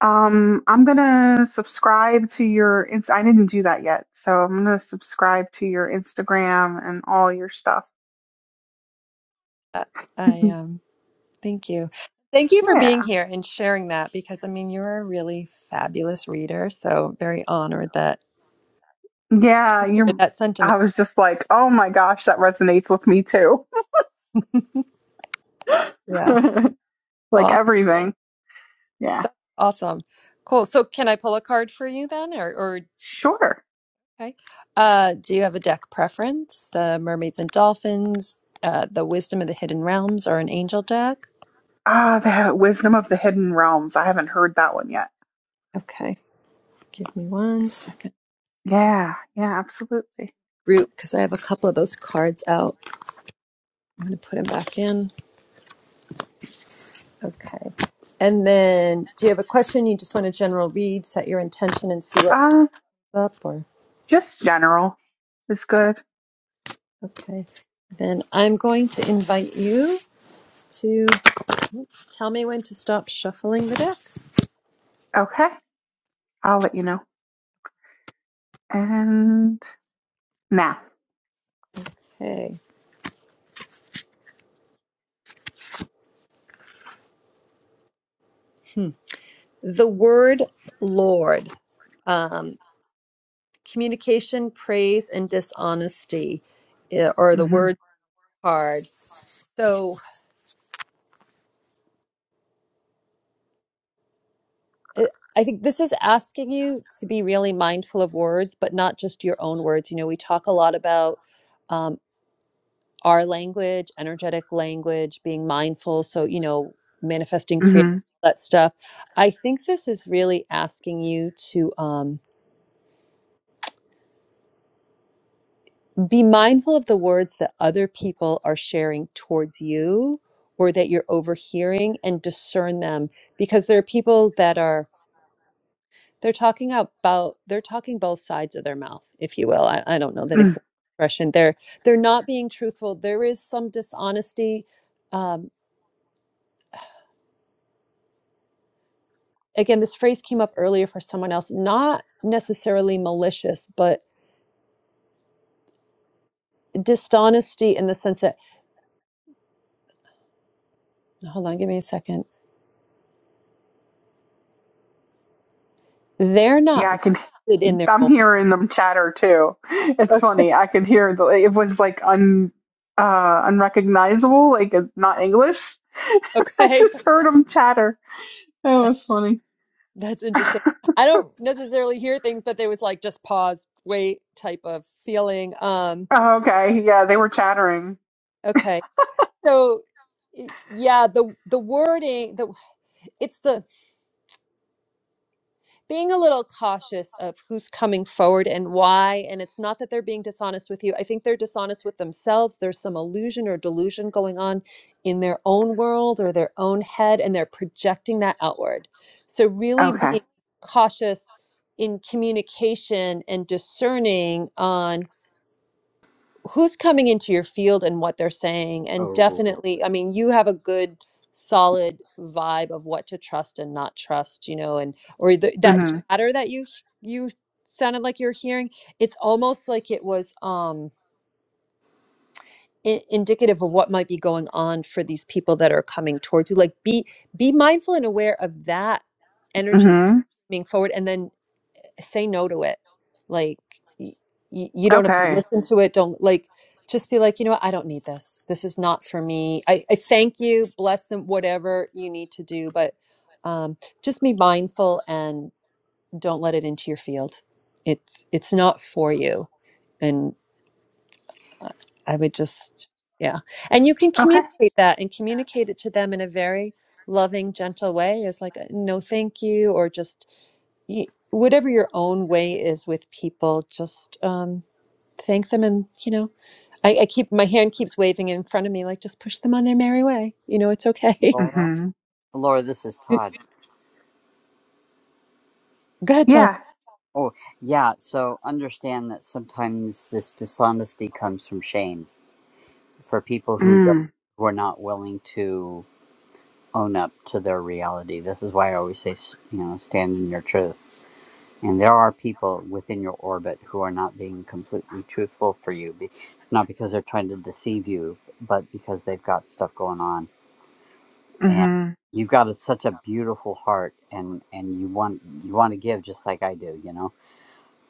S15: Um, I'm gonna subscribe to your. Ins- I didn't do that yet, so I'm gonna subscribe to your Instagram and all your stuff.
S1: Uh,
S15: [laughs]
S1: I um, thank you. Thank you for
S15: yeah,
S1: being here and sharing that because I mean you're a really fabulous reader, so very honored that
S15: yeah.
S1: you shared
S15: You're.
S1: that sentiment.
S15: I was just like, oh my gosh, that resonates with me too.
S1: Yeah.
S15: [laughs] like
S1: Aw-
S15: everything. Yeah,
S1: that's awesome. Cool. So can I pull a card for you then or or
S15: sure.
S1: okay. Uh, do you have a deck preference? The Mermaids and Dolphins, uh, the Wisdom of the Hidden Realms or an Angel deck?
S15: Ah, the wisdom of the hidden realms. I haven't heard that one yet.
S1: Okay. Give me one second.
S15: Yeah, yeah, absolutely.
S1: root because I have a couple of those cards out. I'm going to put them back in. Okay. And then, do you have a question? You just want a general read, set your intention, and see what
S15: Uh,
S1: comes up. Or
S15: just general is good.
S1: okay, then I'm going to invite you to tell me when to stop shuffling the deck.
S15: Okay, I'll let you know. And now.
S1: Okay. Hmm. The word Lord, um, communication, praise, and dishonesty, eh, or the
S15: Mm-hmm.
S1: word card. So it- I think this is asking you to be really mindful of words, but not just your own words. You know, we talk a lot about um, our language, energetic language, being mindful. So, you know, manifesting, creating
S15: hmm
S1: that stuff. I think this is really asking you to um, be mindful of the words that other people are sharing towards you or that you're overhearing and discern them because there are people that are They're talking about they're talking both sides of their mouth, if you will. I, I don't know that
S15: Mm.
S1: exact expression. They're they're not being truthful. There is some dishonesty. Um, again, this phrase came up earlier for someone else, not necessarily malicious, but dishonesty in the sense that hold on, give me a second. They're not
S15: Yeah, I can.
S1: good in their
S15: I'm
S1: own.
S15: hearing them chatter too. It's
S1: Okay,
S15: funny. I could hear the. It was like un, uh, unrecognizable. Like it's not English.
S1: [laughs]
S15: [laughs] I
S1: okay,
S15: just heard them chatter. That was funny.
S1: that's interesting. I don't necessarily hear things, but there was like just pause, wait type of feeling. Um,
S15: Oh, okay. Yeah, they were chattering.
S1: Okay. So yeah, the the wording, the it's the being a little cautious of who's coming forward and why. And it's not that they're being dishonest with you. I think they're dishonest with themselves. There's some illusion or delusion going on in their own world or their own head, and they're projecting that outward. So, really
S15: Okay.
S1: being cautious in communication and discerning on who's coming into your field and what they're saying and
S6: Oh,
S1: definitely i mean you have a good solid vibe of what to trust and not trust you know and or the, that
S15: hmm
S1: chatter that you h- you sounded like you're hearing it's almost like it was um i- indicative of what might be going on for these people that are coming towards you like be be mindful and aware of that energy that's
S15: hmm
S1: coming forward and then say no to it. Like y y- you don't have to
S15: Okay.
S1: listen to it. Don't like just be like, you know what? I don't need this. This is not for me. I, I thank you, bless them, whatever you need to do, but um, just be mindful and don't let it into your field. It's it's not for you. And I I would just yeah. And you can
S15: Okay.
S1: communicate that and communicate it to them in a very loving, gentle way. Is like uh, no, thank you, or just you, whatever your own way is with people, just um, thank them. And, you know, I, I keep my hand keeps waving in front of me, like just push them on their merry way. You know, it's okay.
S6: Laura.
S15: hmm
S6: Laura, this is
S1: [laughs] Go
S6: Todd.
S1: ahead, Todd.
S15: Yeah.
S6: Oh, yeah. So understand that sometimes this dishonesty comes from shame for people who don't
S15: Mm.
S6: who are not willing to own up to their reality. This is why I always say, s- you know, stand in your truth. And there are people within your orbit who are not being completely truthful for you. Be- It's not because they're trying to deceive you, but because they've got stuff going on. And
S15: hmm
S6: you've got a, such a beautiful heart, and and you want you want to give just like I do. You know,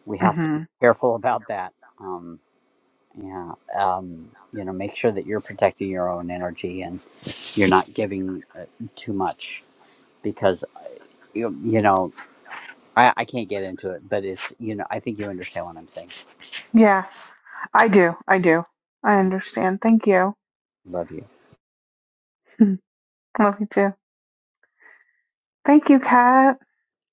S6: we have to
S15: hmm
S6: be careful [laughs] about that. Um, Yeah. Um, you know, make sure that you're protecting your own energy and you're not giving uh, too much because, you, you know, I, I can't get into it, but it's, you know, I think you understand what I'm saying.
S15: Yeah, I do. I do. I
S6: Thank
S15: understand. Thank you.
S6: you. Love you.
S15: [laughs] Love you too. Thank you, Kat.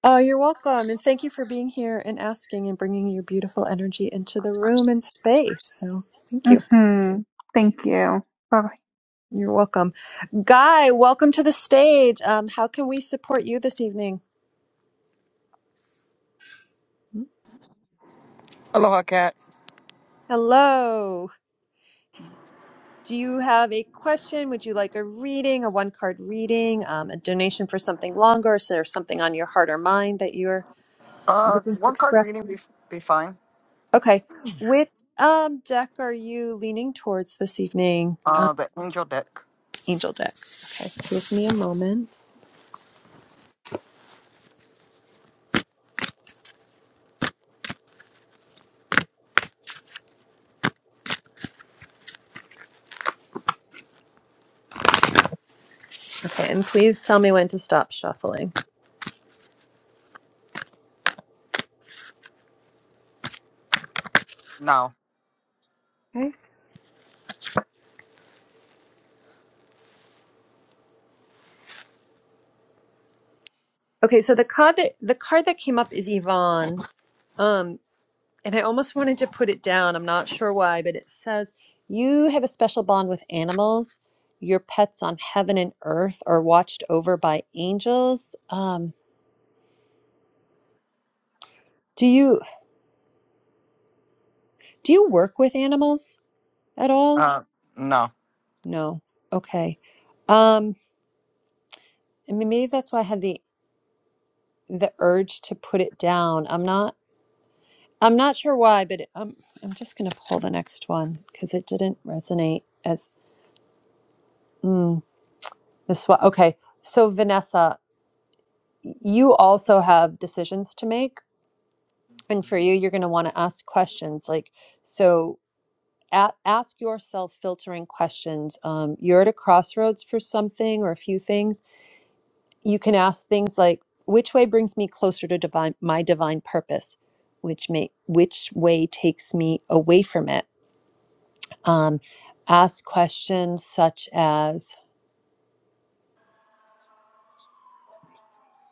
S1: Oh, you're welcome. And thank you for being here and asking and bringing your beautiful energy into the room and space. So thank you.
S15: hmm Thank you. Bye bye.
S1: You're welcome. Guy, welcome to the stage. Um, how can we support you this evening?
S16: Aloha, cat.
S1: Hello. Do you have a question? Would you like a reading, a one card reading, um, a donation for something longer? Is there something on your heart or mind that you're
S16: Uh,
S1: looking to
S16: one card
S1: express?
S16: reading be, be fine.
S1: Okay. Which um, deck are you leaning towards this evening? Um,
S16: Uh, the angel deck.
S1: Angel deck. Okay. Give me a moment. Okay. And please tell me when to stop shuffling.
S16: No.
S1: Okay. Okay. So the card that the card that came up is Yvonne. Um, and I almost wanted to put it down. I'm not sure why, but it says, You have a special bond with animals. Your pets on heaven and earth are watched over by angels. Um, do you do you work with animals at all?
S16: Uh, no.
S1: No. Okay. Um, I mean, maybe that's why I had the the urge to put it down. I'm not I'm not sure why, but it, um, I'm just gonna pull the next one because it didn't resonate as mm, this one. Okay. So Vanessa, you also have decisions to make and for you you're going to want to ask questions like so a- ask yourself filtering questions um, you're at a crossroads for something or a few things you can ask things like which way brings me closer to divine my divine purpose which may which way takes me away from it um, ask questions such as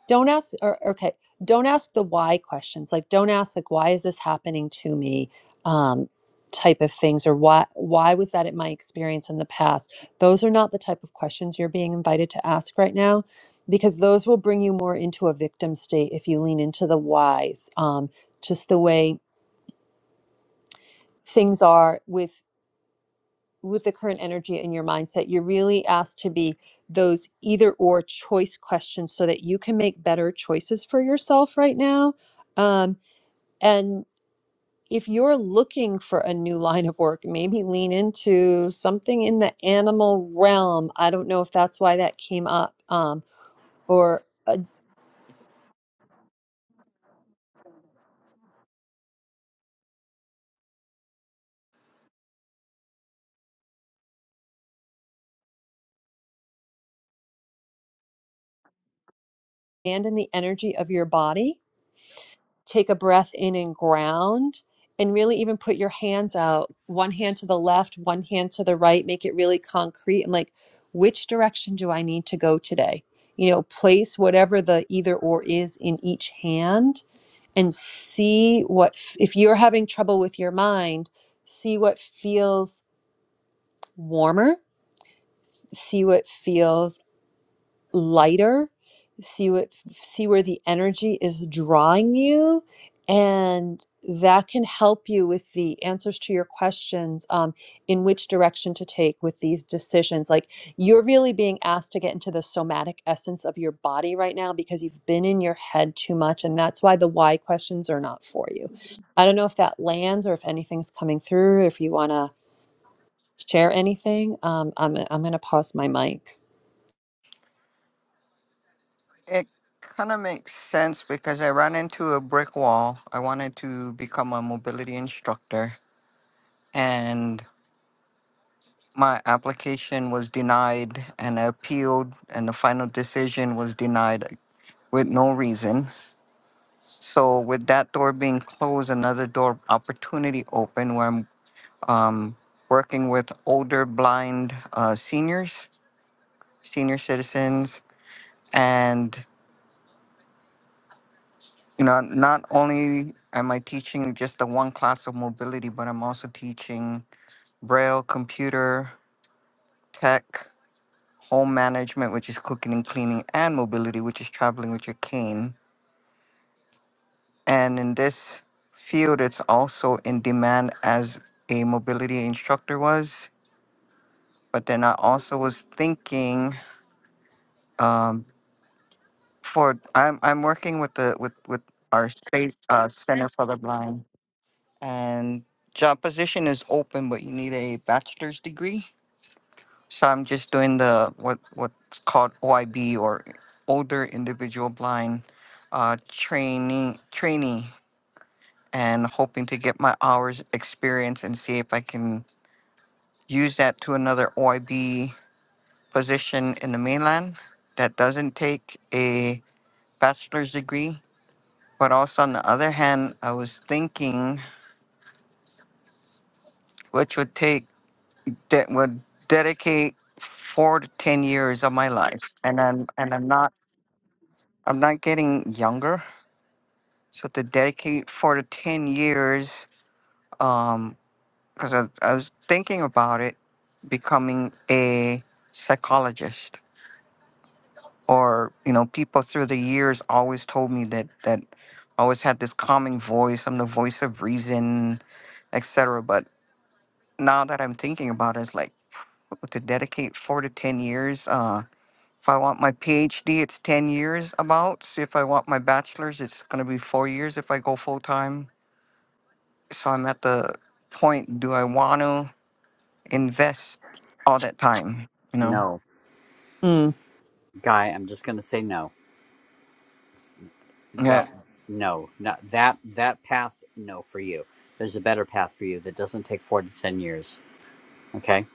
S1: don't ask or okay don't ask the why questions like don't ask like why is this happening to me um type of things or why why was that at my experience in the past those are not the type of questions you're being invited to ask right now because those will bring you more into a victim state if you lean into the whys um just the way things are with with the current energy in your mindset, you're really asked to be those either or choice questions so that you can make better choices for yourself right now. Um, and if you're looking for a new line of work, maybe lean into something in the animal realm. I don't know if that's why that came up, um, or abandon the energy of your body take a breath in and ground and really even put your hands out one hand to the left one hand to the right make it really concrete and like which direction do i need to go today you know place whatever the either or is in each hand and see what if you're having trouble with your mind see what feels warmer see what feels lighter see what see where the energy is drawing you and that can help you with the answers to your questions um, in which direction to take with these decisions like you're really being asked to get into the somatic essence of your body right now because you've been in your head too much and that's why the why questions are not for you i don't know if that lands or if anything's coming through if you want to share anything um, i'm, I'm going to pause my mic
S16: It kind of makes sense because I ran into a brick wall. I wanted to become a mobility instructor, and my application was denied, and I appealed, and the final decision was denied with no reason. So, with that door being closed, another door opportunity open. where um, working with older blind uh, seniors, senior citizens, and you know, not only am I teaching just the one class of mobility, but I'm also teaching braille, computer, tech, home management, which is cooking and cleaning, and mobility, which is traveling with your cane. And in this field, it's also in demand as a mobility instructor was. But then I also was thinking um, for I'm I'm working with the with with our state uh, center for the blind, and job position is open, but you need a bachelor's degree. So I'm just doing the what what's called OIB or older individual blind uh, training trainee, and hoping to get my hours experience and see if I can use that to another OIB position in the mainland that doesn't take a bachelor's degree But also on the other hand, I was thinking which would take that would dedicate four to ten years of my life. And I'm and I'm not I'm not getting younger. So to dedicate four to ten years, um, because I, I was thinking about it becoming a psychologist or you know people through the years always told me that that I always had this calming voice i'm the voice of reason etc now that I'm thinking about it, it's like [sniffs] to dedicate four to 10 years. Uh, if I want my PhD, it's 10 years about. So if I want my bachelor's, it's going to be four years if I go full time. So I'm at the point do I want to invest all that time? You know?
S6: No.
S1: Mm.
S6: Guy, I'm just going to say no.
S16: Yeah.
S6: That, no, not that, that path, no for you. There's a better path for you that doesn't take four to 10 years. Okay.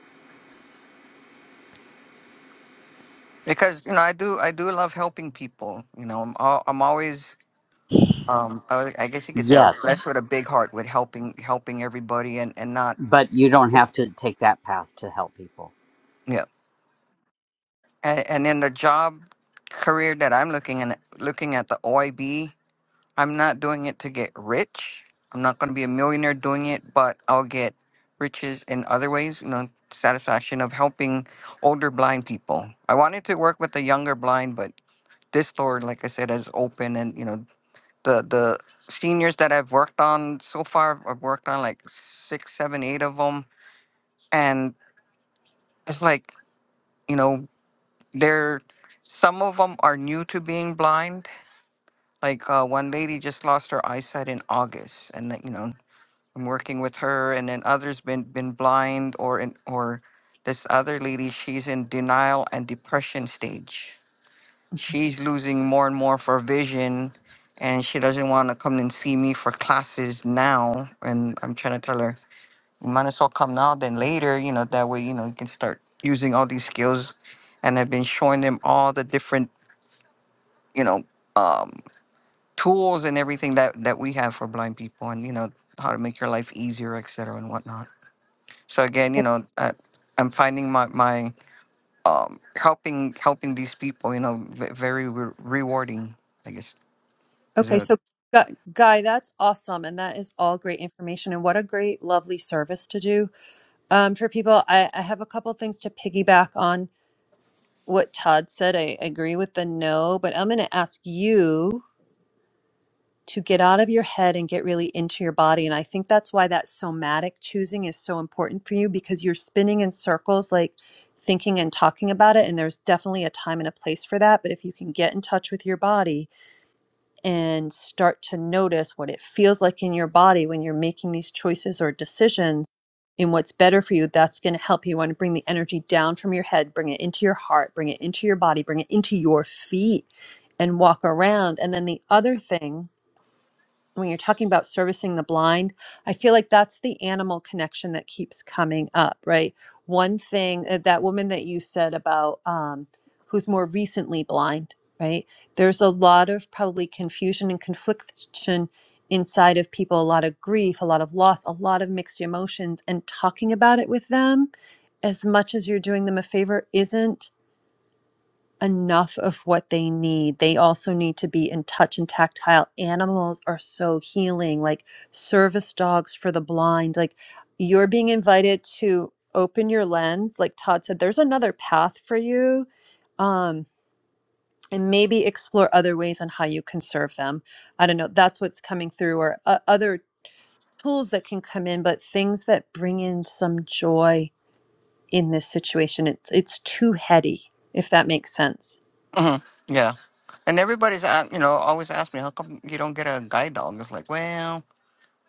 S16: Because, you know, I do, I do love helping people. You know, I'm, al- I'm always, um, I, I guess you could say I was blessed
S6: Yes.
S16: with a big heart with helping, helping everybody and, and not,
S6: But you don't have to take that path to help people.
S16: yeah. and, and in the job career that I'm looking at, looking at the OIB, I'm not doing it to get rich. I'm not going to be a millionaire doing it, but I'll get riches in other ways. You know, satisfaction of helping older blind people. I wanted to work with the younger blind, but this store, like I said, is open, and you know, the the seniors that I've worked on so far, I've worked on like six, seven, eight of them, and it's like. You know, They're some of them are new to being blind. Like uh, one lady just lost her eyesight in August, and that, you know I'm working with her, and then others been been blind or in, or this other lady she's in denial and depression stage. She's losing more and more of her vision, and she doesn't want to come and see me for classes now. And I'm trying to tell her you might as well come now than later. You know that way you know you can start using all these skills and I've been showing them all the different you know um, tools and everything that that we have for blind people and you know how to make your life easier et cetera and whatnot so again you know I, i'm finding my my um, helping helping these people you know v- very re- rewarding i guess is
S1: Okay,
S16: a
S1: so Gu- Guy, that's awesome, and that is all great information, and what a great, lovely service to do um, for people. I, I have a couple things to piggyback on what Todd said. I agree with the no, but I'm going to ask you to get out of your head and get really into your body, and I think that's why that somatic choosing is so important for you because you're spinning in circles, like thinking and talking about it, and there's definitely a time and a place for that. But if you can get in touch with your body and start to notice what it feels like in your body when you're making these choices or decisions and what's better for you, that's going to help you You want to bring the energy down from your head, bring it into your heart, bring it into your body, bring it into your feet and walk around. And then the other thing when you're talking about servicing the blind, I feel like that's the animal connection that keeps coming up, right? One thing uh, that woman that you said about um, who's more recently blind, right? There's a lot of probably confusion and confliction inside of people, a lot of grief, a lot of loss, a lot of mixed emotions, and talking about it with them as much as you're doing them a favor isn't enough of what they need. They also need to be in touch and tactile. Animals are so healing, like service dogs for the blind. Like you're being invited to open your lens. Like Todd said, there's another path for you. Um, and maybe explore other ways on how you can serve them. I don't know. That's what's coming through, or uh, other tools that can come in, but things that bring in some joy in this situation. It's it's too heady, if that makes sense.
S16: Mhm, yeah and everybody's a- you know always ask me how come you don't get a guide dog it's like well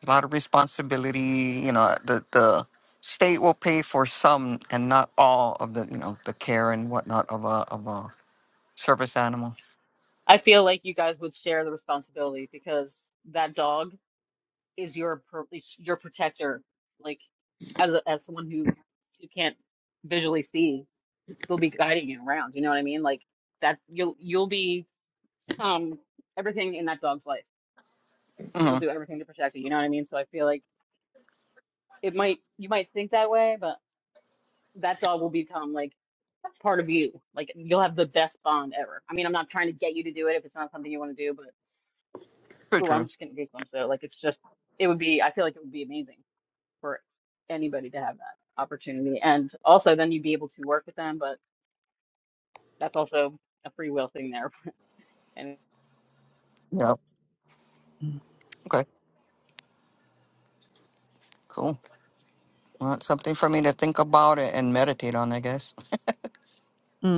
S16: a lot of responsibility you know the the state will pay for some and not all of the you know the care and whatnot of a of a service animal.
S4: I feel like you guys would share the responsibility because that dog is your pro- is your protector like. as a, as someone who you can't visually see, they'll be guiding you around. You know what I mean? Like that you'll you'll be um everything in that dog's life. It will
S16: Mm-hmm.
S4: do everything to protect you. You know what I mean? So I feel like it might you might think that way, but that dog will become like part of you. Like you'll have the best bond ever. I mean, I'm not trying to get you to do it if it's not something you want to do, but
S16: Pretty
S4: oh, I'm
S16: true.
S4: just getting goosebumps. So like it's just it would be I feel like it would be amazing for anybody to have that opportunity. And also then you'd be able to work with them, but That's also a free will thing there, and
S16: Yep. Okay. Cool. Well, it's something for me to think about it and meditate on, I guess.
S1: Mm.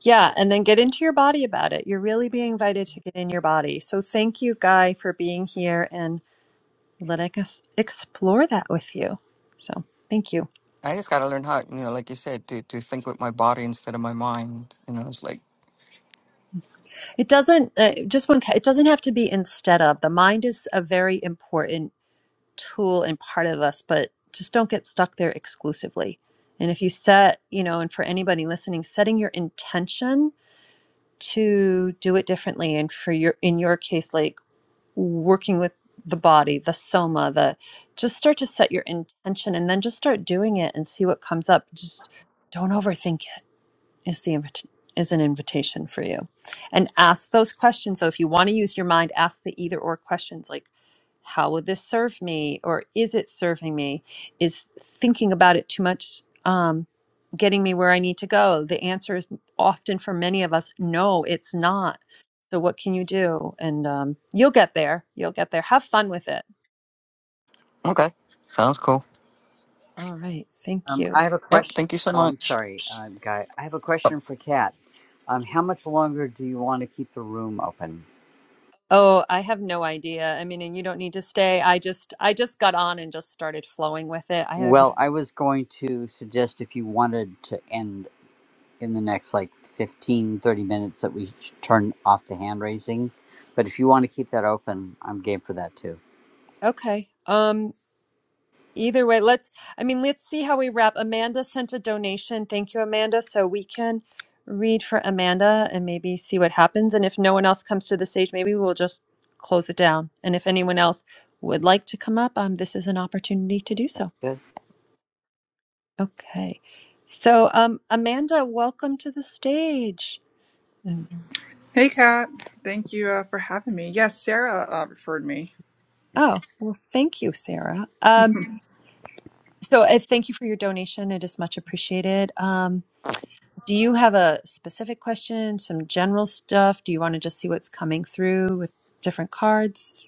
S1: Yeah, and then get into your body about it. You're really being invited to get in your body. So thank you, Guy, for being here and letting us explore that with you. So thank you.
S16: I just got to learn how, you know, like you said, to, to think with my body instead of my mind. You know, it's like,
S1: It doesn't uh, just one. It doesn't have to be instead of. The mind is a very important tool and part of us, but just don't get stuck there exclusively. And if you set, you know, and for anybody listening, setting your intention to do it differently, and for your in your case, like working with the body, the soma, the just start to set your intention and then just start doing it and see what comes up. Just don't overthink it. Is the invit- is an invitation for you. And ask those questions. So if you want to use your mind, ask the either or questions like how would this serve me or is it serving me is thinking about it too much um, getting me where i need to go the answer is often for many of us no it's not so what can you do and um, you'll get there you'll get there have fun with it
S16: okay, sounds cool.
S1: all right thank
S6: Um,
S1: you
S6: I have a
S16: Yep.
S6: question.
S16: Thank you so
S6: Oh, I'm
S16: much.
S6: sorry, uh, Guy. I have a question for Kat. Um, how much longer do you want to keep the room open?
S1: oh i have no idea i mean and you don't need to stay i just i just got on and just started flowing with it i had
S6: Well, I was going to suggest if you wanted to end in the next like 15, 30 minutes that we sh- turn off the hand raising. But if you want to keep that open, I'm game for that too.
S1: okay um Either way, let's, I mean, let's see how we wrap. Amanda sent a donation. Thank you, Amanda. So we can read for Amanda and maybe see what happens. And if no one else comes to the stage, maybe we'll just close it down. And if anyone else would like to come up, um, this is an opportunity to do
S6: That's
S1: so.
S6: good.
S1: Okay. So, um, Amanda, welcome to the stage. And
S17: Hey, Kat. Thank you uh, for having me. Yes, Sarah uh, referred me.
S1: oh, well, thank you, Sarah.
S17: [laughs]
S1: Um, so, I thank you for your donation. It is much appreciated. Um, Do you have a specific question, some general stuff? Do you want to just see what's coming through with different cards?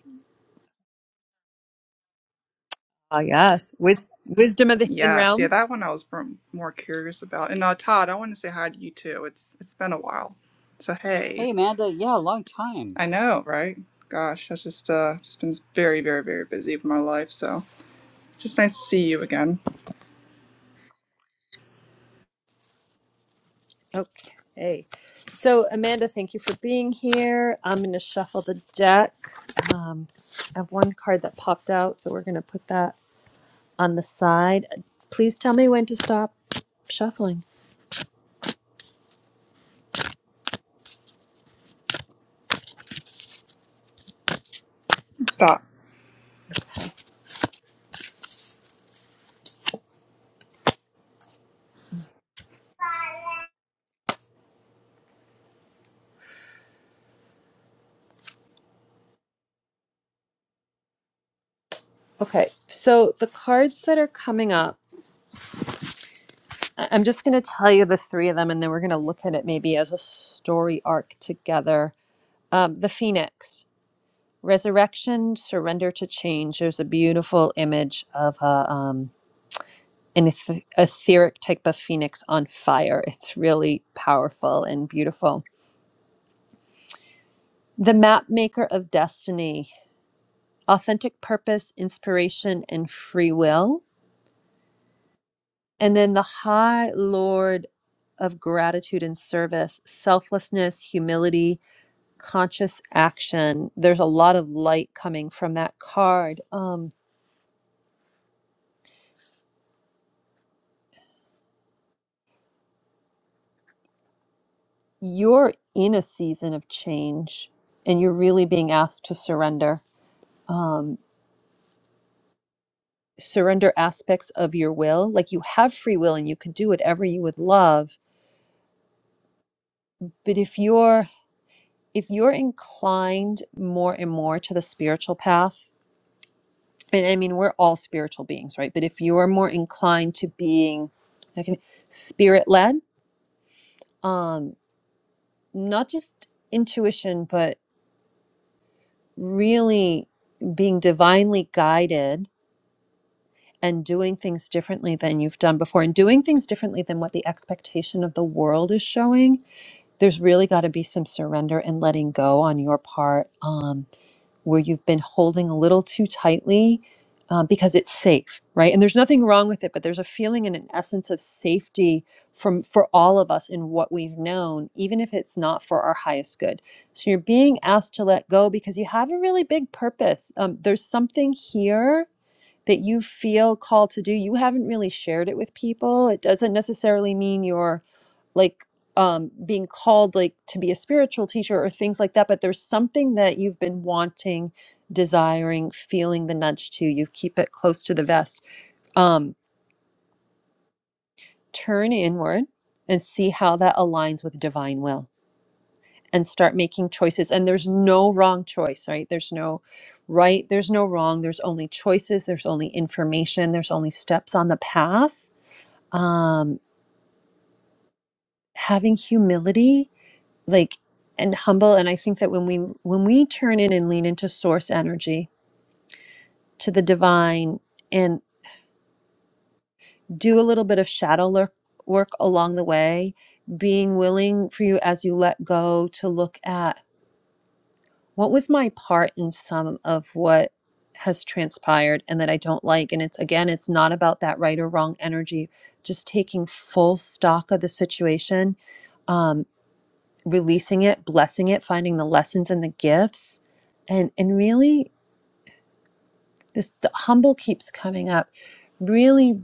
S1: Oh, yes. Wis- Wisdom of the Hidden
S17: Yes, yeah,
S1: Realms.
S17: that one I was m- more curious about. And uh, Todd, I want to say hi to you too. It's it's been a while. So hey,
S6: Hey, Amanda. Yeah, long time.
S17: I know, right? Gosh, I've just uh just been very, very, very busy with my life. So it's just nice to see you again.
S1: Okay. So, Amanda, thank you for being here. I'm going to shuffle the deck. Um, I have one card that popped out, so we're going to put that on the side. Please tell me when to stop shuffling.
S17: Stop.
S1: Okay. So, the cards that are coming up. I- I'm just going to tell you the three of them, and then we're going to look at it maybe as a story arc together. Um, the Phoenix, resurrection, surrender to change. There's a beautiful image of a, um, an eth- etheric type of phoenix on fire. It's really powerful and beautiful. The map maker of destiny, authentic purpose, inspiration, and free will. And then the High Lord of gratitude and service, selflessness, humility, conscious action. There's a lot of light coming from that card. Um, you're in a season of change and you're really being asked to surrender. Um, surrender aspects of your will. Like you have free will and you can do whatever you would love. But if you're if you're inclined more and more to the spiritual path, and I mean we're all spiritual beings, right? But if you're more inclined to being like spirit led, not just intuition, but really being divinely guided and doing things differently than you've done before and doing things differently than what the expectation of the world is showing. There's really got to be some surrender and letting go on your part. Um, where you've been holding a little too tightly uh, because it's safe, right? And there's nothing wrong with it, but there's a feeling and an essence of safety from for all of us in what we've known, even if it's not for our highest good. So you're being asked to let go because you have a really big purpose. Um, there's something here that you feel called to do you haven't really shared it with people it doesn't necessarily mean you're like um being called like to be a spiritual teacher or things like that but there's something that you've been wanting desiring feeling the nudge to you keep it close to the vest um turn inward and see how that aligns with divine will and start making choices and there's no wrong choice right there's no right there's no wrong there's only choices there's only information there's only steps on the path um, having humility, like and humble. And I think that when we when we turn in and lean into source energy, to the divine, and do a little bit of shadow work work along the way, being willing for you as you let go to look at what was my part in some of what has transpired and that I don't like. And it's again, it's not about that right or wrong energy, just taking full stock of the situation um, releasing it, blessing it, finding the lessons and the gifts, and and really this the humble keeps coming up. Really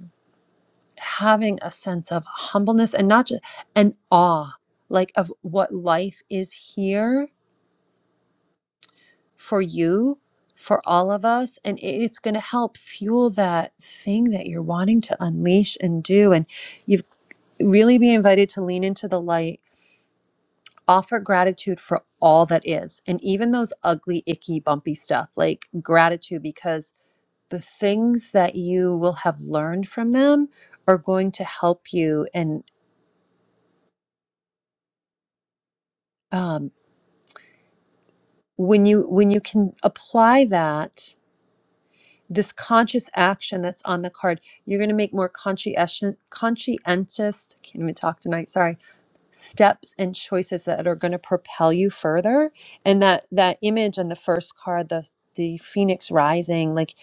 S1: having a sense of humbleness and not just an awe, like of what life is here for you, for all of us, and it- it's going to help fuel that thing that you're wanting to unleash and do. And you've really be invited to lean into the light offer gratitude for all that is and even those ugly icky bumpy stuff like gratitude because the things that you will have learned from them are going to help you and um, when you when you can apply that this conscious action that's on the card you're going to make more conscientious conscientious can't even talk tonight sorry steps and choices that are going to propel you further and that that image on the first card the the phoenix rising like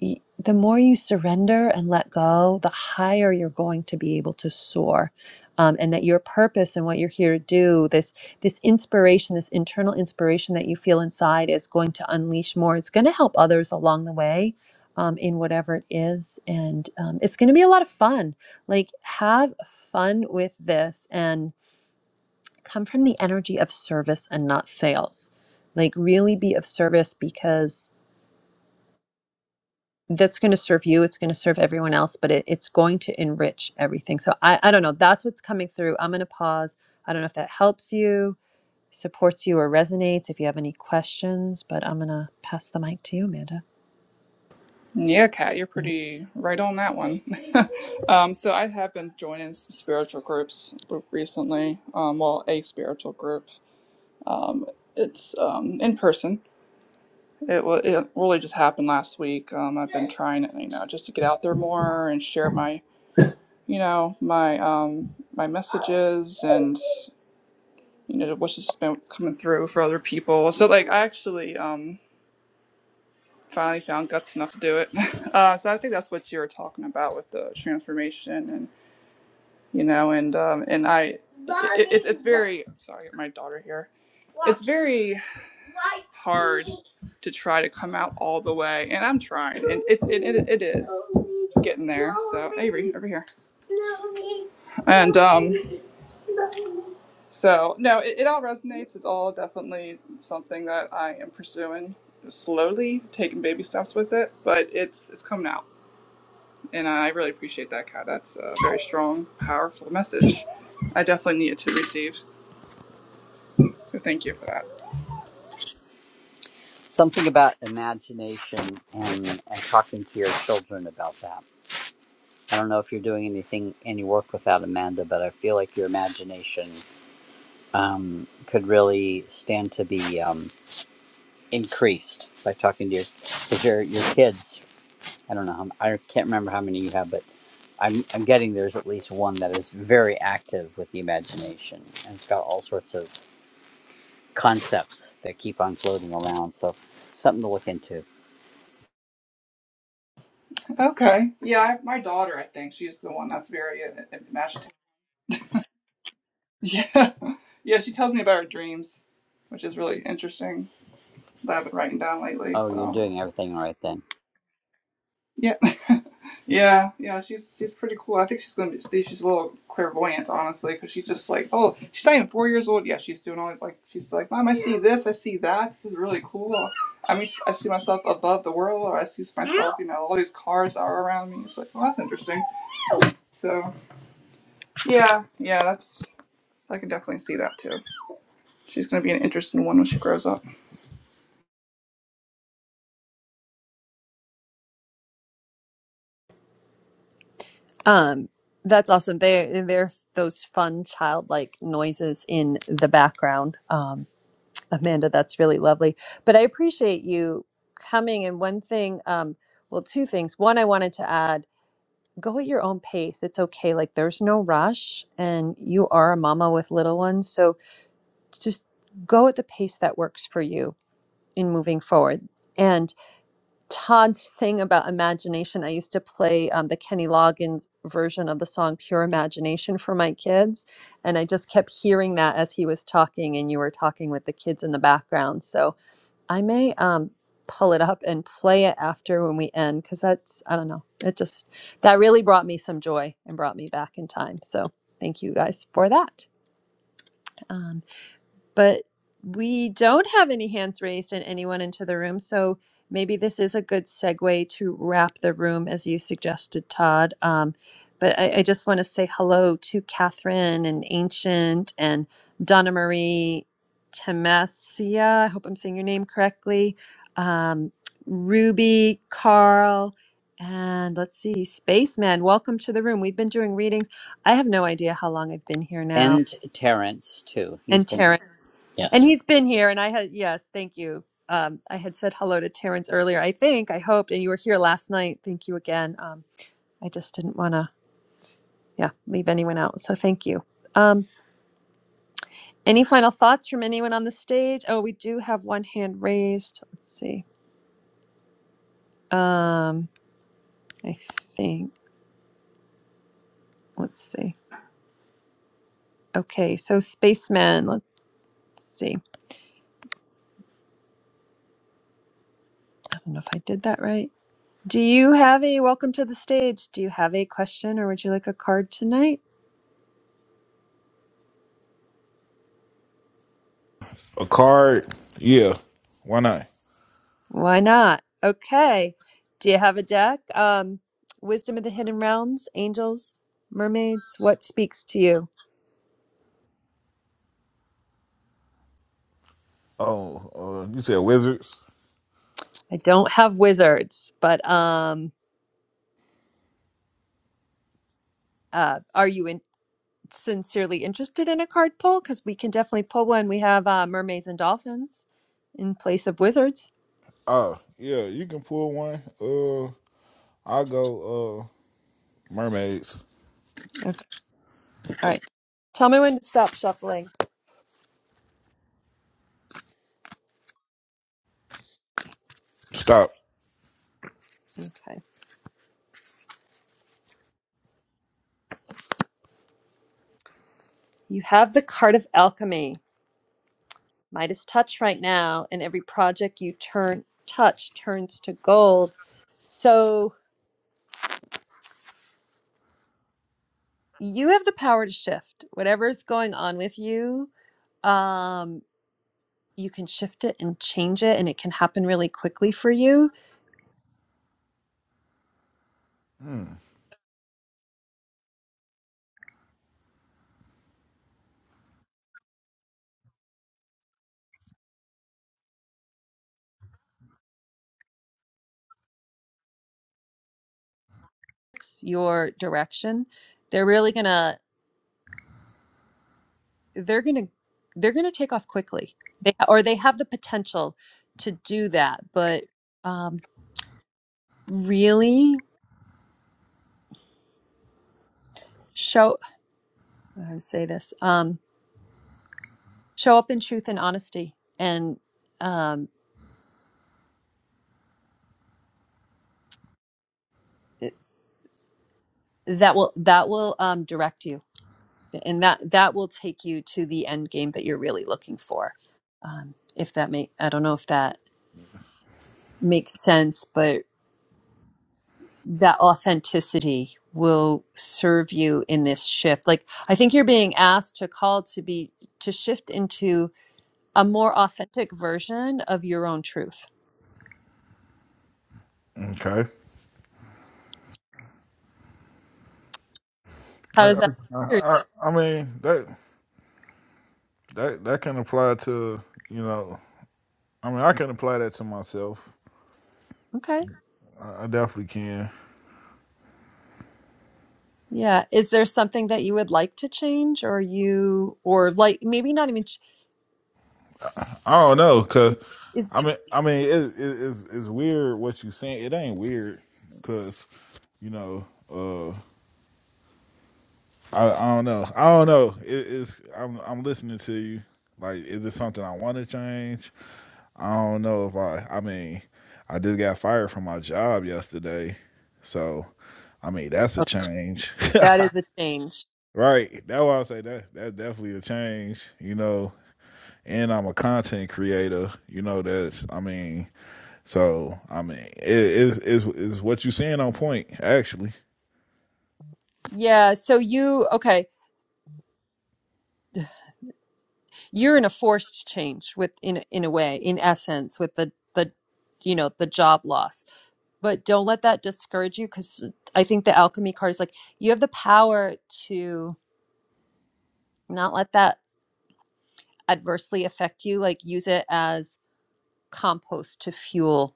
S1: y- the more you surrender and let go the higher you're going to be able to soar um, and that your purpose and what you're here to do this this inspiration this internal inspiration that you feel inside is going to unleash more it's going to help others along the way um, in whatever it is and um, it's going to be a lot of fun like have fun with this and come from the energy of service and not sales. Like, really be of service because that's going to serve you, it's going to serve everyone else, but it, it's going to enrich everything. So, I, I don't know. That's what's coming through. I'm going to pause. I don't know if that helps you, supports you, or resonates. If you have any questions, but I'm going to pass the mic to you, Amanda.
S17: Yeah, Kat, you're pretty right on that one. [laughs] um, so I have been joining some spiritual groups recently. Um, well, a spiritual group. Um, it's um in person. It, it really just happened last week. Um, I've been trying, you know, just to get out there more and share my, you know, my um, my messages and you know what's just been coming through for other people. So like, I actually um, finally found guts enough to do it. [laughs] Uh, so I think that's what you were talking about with the transformation and. you know and um and i it, it, it's very sorry my daughter here it's very hard to try to come out all the way and i'm trying and it's it, it, it is getting there so avery over here and um so no it, it all resonates it's all definitely something that i am pursuing slowly taking baby steps with it but it's it's coming out and I really appreciate that, Kat. That's a very strong, powerful message. I definitely needed to receive. So thank you for that.
S6: Something about imagination and, and talking to your children about that. I don't know if you're doing anything, any work with that, Amanda, but I feel like your imagination um, could really stand to be um, increased by talking to your, cause your your kids. I don't know. How, I can't remember how many you have, but I'm I'm getting there's at least one that is very active with the imagination, and it's got all sorts of concepts that keep on floating around. So something to look into.
S17: Okay. Yeah, I, my daughter, I think she's the one that's very uh, imaginative. Yeah. [laughs] Yeah, she tells me about her dreams, which is really interesting that I've been writing down lately.
S6: Oh, you're
S17: So.
S6: doing everything right then.
S17: Yeah, [laughs] yeah, yeah. She's she's pretty cool. I think she's gonna be she's a little clairvoyant, honestly, because she's just like, oh, she's not even four years old. Yeah, she's doing all like she's like, mom, I see this, I see that. This is really cool. I mean, I see myself above the world, or I see myself, you know, all these cars are around me. It's like, well, that's interesting. So yeah, yeah, that's I can definitely see that too. She's gonna be an interesting one when she grows up.
S1: Um, that's awesome. They they're those fun childlike noises in the background. Um, Amanda, that's really lovely. But I appreciate you coming. And one thing, um, well, two things. One, I wanted to add go at your own pace. It's okay. Like there's no rush, and you are a mama with little ones. So just go at the pace that works for you in moving forward. And Todd's thing about imagination, I used to play um, the Kenny Loggins version of the song Pure Imagination for my kids. And I just kept hearing that as he was talking, and you were talking with the kids in the background. So I may um pull it up and play it after when we end because that's I don't know. It just that really brought me some joy and brought me back in time. So thank you guys for that. Um, but we don't have any hands raised and anyone into the room. So maybe this is a good segue to wrap the room as you suggested, Todd. Um, but I, I just want to say hello to Catherine and Ancient and Donna Marie Temesia. I hope I'm saying your name correctly. Um, Ruby, Carl, and let's see, Spaceman. Welcome to the room. We've been doing readings. I have no idea how long I've been here now.
S6: And Terrence too. He's
S1: And Terrence.
S6: been
S1: And
S6: yes,
S1: he's been here, and I had, yes, thank you. Um, I had said hello to Terrence earlier, I think, I hoped, and you were here last night. Thank you again. Um, I just didn't want to, yeah, leave anyone out. So thank you. Um, any final thoughts from anyone on the stage? Oh, we do have one hand raised. Let's see. Um, I think, let's see. Okay, so Spaceman, let's see. I don't know if I did that right. Do you have a welcome to the stage? Do you have a question or would you like a card tonight?
S18: A card? Yeah. Why not?
S1: Why not? Okay. Do you have a deck? Um, Wisdom of the Hidden Realms, Angels, Mermaids, what speaks to you?
S18: Oh, uh, you said Wizards?
S1: I don't have wizards, but um, uh, are you in- sincerely interested in a card pull? Because we can definitely pull one. We have uh, Mermaids and Dolphins in place of wizards.
S18: Oh, yeah, you can pull one. Uh, I'll go uh, Mermaids.
S1: Okay. All right. Tell me when to stop shuffling.
S18: Stop.
S1: Okay. You have the card of alchemy. Midas touch right now, and every project you turn touch turns to gold. So you have the power to shift whatever's going on with you. Um, you can shift it and change it, and it can happen really quickly for you.
S18: Hmm.
S1: It's Your direction, they're really gonna, they're gonna, they're gonna take off quickly. They or they have the potential to do that, but um, really show. How do I say this? Um, show up in truth and honesty and um, it- that will that will um, direct you and that that will take you to the end game that you're really looking for um, if that make i don't know if that makes sense but that authenticity will serve you in this shift like i think you're being asked to call to be to shift into a more authentic version of your own truth
S18: Okay. I,
S1: how does
S18: I,
S1: that
S18: I, I mean that that that can apply to you know. I mean, I can apply that to myself.
S1: okay
S18: I, I definitely can.
S1: Yeah. Is there something that you would like to change or you or like maybe not even ch-
S18: I don't know, cause
S1: is, is
S18: I mean, I mean, it, it, it's it's weird what you saying. It ain't weird, cause you know. uh. I, I don't know. I don't know. It, it's I'm I'm listening to you. Like, is it something I want to change? I don't know if I. I mean, I just got fired from my job yesterday, so I mean that's a
S1: oh,
S18: change,
S1: that is a change.
S18: [laughs] right? That's why I say that that's definitely a change. You know, and I'm a content creator. You know that's. I mean, so I mean, it is is is what you saying on point actually.
S1: Yeah, so you okay, you're in a forced change with in a- in a way, in essence with the the you know, the job loss. But don't let that discourage you cuz I think the alchemy card is like you have the power to not let that adversely affect you, like use it as compost to fuel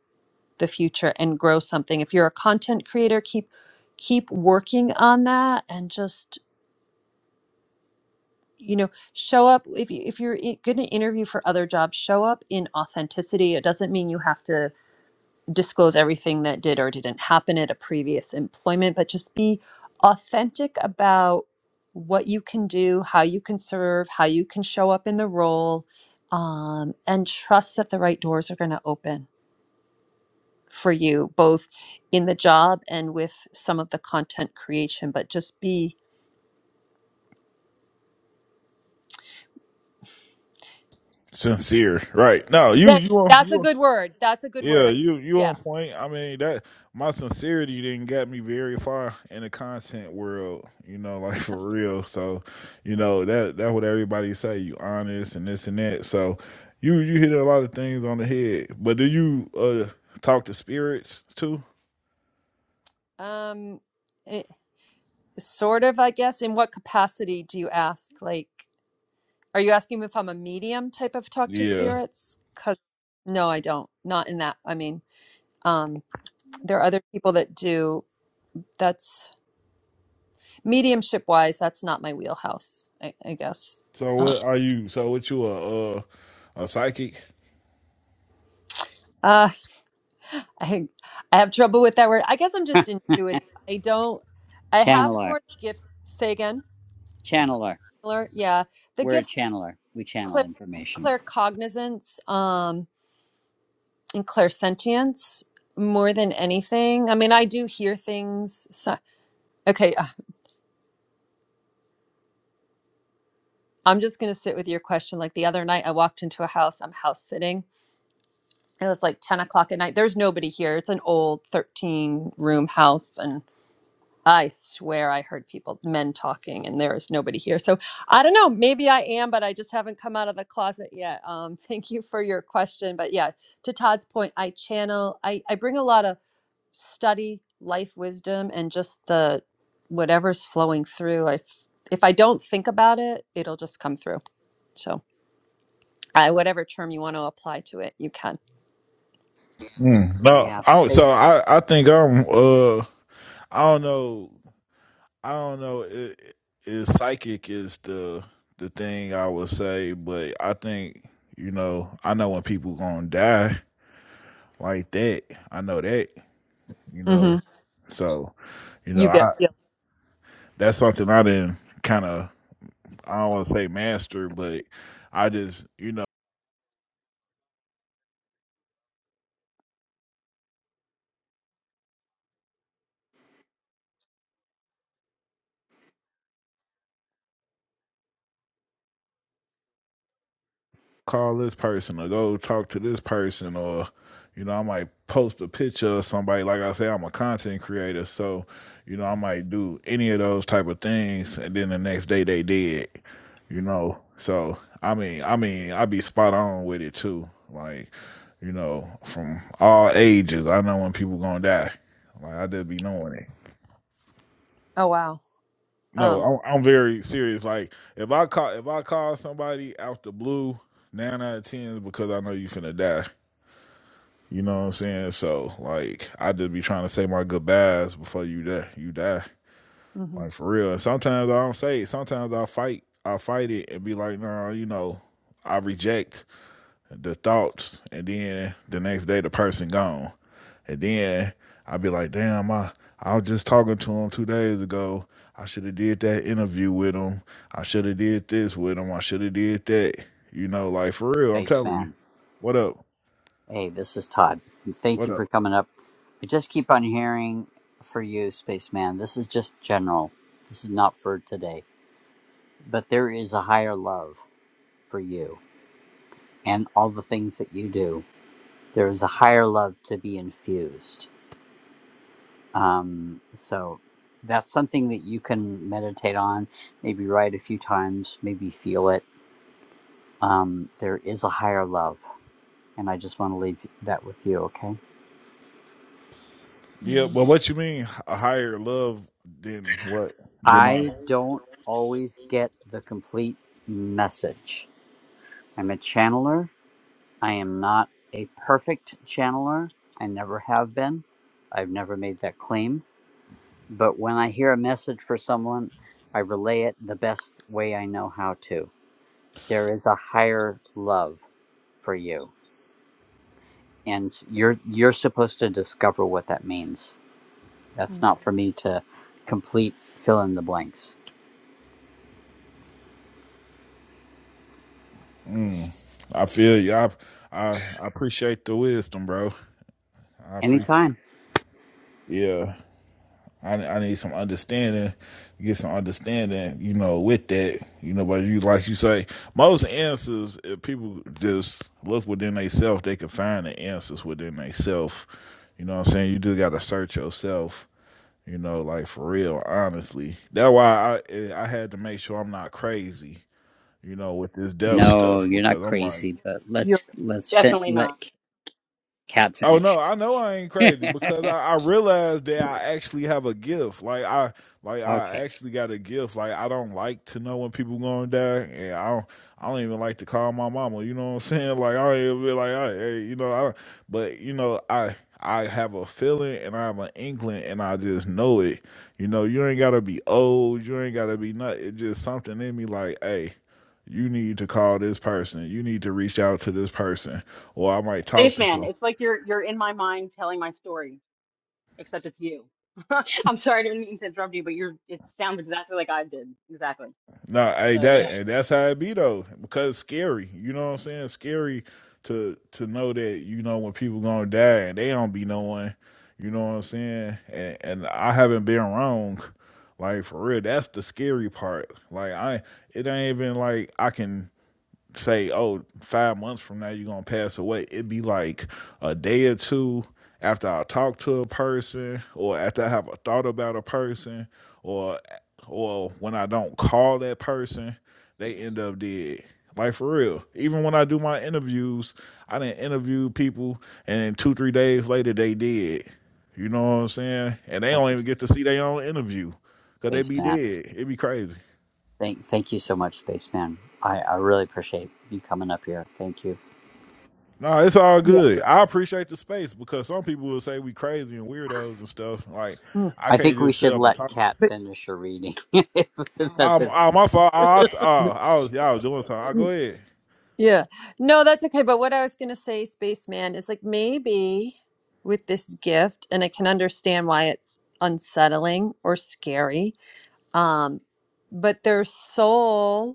S1: the future and grow something. If you're a content creator, keep keep working on that and just you know show up if you if you're going to interview for other jobs show up in authenticity it doesn't mean you have to disclose everything that did or didn't happen at a previous employment but just be authentic about what you can do how you can serve how you can show up in the role um, and trust that the right doors are going to open for you both in the job and with some of the content creation but just be
S18: Sincere, right? No, you
S1: thank
S18: you are
S1: that's
S18: you
S1: a
S18: are
S1: good word that's a good
S18: Yeah,
S1: word I-
S18: you you
S1: yeah
S18: on point. I mean that my sincerity didn't get me very far in the content world, you know, [laughs] like for real. So, you know, that that's what everybody say, you honest and this and that. So you you hit a lot of things on the head. But do you uh talk to spirits too?
S1: um it, sort of i guess in what capacity do you ask like are you asking if i'm a medium type of talk to
S18: Yeah.
S1: spirits because no i don't not in that i mean um there are other people that do that's mediumship wise that's not my wheelhouse i, I guess
S18: So
S1: uh,
S18: what are you so what you a uh a psychic?
S1: [laughs] I I have trouble with that word. I guess I'm just intuitive. I don't I have
S6: Channeler,
S1: more gifts. Say again,
S6: Channeler.
S1: Taylor? Yeah. The
S6: We're a
S1: gifts of
S6: channeler. We channel
S1: clear
S6: information.
S1: claircognizance um and clairsentience more than anything. I mean, I do hear things. So, okay, uh, I'm just gonna sit with your question. Like the other night I walked into a house, I'm house sitting. It was like 10 o'clock at night. There's nobody here. It's an old 13 room house and I swear I heard people, men talking, and there is nobody here. So I don't know. Maybe I am, but I just haven't come out of the closet yet. Um, [laughs] thank you for your question. But yeah, to Todd's point, I channel, I, I bring a lot of study, life wisdom, and just the whatever's flowing through. I, f- if I don't think about it, it'll just come through. So I, whatever term you want to apply to it, you can.
S18: Mm, no.
S6: Yeah,
S18: I don't- so
S6: space
S18: I I think I'm uh I don't know I don't know. It, it, psychic is the the thing I would say, but I think you know I know when people gonna die like that. I know that you know.
S1: hmm
S18: So you know
S1: You get,
S18: I
S1: yeah.
S18: that's something I didn't kind of I don't want to say master, but I just you know. call this person or go talk to this person or you know i might post a picture of somebody like i say i'm a content creator so you know i might do any of those type of things and then the next day they did you know so i mean i mean i be spot on with it too like you know from all ages i know when people gonna die like i just be knowing it
S1: oh, wow.
S18: no
S1: Um,
S18: i'm, I'm very serious like if i call if i call somebody out the blue nine out of ten is because i know you finna die You know what I'm saying? So like I just be trying to say my goodbyes before you die you die.
S1: mhm.
S18: Like for real. And sometimes I don't say it. Sometimes I fight I fight it and be like, nah, you know, I reject the thoughts and then the next day the person gone. And then i be like, damn, I I was just talking to him two days ago. I should have did that interview with him. I should have did this with him. I should have did that. You know, like for real, I'm telling you.
S6: spaceman.
S18: What up?
S6: Hey, this is Todd. And Thank
S18: What
S6: you
S18: up?
S6: for coming up. I just keep on hearing for you, spaceman. This is just general. This is not for today. But there is a higher love for you and all the things that you do. There is a higher love to be infused. Um, so that's something that you can meditate on, maybe write a few times, maybe feel it. Um, there is a higher love and I just want to leave that with you, okay?
S18: Yeah,
S1: Mm,
S18: but what you mean a higher love than what than my?
S6: I don't always get the complete message. I'm a channeler. I am not a perfect channeler. I never have been. I've never made that claim. But when I hear a message for someone, I relay it the best way I know how to. There is a higher love for you, and you're you're supposed to discover what that means. That's
S1: mm.
S6: not for me to complete fill in the blanks.
S18: Mm, I feel you. I, I I appreciate the wisdom, bro. I appreciate.
S6: Anytime.
S18: Yeah, I I need some understanding. Get some understanding, you know, with that, you know. But you like you say, most answers, if people just look within themselves, they can find the answers within themselves. You know what I'm saying? You just gotta search yourself You know, like for real, honestly. That's why I eh, I had to make sure I'm not crazy. You know, with this death
S6: No,
S18: stuff
S6: you're not
S18: because I'm like,
S6: crazy, but let's
S1: You're-
S6: let's fin-
S4: definitely
S6: let
S4: not
S6: C- Cat
S18: Oh no,
S6: finish.
S18: I know I ain't
S6: [laughs]
S18: crazy because I, I realized that I actually have a gift. Like I like I
S6: okay,
S18: actually got a gift. Like I don't like to know when people gonna die and I don't I don't even like to call my mama, you know what I'm [laughs] saying? Like I ain't be like, I, hey, you know, I but you know, I I have a feeling and I have an inkling and I just know it. You know, you ain't gotta be old, you ain't gotta be nut. It's just something in me like, hey, you need to call this person. You need to reach out to this person. Or I might talk to
S4: spaceman.
S18: some.
S4: It's like you're you're in my mind telling my story, except it's you. [laughs] I'm sorry I didn't mean to interrupt you, but you're it sounds exactly like I did. Exactly.
S18: No, hey,
S4: So yeah.
S18: that hey, that's how it be though, because it's scary. You know what I'm saying? It's scary to to know that you know when people gonna die and they don't be knowing. You know what I'm saying? And and I haven't been wrong, like for real. That's the scary part. Like I, it ain't even like I can say, oh, five months from now you're gonna pass away. It'd be like a day or two after I talk to a person or after I have a thought about a person or or when I don't call that person, they end up dead. Like for real. Even when I do my interviews, I didn't interview people and then two, three days later they dead. You know what I'm saying? And they don't
S6: thank you,
S18: even get to see their own interview. Cause they be
S6: Spaceman.
S18: dead. It'd be crazy.
S6: Thank thank you so much, Spaceman. I I really appreciate you coming up here. Thank you.
S18: No, it's all
S1: yeah.
S18: good. I appreciate the space because some people will say we crazy and weirdos and stuff. Like
S1: Mm.
S18: I
S6: I
S18: can't
S6: think we
S18: just sit
S6: should
S18: up and
S6: let
S18: talk.
S6: Cat finish her reading. [laughs] If That's
S18: Um,
S6: it.
S18: uh, my fault. Uh, I,
S6: It's
S18: uh, I was, y'all was doing something. Uh,
S1: But,
S18: go ahead.
S1: Yeah. No, that's okay. But what I was going to say, Spaceman, is like maybe with this gift, and I can understand why it's unsettling or scary, um, but their soul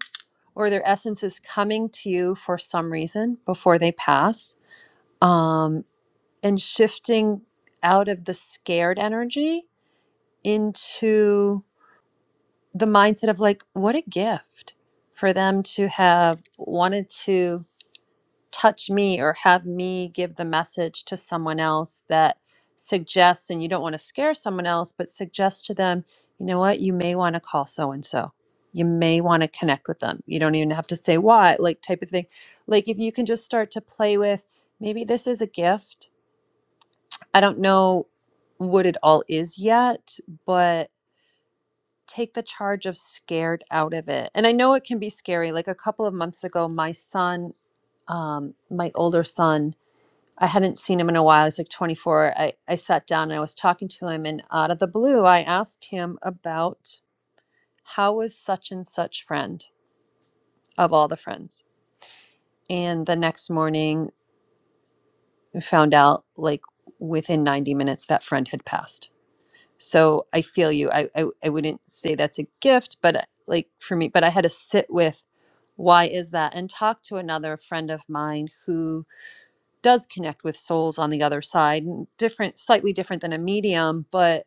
S1: or their essence is coming to you for some reason before they pass um, and shifting out of the scared energy into the mindset of like, what a gift for them to have wanted to touch me or have me give the message to someone else that suggests, and you don't want to scare someone else, but suggest to them, you know what, you may want to call so and so. You may want to connect with them. You don't even have to say why, like type of thing. Like if you can just start to play with maybe this is a gift. I don't know what it all is yet, but take the charge of scared out of it. And I know it can be scary. Like a couple of months ago, my son, um, my older son, I hadn't seen him in a while. I was like 24. I, I sat down and I was talking to him, and out of the blue, I asked him about how was such and such friend of all the friends. And the next morning, found out like within 90 minutes that friend had passed. So I feel you. I, I, I wouldn't say that's a gift, but uh, like for me, but I had to sit with why is that and talk to another friend of mine who does connect with souls on the other side, n- different, slightly different than a medium, but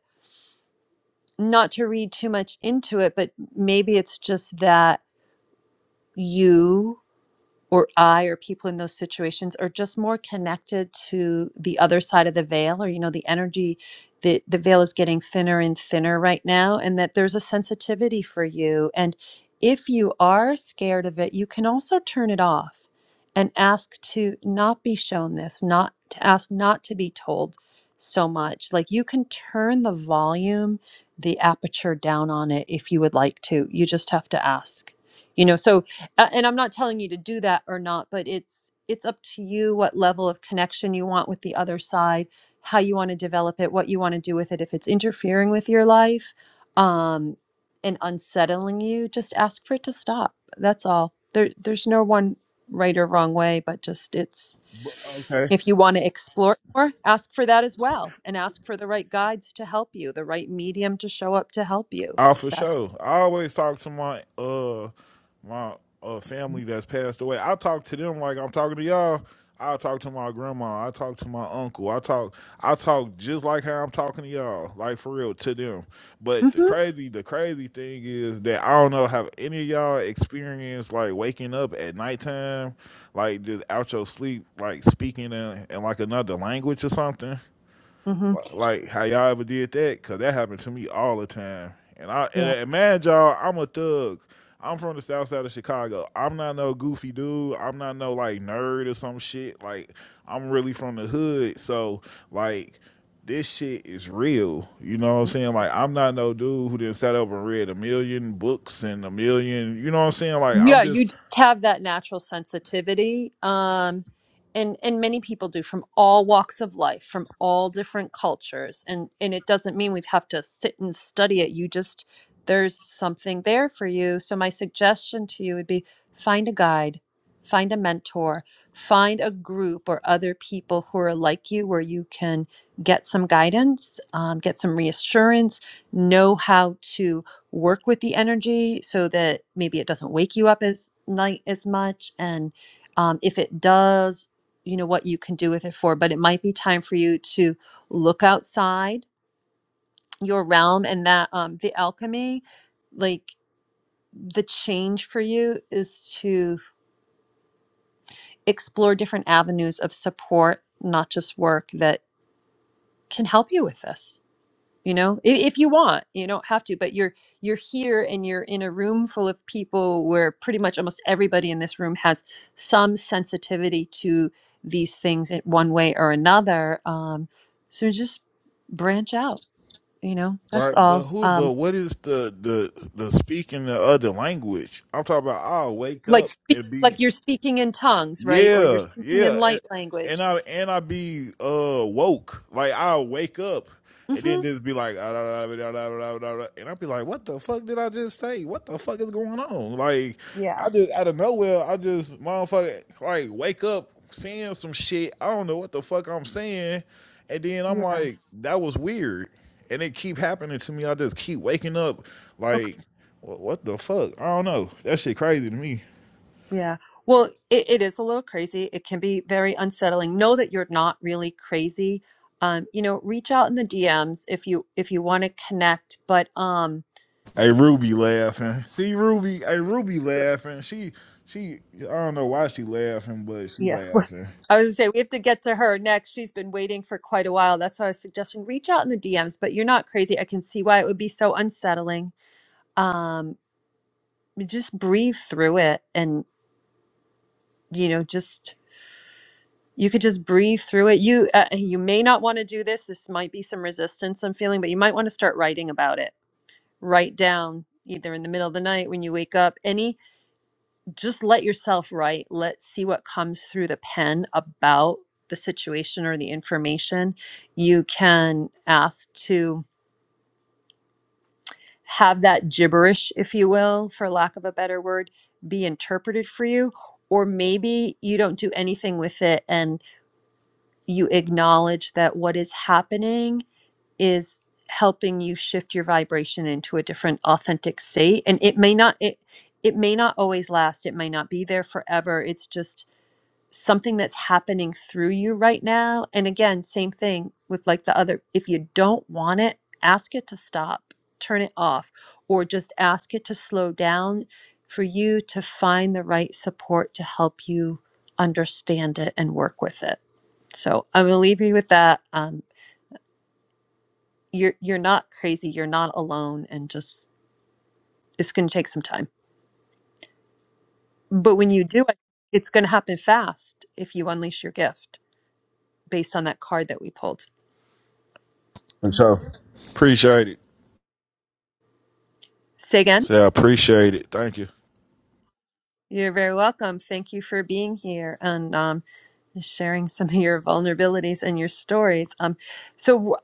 S1: not to read too much into it, but maybe it's just that you or I or people in those situations are just more connected to the other side of the veil, or you know, the energy the the veil is getting thinner and thinner right now, and that there's a sensitivity for you. And if you are scared of it, you can also turn it off and ask to not be shown this, not to ask not to be told so much. Like you can turn the volume, the aperture down on it if you would like to. You just have to ask. You know, so uh, and i'm not telling you to do that or not but it's it's up to you what level of connection you want with the other side how you want to develop it what you want to do with it if it's interfering with your life um and unsettling you just ask for it to stop that's all there there's no one right or wrong way but just it's
S18: Okay.
S1: if you want to explore more ask for that as well and ask for the right guides to help you the right medium to show up to help you
S18: Oh,
S1: if
S18: for
S1: that's
S18: sure. I always talk to my uh my uh family that's passed away. I talk to them like I'm talking to y'all. I talk to my grandma. I talk to my uncle. I talk I talk just like how I'm talking to y'all. Like for real to them. But the
S1: Mhm.
S18: crazy the crazy thing is that I don't know have any of y'all experienced like waking up at nighttime, like just out your sleep, like speaking in, in like another language or something.
S1: Mhm.
S18: Like like how y'all ever did that? Cause that happened to me all the time. And I and,
S1: Yeah.
S18: and man, y'all, I'm a thug. I'm from the south side of Chicago. I'm not no goofy dude. I'm not no like nerd or some shit. Like I'm really from the hood. So like this shit is real. You know what I'm saying? Like I'm not no dude who didn't sat up and read a million books and a million you know what I'm saying? Like I'm
S1: Yeah,
S18: just
S1: you just have that natural sensitivity. Um, and and many people do from all walks of life, from all different cultures. And and it doesn't mean we have to sit and study it. You just there's something there for you. So my suggestion to you would be find a guide, find a mentor, find a group or other people who are like you where you can get some guidance, um, get some reassurance, know how to work with the energy so that maybe it doesn't wake you up as night as much and um, if it does you know what you can do with it for but it might be time for you to look outside your realm and that um, the alchemy like the change for you is to explore different avenues of support not just work that can help you with this you know if, if you want you don't have to but you're you're here and you're in a room full of people where pretty much almost everybody in this room has some sensitivity to these things in one way or another um so just branch out you know that's
S18: like but
S1: all
S18: who but
S1: um
S18: what is the the the speaking the other language? I'm talking about I'll wake
S1: like
S18: up
S1: speak
S18: and be
S1: like you're speaking in tongues right or you're
S18: Yeah,
S1: speaking in
S18: yeah. And,
S1: light
S18: and
S1: language
S18: I and I be uh woke. Like I'll wake up and then
S1: mm-hmm.
S18: just be like "Ah, da, da, da, da, da, da, da, da," and I'll be like, what the fuck did I just say? What the fuck is going on? Like
S1: yeah
S18: I just out of nowhere, I just motherfucker like wake up saying some shit. I don't know what the fuck I'm saying. And then I'm
S1: yeah
S18: like, that was weird. And it keep happening to me. I just keep waking up like "Wha- what the fuck? I don't know. That shit crazy to me.
S1: Yeah. Well, it, it is a little crazy. It can be very unsettling. Know that you're not really crazy. Um, you know, reach out in the DMs if you if you want to connect. But um,
S18: Hey Ruby laughing. See Ruby, hey Ruby laughing. She she I don't know why she laughing, but she
S1: yeah,
S18: laughing.
S1: I was gonna say we have to get to her next. She's been waiting for quite a while. That's why I was suggesting reach out in the DMs. But you're not crazy. I can see why it would be so unsettling. Um, just breathe through it, and you know, just you could just breathe through it. You uh, you may not want to do this. This might be some resistance I'm feeling, but you might want to start writing about it write down either in the middle of the night when you wake up any just let yourself write let's see what comes through the pen about the situation or the information you can ask to have that gibberish if you will for lack of a better word be interpreted for you or maybe you don't do anything with it and you acknowledge that what is happening is helping you shift your vibration into a different authentic state and it may not it it may not always last it may not be there forever it's just something that's happening through you right now and again same thing with like the other if you don't want it ask it to stop turn it off or just ask it to slow down for you to find the right support to help you understand it and work with it so i'm going to leave you with that Um, you're you're not crazy you're not alone and just it's going to take some time but when you do it it's going to happen fast if you unleash your gift based on that card that we pulled
S18: And so appreciate it.
S1: say again
S18: So I appreciate it. Thank you.
S1: you're very welcome thank you for being here and um, sharing some of your vulnerabilities and your stories um, so wh-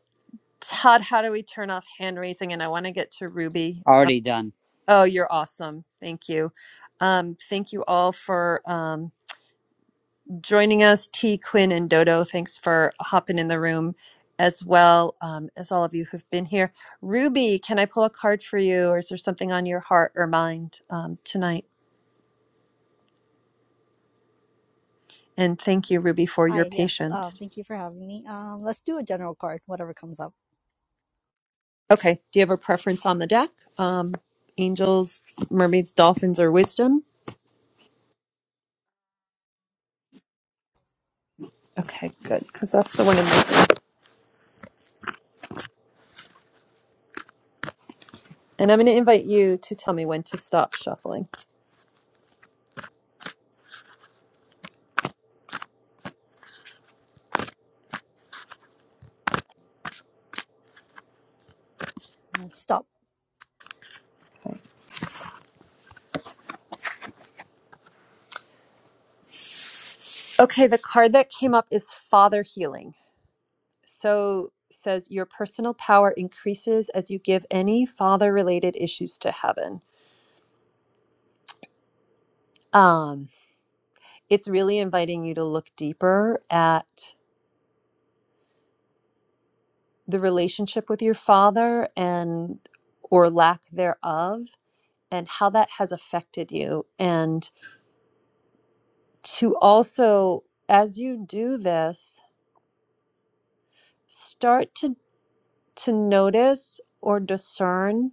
S1: todd how do we turn off hand raising and i want to get to ruby um,
S6: already done.
S1: oh you're awesome thank you um, thank you all for um, joining us, T, Quinn, and Dodo. Thanks for hopping in the room as well um, as all of you who've been here. Ruby, can I pull a card for you, or is there something on your heart or mind um, tonight? And thank you, Ruby, for your
S19: Hi, yes. Um,
S1: patience.
S19: thank you for having me. Um, let's do a general card, whatever comes up.
S1: Okay, do you have a preference on the deck? Um, angels, mermaids, dolphins, or wisdom? Okay, good, because that's the one. I'm looking- And I'm going to invite you to tell me when to stop shuffling.
S19: Uh, stop.
S1: Okay, the card that came up is Father Healing. so says your personal power increases as you give any father related issues to heaven um it's really inviting you to look deeper at the relationship with your father and or lack thereof and how that has affected you and to also as you do this start to to notice or discern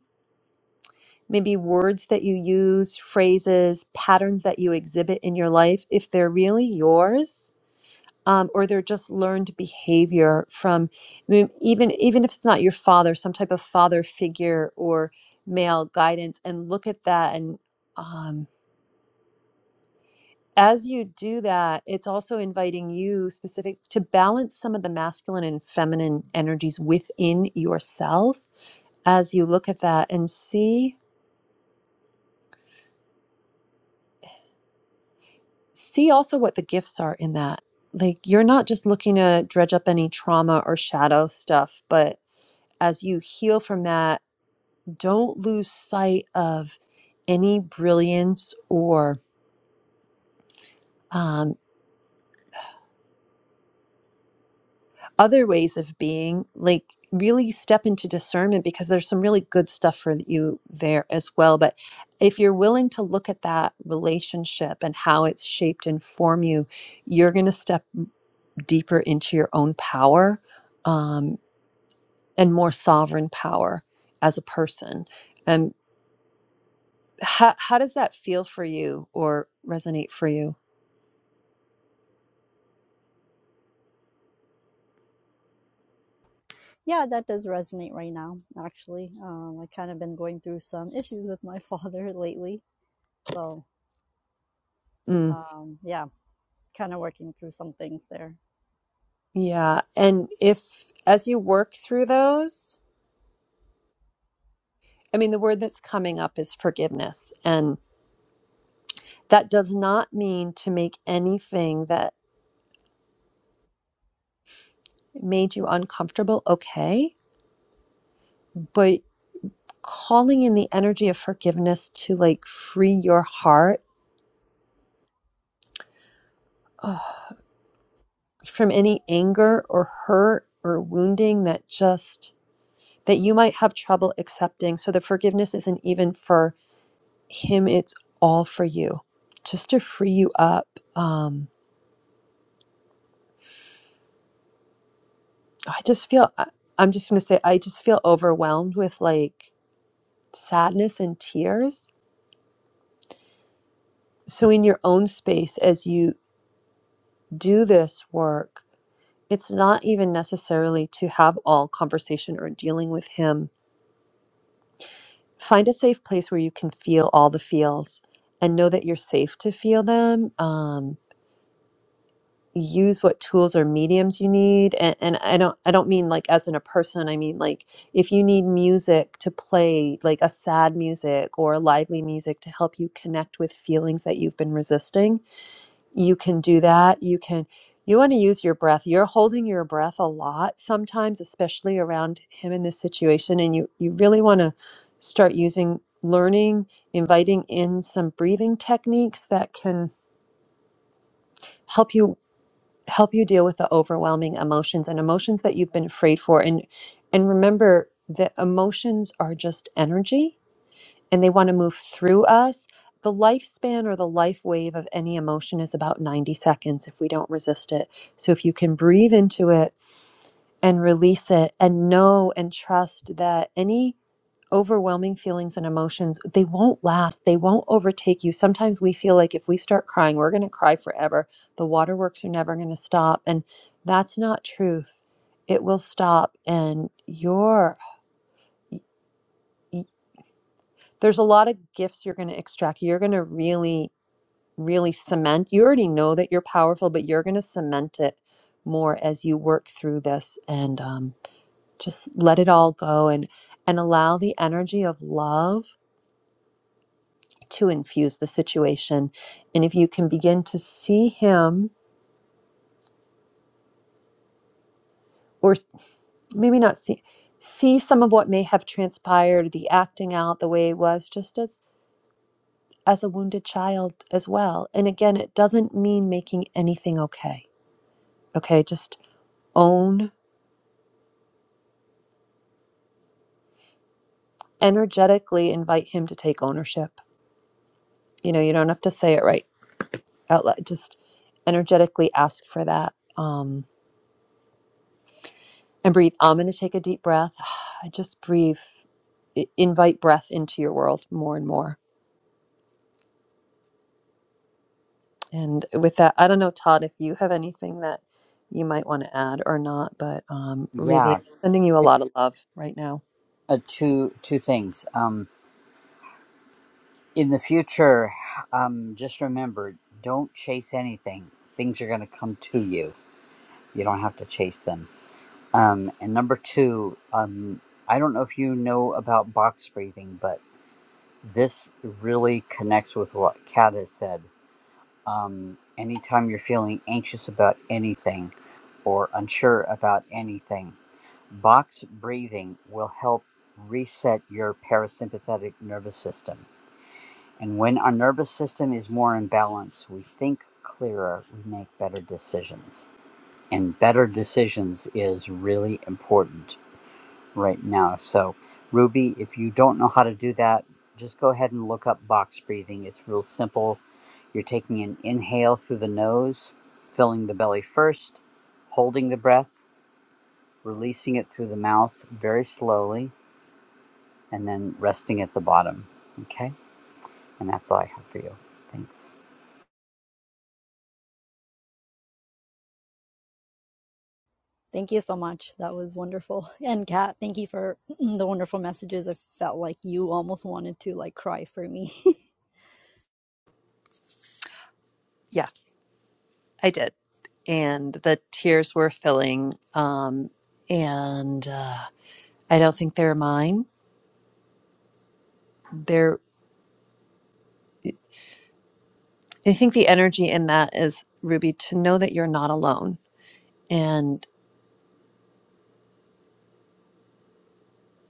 S1: maybe words that you use, phrases, patterns that you exhibit in your life, if they're really yours, um, or they're just learned behavior from I mean, even even if it's not your father, some type of father figure or male guidance, and look at that and. Um, as you do that, it's also inviting you specific to balance some of the masculine and feminine energies within yourself as you look at that and see. see also what the gifts are in that. Like you're not just looking to dredge up any trauma or shadow stuff, but as you heal from that, don't lose sight of any brilliance or um, other ways of being. Like really step into discernment because there's some really good stuff for you there as well. But if you're willing to look at that relationship and how it's shaped and form you, you're going to step deeper into your own power um, and more sovereign power as a person. And how how does that feel for you or resonate for you?
S19: Yeah, that does resonate right now, actually. Um, i kind of been going through some issues with my [laughs] father lately. So,
S1: Mm,
S19: um, yeah, kind of working through some things there.
S1: yeah, and if as you work through those, I mean the word that's coming up is forgiveness, and that does not mean to make anything that made you uncomfortable okay, but calling in the energy of forgiveness to like free your heart from any anger or hurt or wounding that just that you might have trouble accepting. So the forgiveness isn't even for him, it's all for you, just to free you up. Um, I just feel, I- I'm just going to say, I just feel overwhelmed with like sadness and tears. So in your own space, as you do this work, it's not even necessarily to have all conversation or dealing with him. Find a safe place where you can feel all the feels and know that you're safe to feel them. Um, use what tools or mediums you need and, and i don't i don't mean like as in a person i mean like if you need music to play like a sad music or lively music to help you connect with feelings that you've been resisting you can do that you can you want to use your breath you're holding your breath a lot sometimes especially around him in this situation and you you really want to start using learning inviting in some breathing techniques that can help you help you deal with the overwhelming emotions and emotions that you've been afraid for and and remember that emotions are just energy and they want to move through us the lifespan or the life wave of any emotion is about 90 seconds if we don't resist it so if you can breathe into it and release it and know and trust that any overwhelming feelings and emotions, they won't last. They won't overtake you. Sometimes we feel like if we start crying, we're going to cry forever. The waterworks are never going to stop. And that's not truth. It will stop. And your there's a lot of gifts you're going to extract. You're going to really, really cement. You already know that you're powerful, but you're going to cement it more as you work through this and um, just let it all go and and allow the energy of love to infuse the situation. And if you can begin to see him, or maybe not see, see some of what may have transpired, the acting out the way it was, just as as a wounded child as well. And again, it doesn't mean making anything okay. Okay, just own energetically invite him to take ownership. You know, you don't have to say it right out loud. Just energetically ask for that. Um, and breathe. I'm going to take a deep breath. [sighs] Just breathe. I- Invite breath into your world more and more. And with that, I don't know, Todd, if you have anything that you might want to add or not, but um,
S6: Yeah,
S1: Ruby, sending you a lot of love right now.
S6: uh, two two things. Um, in the future, um, just remember, don't chase anything. Things are going to come to you. You don't have to chase them Um, and number two, um, I don't know if you know about box breathing, but this really connects with what Kat has said. Um, anytime you're feeling anxious about anything or unsure about anything, box breathing will help reset your parasympathetic nervous system. And when our nervous system is more in balance, we think clearer, we make better decisions. And better decisions is really important right now. So, Ruby, if you don't know how to do that, just go ahead and look up box breathing. It's real simple. You're taking an inhale through the nose, filling the belly first, holding the breath, releasing it through the mouth very slowly, and then resting at the bottom. Okay? And that's all I have for you. Thanks.
S19: Thank you so much. That was wonderful. [laughs] And Kat, thank you for [clears throat] the wonderful messages. I felt like you almost wanted to like cry for me. [laughs]
S1: Yeah, I did. And the tears were filling. Um, and uh, I don't think they're mine. They're, I think the energy in that is, Ruby, to know that you're not alone and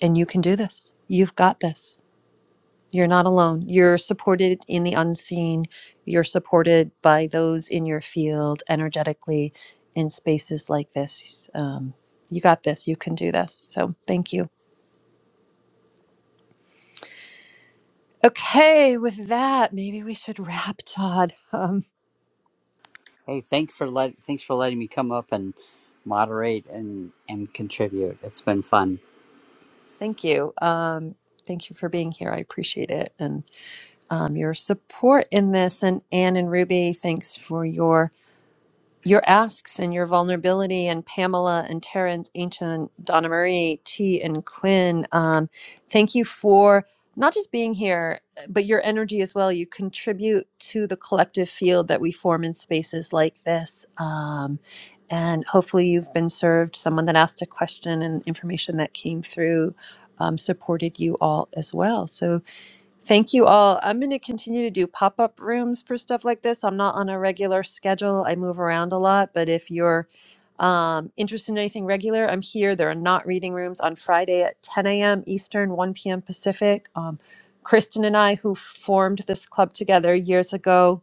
S1: and you can do this. You've got this You're not alone. You're supported in the unseen. You're supported by those in your field energetically in spaces like this. Um, you got this. You can do this. So thank you. Okay, with that, maybe we should wrap, Todd. [laughs] Um,
S6: Hey, thanks for let thanks for letting me come up and moderate and and contribute. It's been fun.
S1: thank you. Um, thank you for being here. I appreciate it and um, your support in this. And Anne and Ruby, thanks for your your asks and your vulnerability and Pamela and Terrence, Ancient, Donna Marie, T and Quinn. Um, thank you for not just being here, but your energy as well. You contribute to the collective field that we form in spaces like this. Um, and hopefully you've been served. Someone that asked a question and information that came through um, supported you all as well. So Thank you all. I'm going to continue to do pop up rooms for stuff like this. I'm not on a regular schedule. I move around a lot, but if you're um, interested in anything regular, I'm here. There are not reading rooms on Friday at 10 a.m. Eastern, 1 p.m. Pacific. Um, Kristen and I, who formed this club together years ago,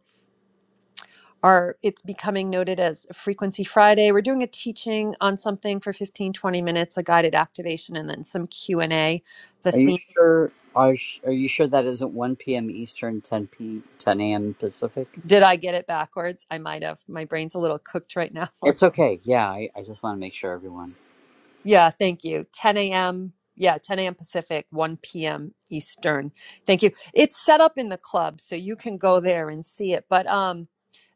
S1: are it's becoming noted as Frequency Friday. We're doing a teaching on something for 15, 20 minutes, a guided activation, and then some Q and A. The
S6: Are you
S1: theme.
S6: sure? Are sh- Are you sure that isn't one p.m. Eastern, ten p. ten a.m. Pacific?
S1: Did I get it backwards? I might have. My brain's a little cooked right now. [laughs]
S6: It's okay. Yeah, I, I just want to make sure everyone.
S1: yeah, thank you. 10 a.m. Yeah, 10 a.m. Pacific, 1 p.m. Eastern. Thank you. It's set up in the club, so you can go there and see it. But um,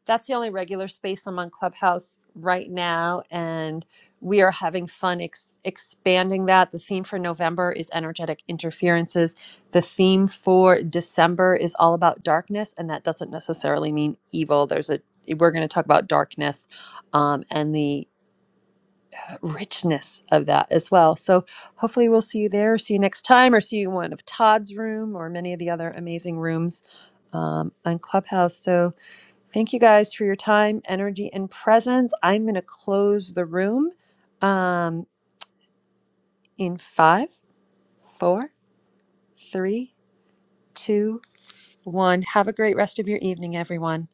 S1: that's the only regular space I'm on Clubhouse right now, and we are having fun ex- expanding that. The theme for November is energetic interferences. The theme for December is all about darkness, and that doesn't necessarily mean evil. There's a we're going to talk about darkness um, and the uh, richness of that as well. So hopefully we'll see you there, see you next time, or see you in one of Todd's room or many of the other amazing rooms um, on Clubhouse. So. Thank you guys for your time, energy, and presence. I'm going to close the room um, in five, four, three, two, one. Have a great rest of your evening, everyone.